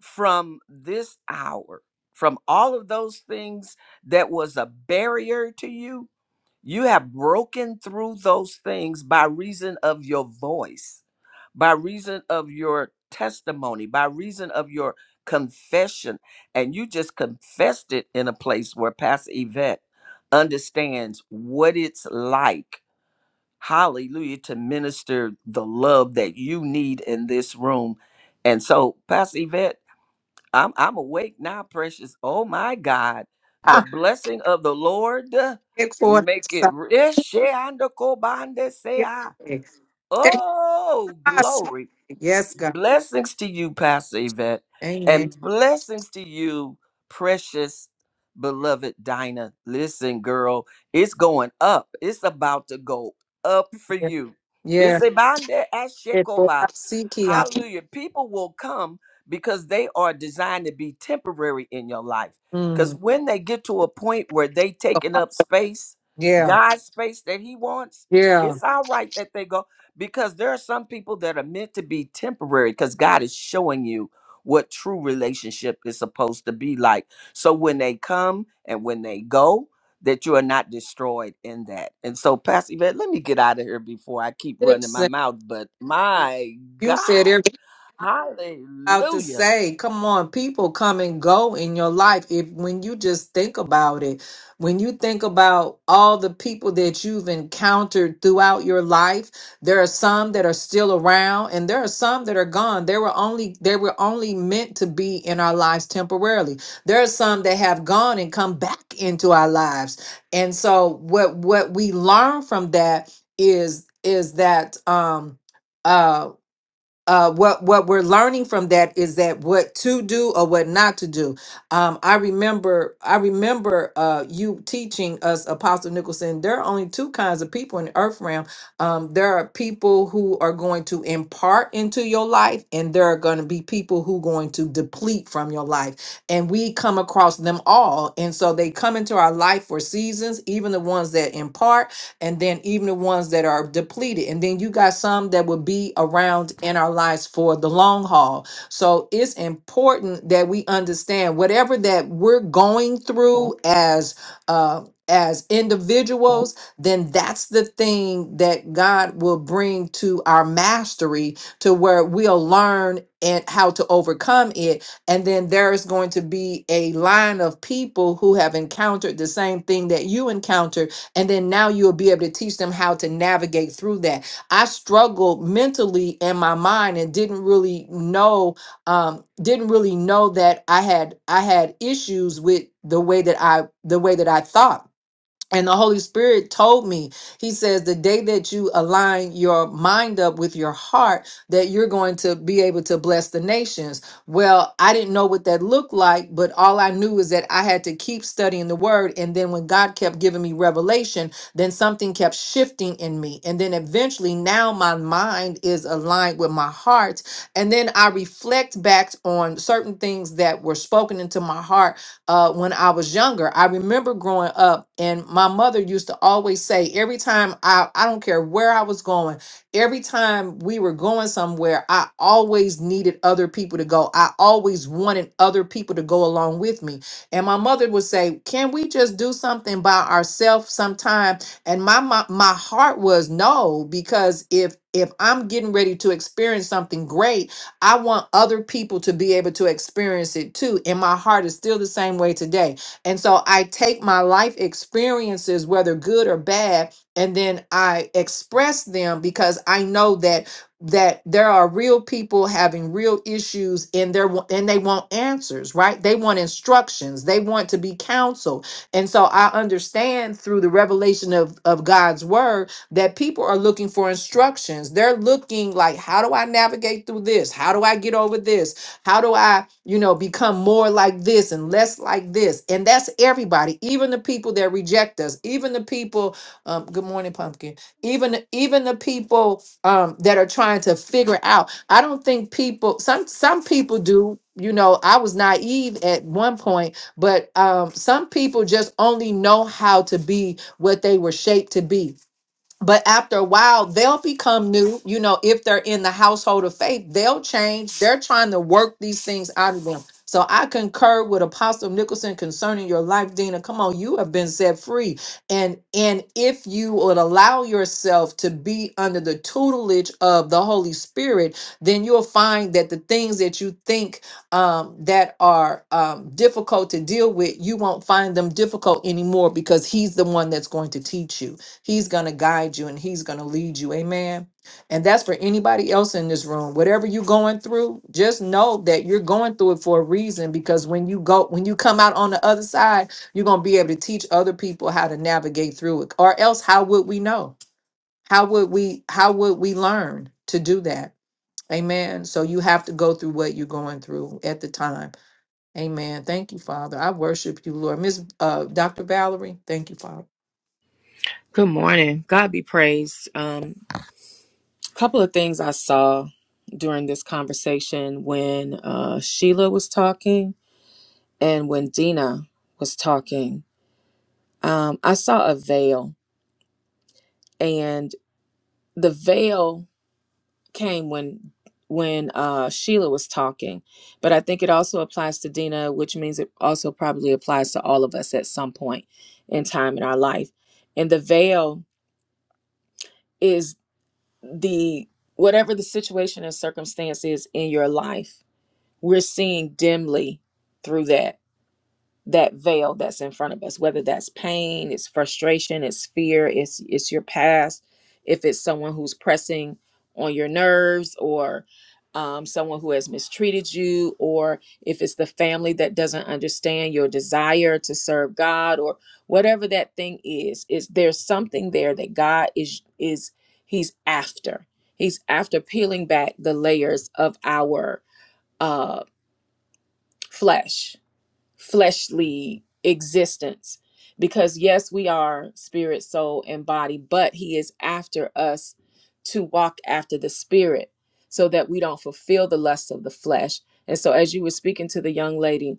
[SPEAKER 3] from this hour from all of those things that was a barrier to you you have broken through those things by reason of your voice, by reason of your testimony, by reason of your confession. And you just confessed it in a place where Pastor Yvette understands what it's like, hallelujah, to minister the love that you need in this room. And so, Pastor Yvette, I'm I'm awake now, precious. Oh my God. The
[SPEAKER 1] Ah,
[SPEAKER 3] blessing of the Lord uh,
[SPEAKER 1] Take forth.
[SPEAKER 3] make it rich.
[SPEAKER 1] Yes,
[SPEAKER 3] Oh, glory.
[SPEAKER 1] Yes, God.
[SPEAKER 3] Blessings to you, Pastor Yvette,
[SPEAKER 1] Amen.
[SPEAKER 3] and blessings to you, precious, beloved Dinah. Listen, girl, it's going up. It's about to go up for you.
[SPEAKER 1] Yeah.
[SPEAKER 3] It's about there at
[SPEAKER 1] Take forth.
[SPEAKER 3] Shekoba.
[SPEAKER 1] Seek ye.
[SPEAKER 3] Hallelujah. People will come because they are designed to be temporary in your life. Because
[SPEAKER 1] Mm.
[SPEAKER 3] when they get to a point where they taking up space,
[SPEAKER 1] Yeah.
[SPEAKER 3] God's space that He wants,
[SPEAKER 1] Yeah.
[SPEAKER 3] it's all right that they go because there are some people that are meant to be temporary because God is showing you what true relationship is supposed to be like. So when they come and when they go, that you are not destroyed in that. And so, Pastor Yvette, let me get out of here before I keep running my
[SPEAKER 1] Listen,
[SPEAKER 3] mouth. But my
[SPEAKER 1] You said
[SPEAKER 3] God,
[SPEAKER 1] everything. about to
[SPEAKER 3] hallelujah.
[SPEAKER 1] say come on people come and go in your life if when you just think about it when you think about all the people that you've encountered throughout your life there are some that are still around and there are some that are gone they were only they were only meant to be in our lives temporarily there are some that have gone and come back into our lives and so what what we learn from that is is that um uh, uh, what what we're learning from that is that what to do or what not to do. Um, I remember I remember uh, you teaching us, Apostle Nicholson. There are only two kinds of people in the earth realm. Um, there are people who are going to impart into your life, and there are going to be people who going to deplete from your life. And we come across them all, and so they come into our life for seasons, even the ones that impart and then even the ones that are depleted. And then you got some that will be around in our lives for the long haul. So it's important that we understand whatever that we're going through as uh as individuals, then that's the thing that God will bring to our mastery to where we'll learn and how to overcome it. And then there's going to be a line of people who have encountered the same thing that you encountered and then now you'll be able to teach them how to navigate through that. I struggled mentally in my mind and didn't really know, um, didn't really know that I had I had issues with the way that I the way that I thought and the Holy Spirit told me, He says, the day that you align your mind up with your heart, that you're going to be able to bless the nations. Well, I didn't know what that looked like, but all I knew is that I had to keep studying the word. And then when God kept giving me revelation, then something kept shifting in me. And then eventually now my mind is aligned with my heart. And then I reflect back on certain things that were spoken into my heart uh, when I was younger. I remember growing up, and my mother used to always say, every time I, I don't care where I was going, every time we were going somewhere, I always needed other people to go. I always wanted other people to go along with me. And my mother would say, Can we just do something by ourselves sometime? And my, my, my heart was no, because if if I'm getting ready to experience something great, I want other people to be able to experience it too. And my heart is still the same way today. And so I take my life experiences, whether good or bad, and then I express them because I know that that there are real people having real issues and they and they want answers right they want instructions they want to be counseled and so i understand through the revelation of of god's word that people are looking for instructions. They're looking like, how do I navigate through this? How do I get over this? How do I, you know, become more like this and less like this? And that's everybody, even the people that reject us, even the people, um, good morning, pumpkin, even even the people um that are trying to figure out. I don't think people some some people do, you know, I was naive at one point, but um some people just only know how to be what they were shaped to be but after a while they'll become new you know if they're in the household of faith they'll change they're trying to work these things out of them so i concur with apostle nicholson concerning your life dina come on you have been set free and and if you would allow yourself to be under the tutelage of the holy spirit then you'll find that the things that you think um, that are um, difficult to deal with you won't find them difficult anymore because he's the one that's going to teach you He's going to guide you and he's going to lead you. Amen. And that's for anybody else in this room. Whatever you're going through, just know that you're going through it for a reason because when you go when you come out on the other side, you're going to be able to teach other people how to navigate through it. Or else how would we know? How would we how would we learn to do that? Amen. So you have to go through what you're going through at the time. Amen. Thank you, Father. I worship you, Lord. Miss uh, Dr. Valerie, thank you, Father.
[SPEAKER 6] Good morning. God be praised. Um, a couple of things I saw during this conversation when uh, Sheila was talking and when Dina was talking. Um, I saw a veil, and the veil came when when uh, Sheila was talking, but I think it also applies to Dina, which means it also probably applies to all of us at some point in time in our life. And the veil is. the whatever the situation and circumstance is in your life, we're seeing dimly through that that veil that's in front of us whether that's pain it's frustration it's fear it's it's your past if it's someone who's pressing on your nerves or um, someone who has mistreated you or if it's the family that doesn't understand your desire to serve god or whatever that thing is is there's something there that god is is he's after he's after peeling back the layers of our uh flesh fleshly existence because yes we are spirit soul and body but he is after us to walk after the spirit so that we don't fulfill the lusts of the flesh and so as you were speaking to the young lady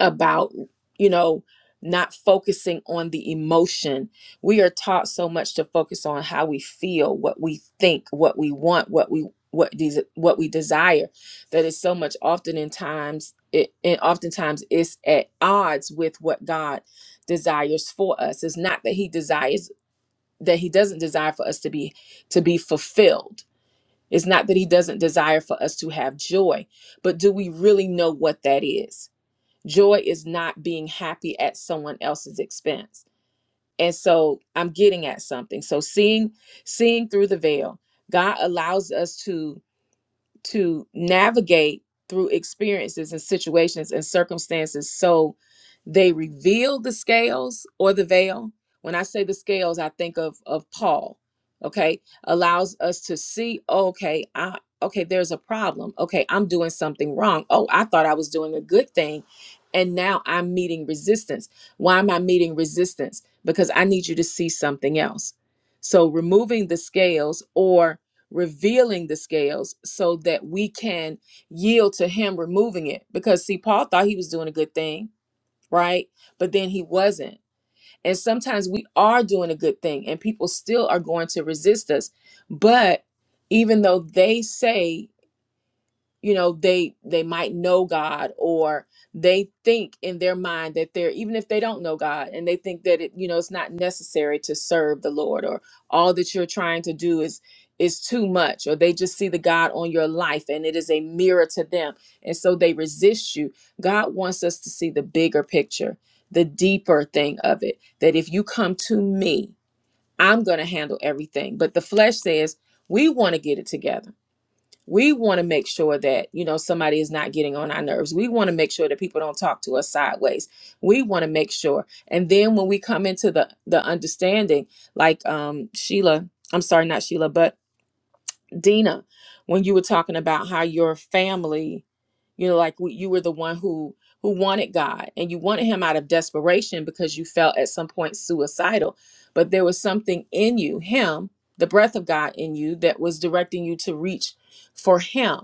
[SPEAKER 6] about you know not focusing on the emotion we are taught so much to focus on how we feel what we think what we want what we what these what we desire that is so much often in times it and oftentimes it's at odds with what god desires for us it's not that he desires that he doesn't desire for us to be to be fulfilled it's not that he doesn't desire for us to have joy but do we really know what that is Joy is not being happy at someone else's expense. And so I'm getting at something. So seeing seeing through the veil, God allows us to to navigate through experiences and situations and circumstances so they reveal the scales or the veil when i say the scales i think of of paul okay allows us to see okay i okay there's a problem okay i'm doing something wrong oh i thought i was doing a good thing and now i'm meeting resistance why am i meeting resistance because i need you to see something else so removing the scales or revealing the scales so that we can yield to him removing it because see paul thought he was doing a good thing right but then he wasn't and sometimes we are doing a good thing and people still are going to resist us but even though they say you know they they might know god or they think in their mind that they're even if they don't know god and they think that it you know it's not necessary to serve the lord or all that you're trying to do is is too much or they just see the god on your life and it is a mirror to them and so they resist you god wants us to see the bigger picture the deeper thing of it that if you come to me i'm going to handle everything but the flesh says we want to get it together we want to make sure that you know somebody is not getting on our nerves we want to make sure that people don't talk to us sideways we want to make sure and then when we come into the the understanding like um sheila i'm sorry not sheila but dina when you were talking about how your family you know like w- you were the one who who wanted god and you wanted him out of desperation because you felt at some point suicidal but there was something in you him the breath of god in you that was directing you to reach for him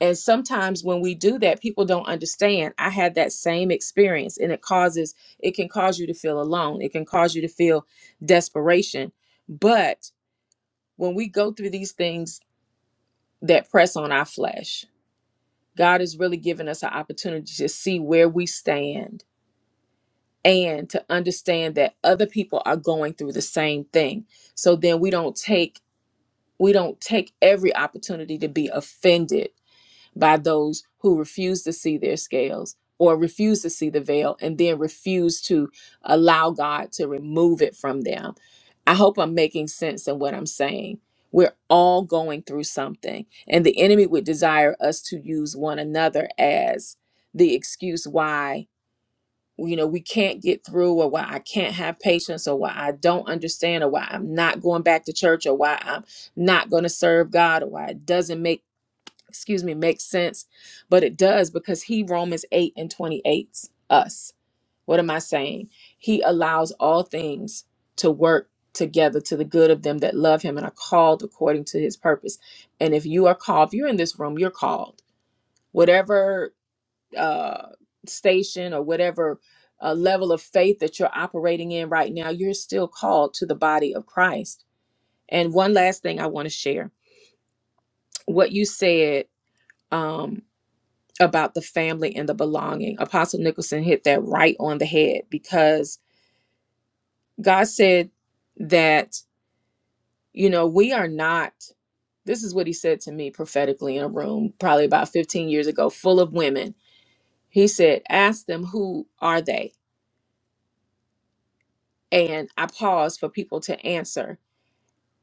[SPEAKER 6] and sometimes when we do that, people don't understand. I had that same experience, and it causes, it can cause you to feel alone. It can cause you to feel desperation. But when we go through these things that press on our flesh, God has really given us an opportunity to see where we stand and to understand that other people are going through the same thing. So then we don't take we don't take every opportunity to be offended by those who refuse to see their scales or refuse to see the veil and then refuse to allow God to remove it from them. I hope I'm making sense in what I'm saying. We're all going through something, and the enemy would desire us to use one another as the excuse why you know we can't get through or why I can't have patience or why I don't understand or why I'm not going back to church or why I'm not going to serve God or why it doesn't make excuse me, makes sense, but it does because he, Romans 8 and 28, us. What am I saying? He allows all things to work together to the good of them that love him and are called according to his purpose. And if you are called, if you're in this room, you're called. Whatever uh, station or whatever uh, level of faith that you're operating in right now, you're still called to the body of Christ. And one last thing I want to share what you said. Um, about the family and the belonging. Apostle Nicholson hit that right on the head because God said that, you know, we are not, this is what he said to me prophetically in a room probably about 15 years ago, full of women. He said, ask them, who are they? And I paused for people to answer.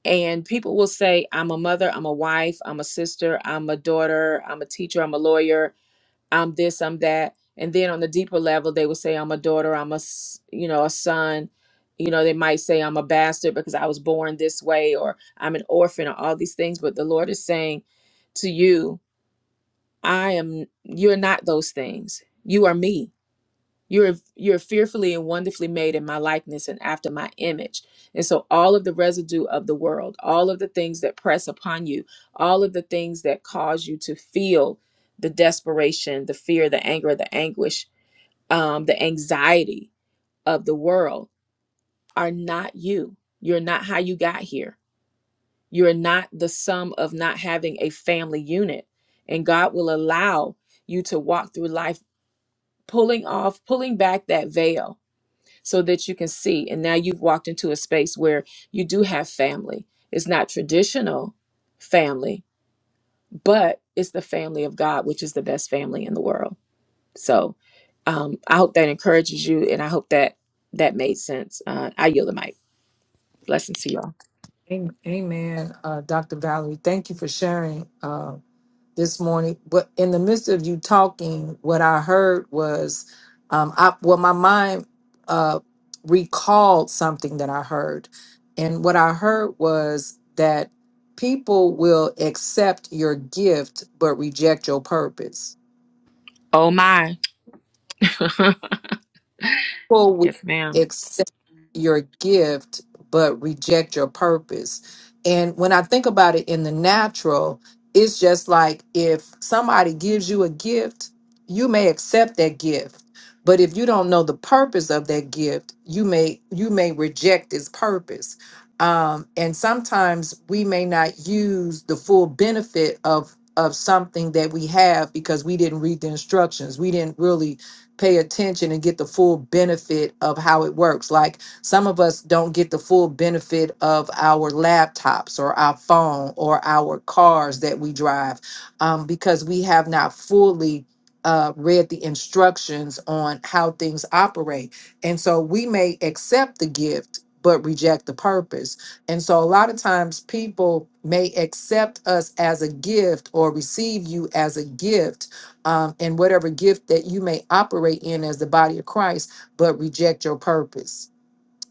[SPEAKER 6] And people will say, I'm a mother, I'm a wife, I'm a sister, I'm a daughter, I'm a teacher, I'm a lawyer, I'm this, I'm that. And then on the deeper level, they would say, I'm a daughter, I'm a, s- you know, a son. You know, they might say, I'm a bastard because I was born this way, or I'm an orphan, or all these things. But the Lord is saying to you, I am, you're not those things. You are me. You're you're fearfully and wonderfully made in my likeness and after my image. And so all of the residue of the world, all of the things that press upon you, all of the things that cause you to feel the desperation, the fear, the anger, the anguish, um, the anxiety of the world are not you. You're not how you got here. You're not the sum of not having a family unit. And God will allow you to walk through life pulling off, pulling back that veil so that you can see. And now you've walked into a space where you do have family. It's not traditional family, but it's the family of God, which is the best family in the world. So um, I hope that encourages you, and I hope that that made sense. Uh, I yield the mic. Blessings to y'all.
[SPEAKER 1] Am- Amen, uh, Dr. Valerie. Thank you for sharing uh, this morning. But in the midst of you talking, what I heard was, um, I, well, my mind uh, recalled something that I heard, and what I heard was that people will accept your gift but reject your purpose
[SPEAKER 6] Oh my,
[SPEAKER 1] people will
[SPEAKER 6] yes, ma'am.
[SPEAKER 1] accept your gift but reject your purpose. And when I think about it in the natural, it's just like if somebody gives you a gift, you may accept that gift. But if you don't know the purpose of that gift, you may you may reject its purpose. Um, and sometimes we may not use the full benefit of of something that we have because we didn't read the instructions. We didn't really pay attention and get the full benefit of how it works. Like some of us don't get the full benefit of our laptops or our phone or our cars that we drive um, because we have not fully. Uh, read the instructions on how things operate. And so we may accept the gift, but reject the purpose. And so a lot of times people may accept us as a gift or receive you as a gift um, and whatever gift that you may operate in as the body of Christ, but reject your purpose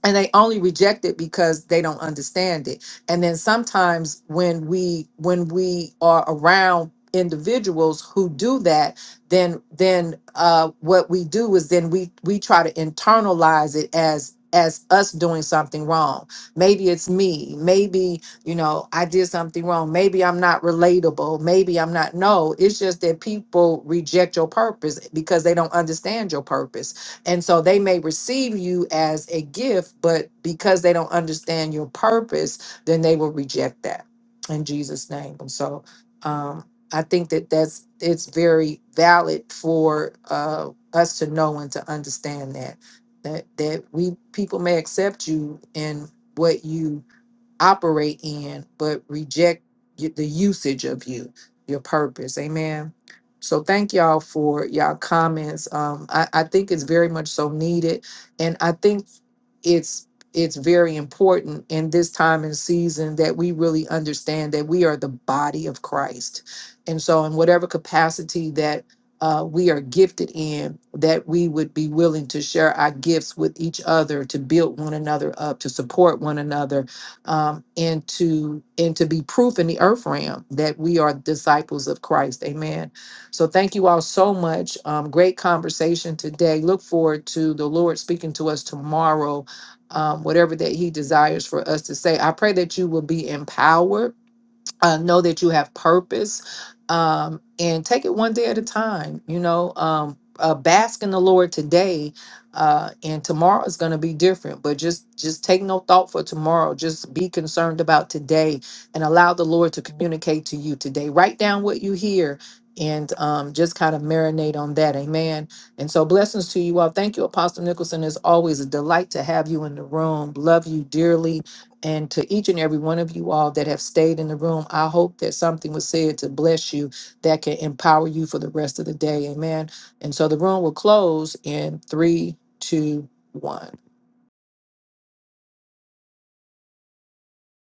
[SPEAKER 1] and they only reject it because they don't understand it and then sometimes when we when we are around individuals who do that then then uh what we do is then we we try to internalize it as as us doing something wrong maybe it's me maybe you know i did something wrong maybe i'm not relatable maybe i'm not no it's just that people reject your purpose because they don't understand your purpose and so they may receive you as a gift, but because they don't understand your purpose, then they will reject that in Jesus' name. And so um, I think that that's it's very valid for uh, us to know and to understand that that that we people may accept you in what you operate in, but reject y- the usage of you, your purpose. Amen. So thank y'all for y'all comments. Um, I, I think it's very much so needed, and I think it's it's very important in this time and season that we really understand that we are the body of Christ, and so in whatever capacity that uh, we are gifted in, that we would be willing to share our gifts with each other to build one another up, to support one another, um, and to and to be proof in the earth realm that we are disciples of Christ. Amen. So thank you all so much. Um, great conversation today. Look forward to the Lord speaking to us tomorrow. Um, whatever that He desires for us to say, I pray that you will be empowered uh, know that you have purpose um, and take it one day at a time you know um, uh, bask in the lord today uh, and tomorrow is going to be different but just just take no thought for tomorrow just be concerned about today and allow the lord to communicate to you today write down what you hear and um, just kind of marinate on that amen and so blessings to you all thank you apostle nicholson it's always a delight to have you in the room love you dearly and to each and every one of you all that have stayed in the room, I hope that something was said to bless you that can empower you for the rest of the day. Amen. And so the room will close in three, two, one.